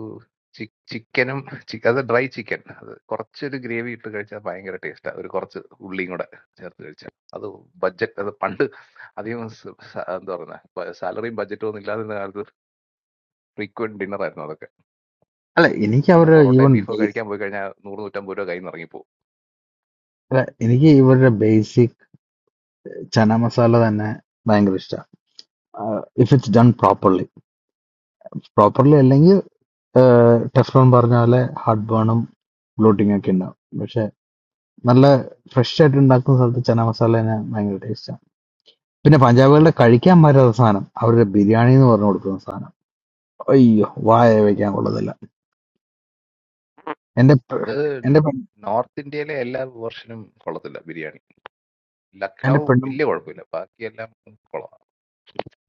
[SPEAKER 4] ചി- ചിക്കനും ചിക്ക- അത് ഡ്രൈ ചിക്കൻ അത് കുറച്ചൊരു ഗ്രേവി ഇട്ട് കഴിച്ചാൽ ഭയങ്കര ടേസ്റ്റാണ് ഒരു കുറച്ച് ഉള്ളിയും കൂടെ ചേർത്ത് കഴിച്ചാൽ അത് ബഡ്ജറ്റ് അത് പണ്ട് അധികം സ- സ- എന്താ പറയുന്നത് സാലറിയും ബഡ്ജറ്റും ഒന്നും ഇല്ലാതിരുന്ന കാലത്ത് ഫ്രീക്വന്റ് ഡിന്നർ ആയിരുന്നു അതൊക്കെ
[SPEAKER 6] അല്ല എനിക്ക്
[SPEAKER 4] കാരണം
[SPEAKER 6] അവരുടെ ഈവൻ
[SPEAKER 4] പൊറോട്ടയും ബീഫൊക്കെ
[SPEAKER 6] ബേസ്
[SPEAKER 4] കഴിക്കാൻ പോയി കഴിഞ്ഞാൽ നൂറ് നൂറ്റമ്പത് രൂപ കയ്യിൽ നിന്ന് ഇറങ്ങിപ്പോകും
[SPEAKER 6] അല്ല, എനിക്ക് ഇവരുടെ ബേസിക് ചന മസാല തന്നെ ഭയങ്കര ഇഷ്ടമാണ് if it's done properly properly അല്ലെങ്കിൽ ടെഫ്ലോൺ പറഞ്ഞ പോലെ ഹാർഡ് ബേണും ബ്ലോട്ടിംഗ് ഒക്കെ ഉണ്ടാവും പക്ഷെ നല്ല ഫ്രഷ് ആയിട്ട് ഉണ്ടാക്കുന്ന സ്ഥലത്ത് ചന മസാല തന്നെ ഭയങ്കര ടേസ്റ്റാണ് പിന്നെ പഞ്ചാബികളുടെ കഴിക്കാൻ പറ്റാത്ത സാധനം അവരുടെ ബിരിയാണി എന്ന് പറഞ്ഞു കൊടുക്കുന്ന സാധനം അയ്യോ വായ വയ്ക്കാൻ കൊള്ളത്തില്ല എന്റെ പെ-
[SPEAKER 4] അത്
[SPEAKER 6] എന്റെ പെൺ-
[SPEAKER 4] നോർത്ത് ഇന്ത്യയിലെ എല്ലാ വേർഷനും കൊള്ളത്തില്ല ബിരിയാണി
[SPEAKER 6] എന്റെ
[SPEAKER 4] ലക്നൗ
[SPEAKER 6] പെണ്ണും
[SPEAKER 4] വലിയ കുഴപ്പമില്ല ബാക്കിയെല്ലാം കൊള്ളാം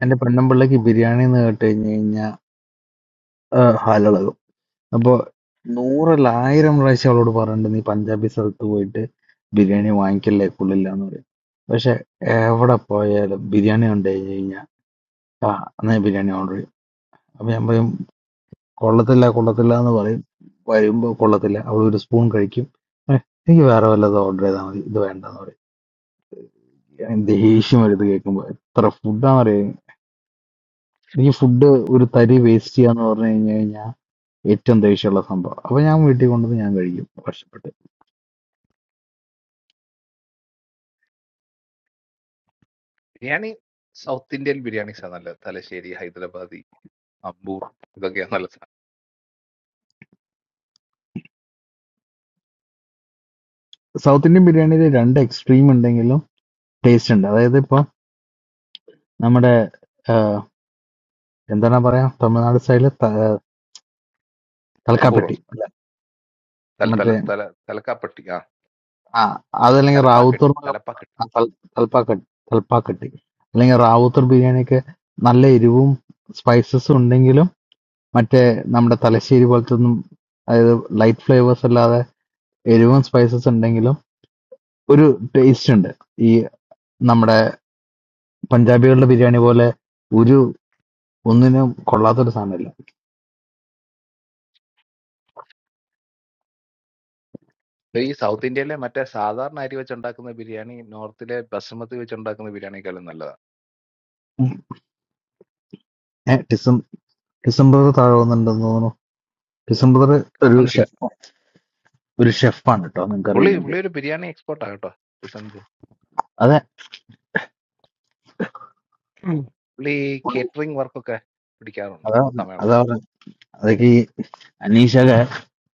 [SPEAKER 6] എന്റെ പെണ്ണും പിള്ളക്ക് ബിരിയാണി എന്ന് കേട്ട് കഴിഞ്ഞു കഴിഞ്ഞാൽ അപ്പൊ നൂറല്ല ആയിരം പ്രാവശ്യം അവളോട് പറഞ്ഞിട്ടുണ്ട് നീ പഞ്ചാബി സ്ഥലത്ത് പോയിട്ട് ബിരിയാണി വാങ്ങിക്കല്ലേ കൊള്ളില്ല എന്ന് പറയും പക്ഷെ എവിടെ പോയാലും ബിരിയാണി കണ്ടു കഴിഞ്ഞു കഴിഞ്ഞാൽ ആ എന്നാ ബിരിയാണി ഓർഡർ ചെയ്യും അപ്പൊ ഞാൻ പറയും കൊള്ളത്തില്ല കൊള്ളത്തില്ല എന്ന് പറയും വരുമ്പോ കൊള്ളത്തില്ല അവൾ ഒരു സ്പൂൺ കഴിക്കും "ഏ, എനിക്ക് വേറെ വല്ലതും ഓർഡർ ചെയ്താൽ മതി ഇത് വേണ്ടെന്ന് പറയും ഞാൻ ദേഷ്യം വരുത് കേൾക്കുമ്പോ എത്ര ഫുഡാണെന്നറിയാം എനിക്ക് ഫുഡ് ഒരു തരി വേസ്റ്റ് ചെയ്യാന്ന് പറഞ്ഞു കഴിഞ്ഞു കഴിഞ്ഞാൽ ഏറ്റവും ദേഷ്യമുള്ള സംഭവം അപ്പൊ ഞാൻ വീട്ടിൽ കൊണ്ടുവന്ന് ഞാൻ കഴിക്കും
[SPEAKER 4] ബിരിയാണി സൗത്ത് ഇന്ത്യൻ ബിരിയാണീസ് നല്ല തലശ്ശേരി ഹൈദരാബാദി അമ്പൂർ ഇതൊക്കെയാ നല്ല സാധനം
[SPEAKER 6] സൗത്ത് ഇന്ത്യൻ ബിരിയാണിയിൽ രണ്ട് എക്സ്ട്രീം ഉണ്ടെങ്കിലും ടേസ്റ്റ് ഉണ്ട് അതായത് ഇപ്പൊ നമ്മുടെ ആഹ്, എന്താണ് പറയാ തമിഴ്നാട് സ്റ്റൈലിൽ
[SPEAKER 4] അമ്പൂറോ
[SPEAKER 6] തലക്കാപ്പെട്ടി അല്ല
[SPEAKER 4] തല തല
[SPEAKER 6] മറ്റേ
[SPEAKER 4] തല തലക്കാപ്പട്ടി ആ
[SPEAKER 6] ആ അതല്ലെങ്കിൽ റാവുത്തൂർ
[SPEAKER 4] തലപ്പാക്കട്ടി
[SPEAKER 6] എന്നൊക്കെ പ-
[SPEAKER 4] തലപ്പാക്കട്ടി
[SPEAKER 6] ആ, തൽ- തൽപ്പാക്കട്ടി തൽപ്പാക്കട്ടി അല്ലെങ്കിൽ റാവുത്തൂർ ബിരിയാണിയൊക്കെ നല്ല എരിവും സ്പൈസസും ഉണ്ടെങ്കിലും മറ്റേ നമ്മുടെ തലശ്ശേരി പോലത്തെ ഒന്നും അതായത് ലൈറ്റ് ഫ്ലേവേഴ്സ് അല്ലാതെ എരിവും സ്പൈസസ് ഉണ്ടെങ്കിലും ഒരു ടേസ്റ്റ് ഉണ്ട് ഈ നമ്മുടെ പഞ്ചാബികളുടെ ബിരിയാണി പോലെ ഒരു ഒന്നിനും കൊള്ളാത്തൊരു സാധനമില്ല
[SPEAKER 4] ഇത് ഈ സൗത്ത് ഇന്ത്യയിലെ മറ്റേ സാധാരണ അരി വെച്ചുണ്ടാക്കുന്ന ബിരിയാണി നോർത്തിലെ ബസുമതി വെച്ചുണ്ടാക്കുന്ന ബിരിയാണിക്കാളും നല്ലതാണ്
[SPEAKER 6] ഏഹ് ഡിസം ഡിസംബർ താഴെന്നുണ്ടെന്ന് തോന്നുന്നു ഡിസംബർ ഒരു
[SPEAKER 4] കാണുന്നില്ല
[SPEAKER 6] ഷെഫ് ഒരു ഷെഫാണ് കേട്ടോ നിങ്ങൾക്ക്
[SPEAKER 4] പുള്ളി
[SPEAKER 6] അറിയില്ലെങ്കിൽ
[SPEAKER 4] പുള്ളി ഒരു ബിരിയാണി എക്സ്പോർട്ടാ കേട്ടോ ലിസൺ ബ്രോ
[SPEAKER 6] അതെ
[SPEAKER 4] ഉം. പുള്ളി കേറ്ററിംഗ് വർക്കൊക്കെ പിടിക്കാറുണ്ട്
[SPEAKER 6] അതാ പറഞ്ഞെ,
[SPEAKER 4] സമയമുള്ളൂ
[SPEAKER 6] അതാ പറഞ്ഞെ. അതൊക്കെ ഈ അനീഷൊക്കെ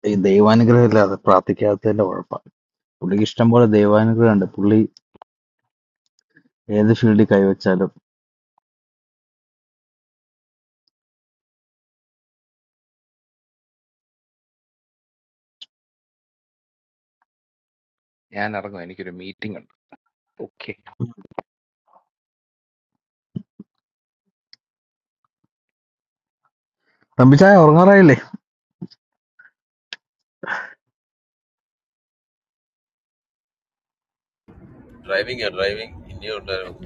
[SPEAKER 6] ഈ ദൈവാനുഗ്രഹം ഇല്ലാതെ പ്രാർത്ഥിക്കാത്തതിന്റെ കുഴപ്പമാണ് പുള്ളിക്ക് ഇഷ്ടം പോലെ ദൈവാനുഗ്രഹം ഉണ്ട് പുള്ളി ഏത് ഫീൽഡിൽ കൈവച്ചാലും
[SPEAKER 4] ഞാൻ ഇറങ്ങും എനിക്കൊരു മീറ്റിംഗ് ഉണ്ട് ഓക്കെ
[SPEAKER 6] തമ്പിച്ചായ ഉറങ്ങാറായില്ലേ
[SPEAKER 2] ഡ്രൈവിംഗ് ഡ്രൈവിംഗ് ഇനിയും ഉണ്ടായിരുന്നു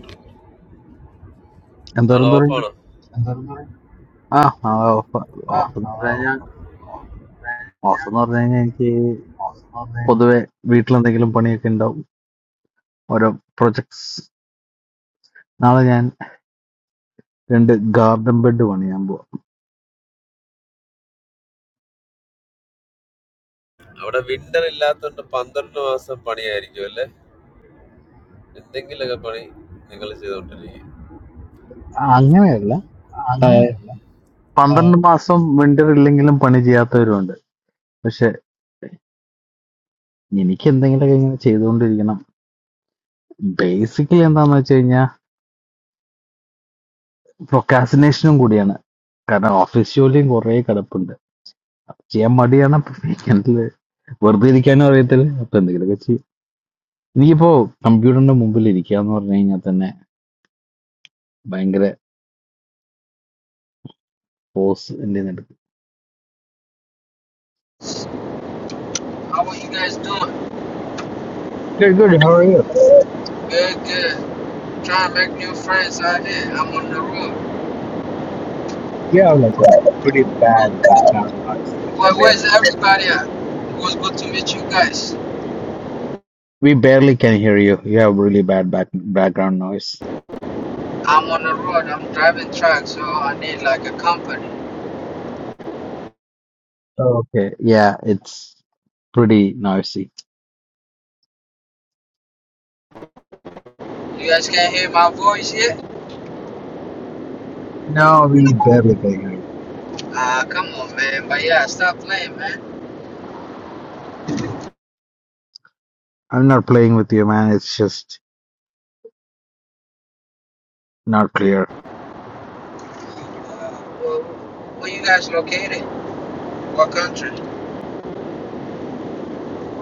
[SPEAKER 2] നാളെ
[SPEAKER 6] എന്തോരം തുറയുണ്ട്
[SPEAKER 2] ഓഫാണോ എന്തായിരുന്നു
[SPEAKER 6] ആ ആ, ഓഫ്
[SPEAKER 2] ആ
[SPEAKER 6] ഓഫ് എന്ന്
[SPEAKER 2] ആ, ആ,
[SPEAKER 6] പറഞ്ഞാൽ
[SPEAKER 2] ആ,
[SPEAKER 6] ഓഫ് എന്ന് പറഞ്ഞു കഴിഞ്ഞാൽ എനിക്ക്
[SPEAKER 2] ആ, ആ, ആ,
[SPEAKER 6] പൊതുവെ വീട്ടിലെന്തെങ്കിലും പണിയൊക്കെ ഉണ്ടാവും ഓരോ പ്രൊജക്ട്സ് നാളെ ഞാൻ രണ്ട് ഗാർഡൻ ബെഡ് പണിയാൻ പോവാ
[SPEAKER 2] അവിടെ വിന്റർ ഇല്ലാത്തതുകൊണ്ട് പന്ത്രണ്ട് മാസം പണിയായിരിക്കും അല്ലേ എന്തെങ്കിലുമൊക്കെ പണി നിങ്ങൾ ചെയ്തുകൊണ്ടിരിക്കും
[SPEAKER 6] അങ്ങനെയല്ല ആ, പന്ത്രണ്ട് മാസം വിന്റർ ഇല്ലെങ്കിലും പണി ചെയ്യാത്തവരുണ്ട് പക്ഷെ എനിക്ക് എന്തെങ്കിലുമൊക്കെ ഇങ്ങനെ ചെയ്തുകൊണ്ടിരിക്കണം ബേസിക്കലി എന്താന്ന് വെച്ച് കഴിഞ്ഞാൽ പ്രൊക്കാസിനേഷനും കൂടിയാണ് കാരണം ഓഫീസ് ജോലിയും കുറേ കിടപ്പുണ്ട് ചെയ്യാൻ മടിയാണ് വീക്കെൻഡിൽ വെറുതെ ഇരിക്കാനും അറിയത്തില്ല അപ്പൊ എന്തെങ്കിലുമൊക്കെ ചെയ്യും എനിക്കിപ്പോ കമ്പ്യൂട്ടറിന്റെ മുമ്പിൽ ഇരിക്കുക എന്ന് പറഞ്ഞു കഴിഞ്ഞാൽ തന്നെ ഭയങ്കര ഫോഴ്സ് എന്റെ എടുക്കും.
[SPEAKER 8] How are you guys doing?
[SPEAKER 6] Good, good. How are you?
[SPEAKER 8] Good, good. Trying to make new friends out here. I'm on the road.
[SPEAKER 6] Yeah, like a pretty bad background noise.
[SPEAKER 8] Where,
[SPEAKER 6] I
[SPEAKER 8] where's
[SPEAKER 6] barely can hear you.
[SPEAKER 8] everybody at? It was good to meet you guys.
[SPEAKER 6] We barely can hear you. You have really bad back background noise.
[SPEAKER 8] I'm on the road. I'm driving truck, so I need like a company.
[SPEAKER 6] Okay, yeah, it's pretty noisy.
[SPEAKER 8] You guys can't hear my voice yet?
[SPEAKER 6] No, we barely can hear you.
[SPEAKER 8] Ah, uh, come on, man. But yeah, stop playing, man.
[SPEAKER 6] I'm not playing with you, man. It's just not clear.
[SPEAKER 8] Uh, where, where you guys located? What country?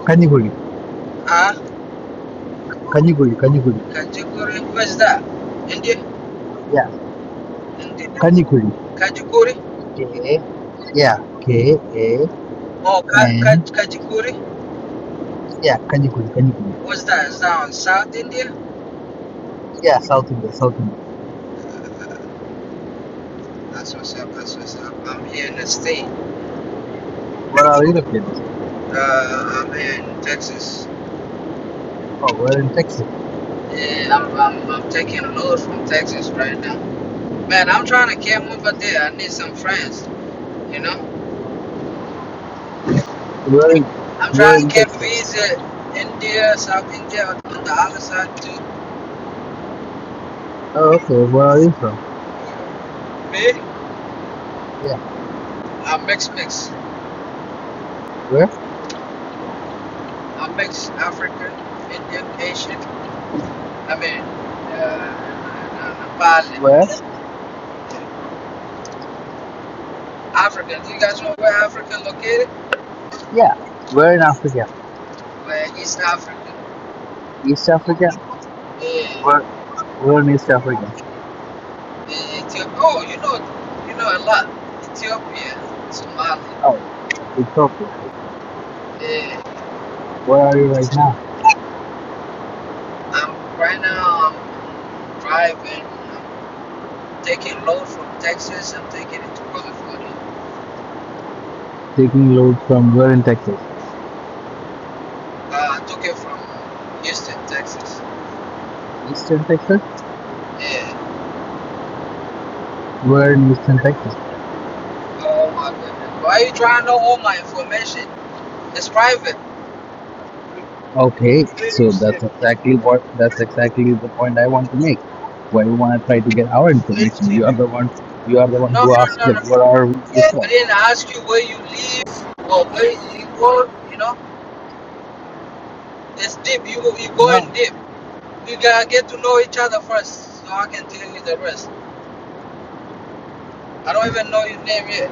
[SPEAKER 6] Kanikuri,
[SPEAKER 8] Ah, uh,
[SPEAKER 6] Kanikuri, Kanikuri.
[SPEAKER 8] Kajikuri. Where's that? India?
[SPEAKER 6] Yeah,
[SPEAKER 8] India?
[SPEAKER 6] Kanikuri.
[SPEAKER 8] Kajikuri?
[SPEAKER 6] K, yeah, K A
[SPEAKER 8] Oh, Ka- Ka-
[SPEAKER 6] N.
[SPEAKER 8] Kajikuri?
[SPEAKER 6] Yeah, Kanikuri, Kanikuri.
[SPEAKER 8] What's that? Is that on South India?
[SPEAKER 6] Yeah, South India, South India.
[SPEAKER 8] That's what's up. That's what's up. I'm here in the state.
[SPEAKER 6] Where are you located?
[SPEAKER 8] Uh, I'm here in Texas,
[SPEAKER 6] Oh, we're in Texas.
[SPEAKER 8] and I'm, I'm I'm taking a load from Texas right now. Man, I'm trying to camp over there. I need some friends. You know,
[SPEAKER 6] We're
[SPEAKER 8] I'm
[SPEAKER 6] we're
[SPEAKER 8] trying to
[SPEAKER 6] in
[SPEAKER 8] camp
[SPEAKER 6] Texas.
[SPEAKER 8] visit India, South India on the other side too.
[SPEAKER 6] Oh, okay. Where are you from?
[SPEAKER 8] Me,
[SPEAKER 6] Yeah,
[SPEAKER 8] I'm mixed, mix.
[SPEAKER 6] where?
[SPEAKER 8] I'm mixed, African, Indian, Asian. I mean, uh, Nepali,
[SPEAKER 6] Where?
[SPEAKER 8] African. Do you guys know where African located?
[SPEAKER 6] Yeah, we're in Africa.
[SPEAKER 8] Where East Africa.
[SPEAKER 6] East Africa?
[SPEAKER 8] Yeah.
[SPEAKER 6] Where, where in East Africa?
[SPEAKER 8] uh, Ethiopia. Oh, you know, you know a lot. Ethiopia, Somalia.
[SPEAKER 6] Oh, Ethiopia.
[SPEAKER 8] Uh,
[SPEAKER 6] Where are you right now?
[SPEAKER 8] I'm right now. I'm driving. I'm taking load from Texas. I'm taking it to California.
[SPEAKER 6] Taking load from where in Texas?
[SPEAKER 8] Uh, I took it from Houston, Texas.
[SPEAKER 6] Eastern Texas?
[SPEAKER 8] Yeah.
[SPEAKER 6] Where in Eastern Texas?
[SPEAKER 8] Oh my goodness. Why are you trying to know all my information? It's private.
[SPEAKER 6] Okay, so that's exactly what, that's exactly the point I want to make. Why you want to try to get our information? You are the one, you are the one
[SPEAKER 8] No,
[SPEAKER 6] who
[SPEAKER 8] no,
[SPEAKER 6] asked,
[SPEAKER 8] no,
[SPEAKER 6] like,
[SPEAKER 8] no.
[SPEAKER 6] where are you
[SPEAKER 8] I
[SPEAKER 6] from?
[SPEAKER 8] didn't ask you where you live or where you go. You know, it's deep. You you going deep. We gotta get to know each other first, so I can tell you the rest. I don't even know your name yet.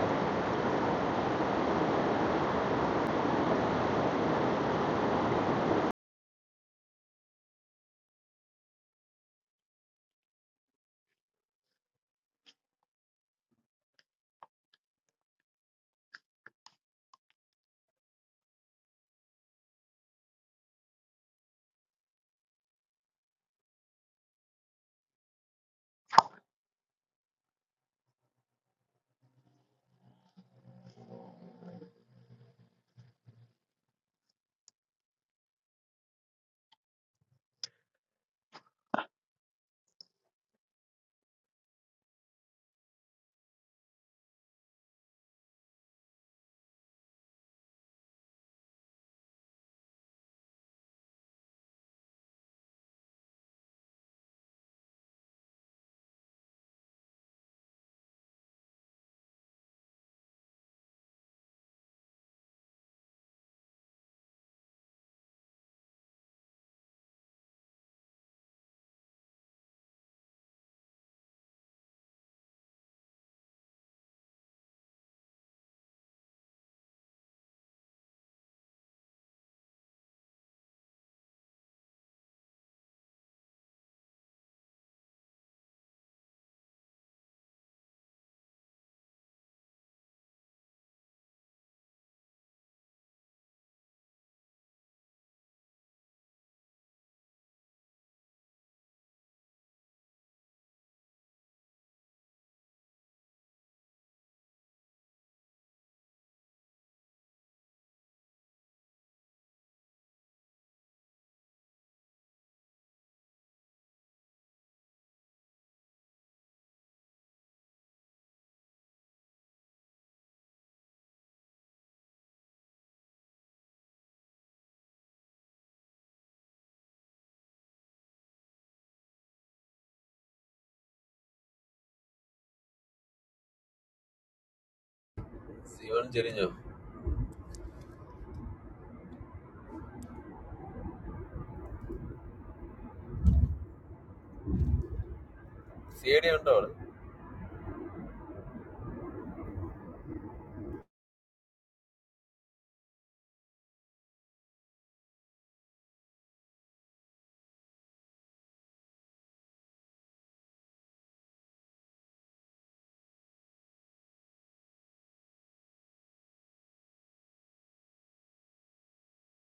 [SPEAKER 2] C one ചെരിഞ്ഞോ C D ഉണ്ടോ അവിടെ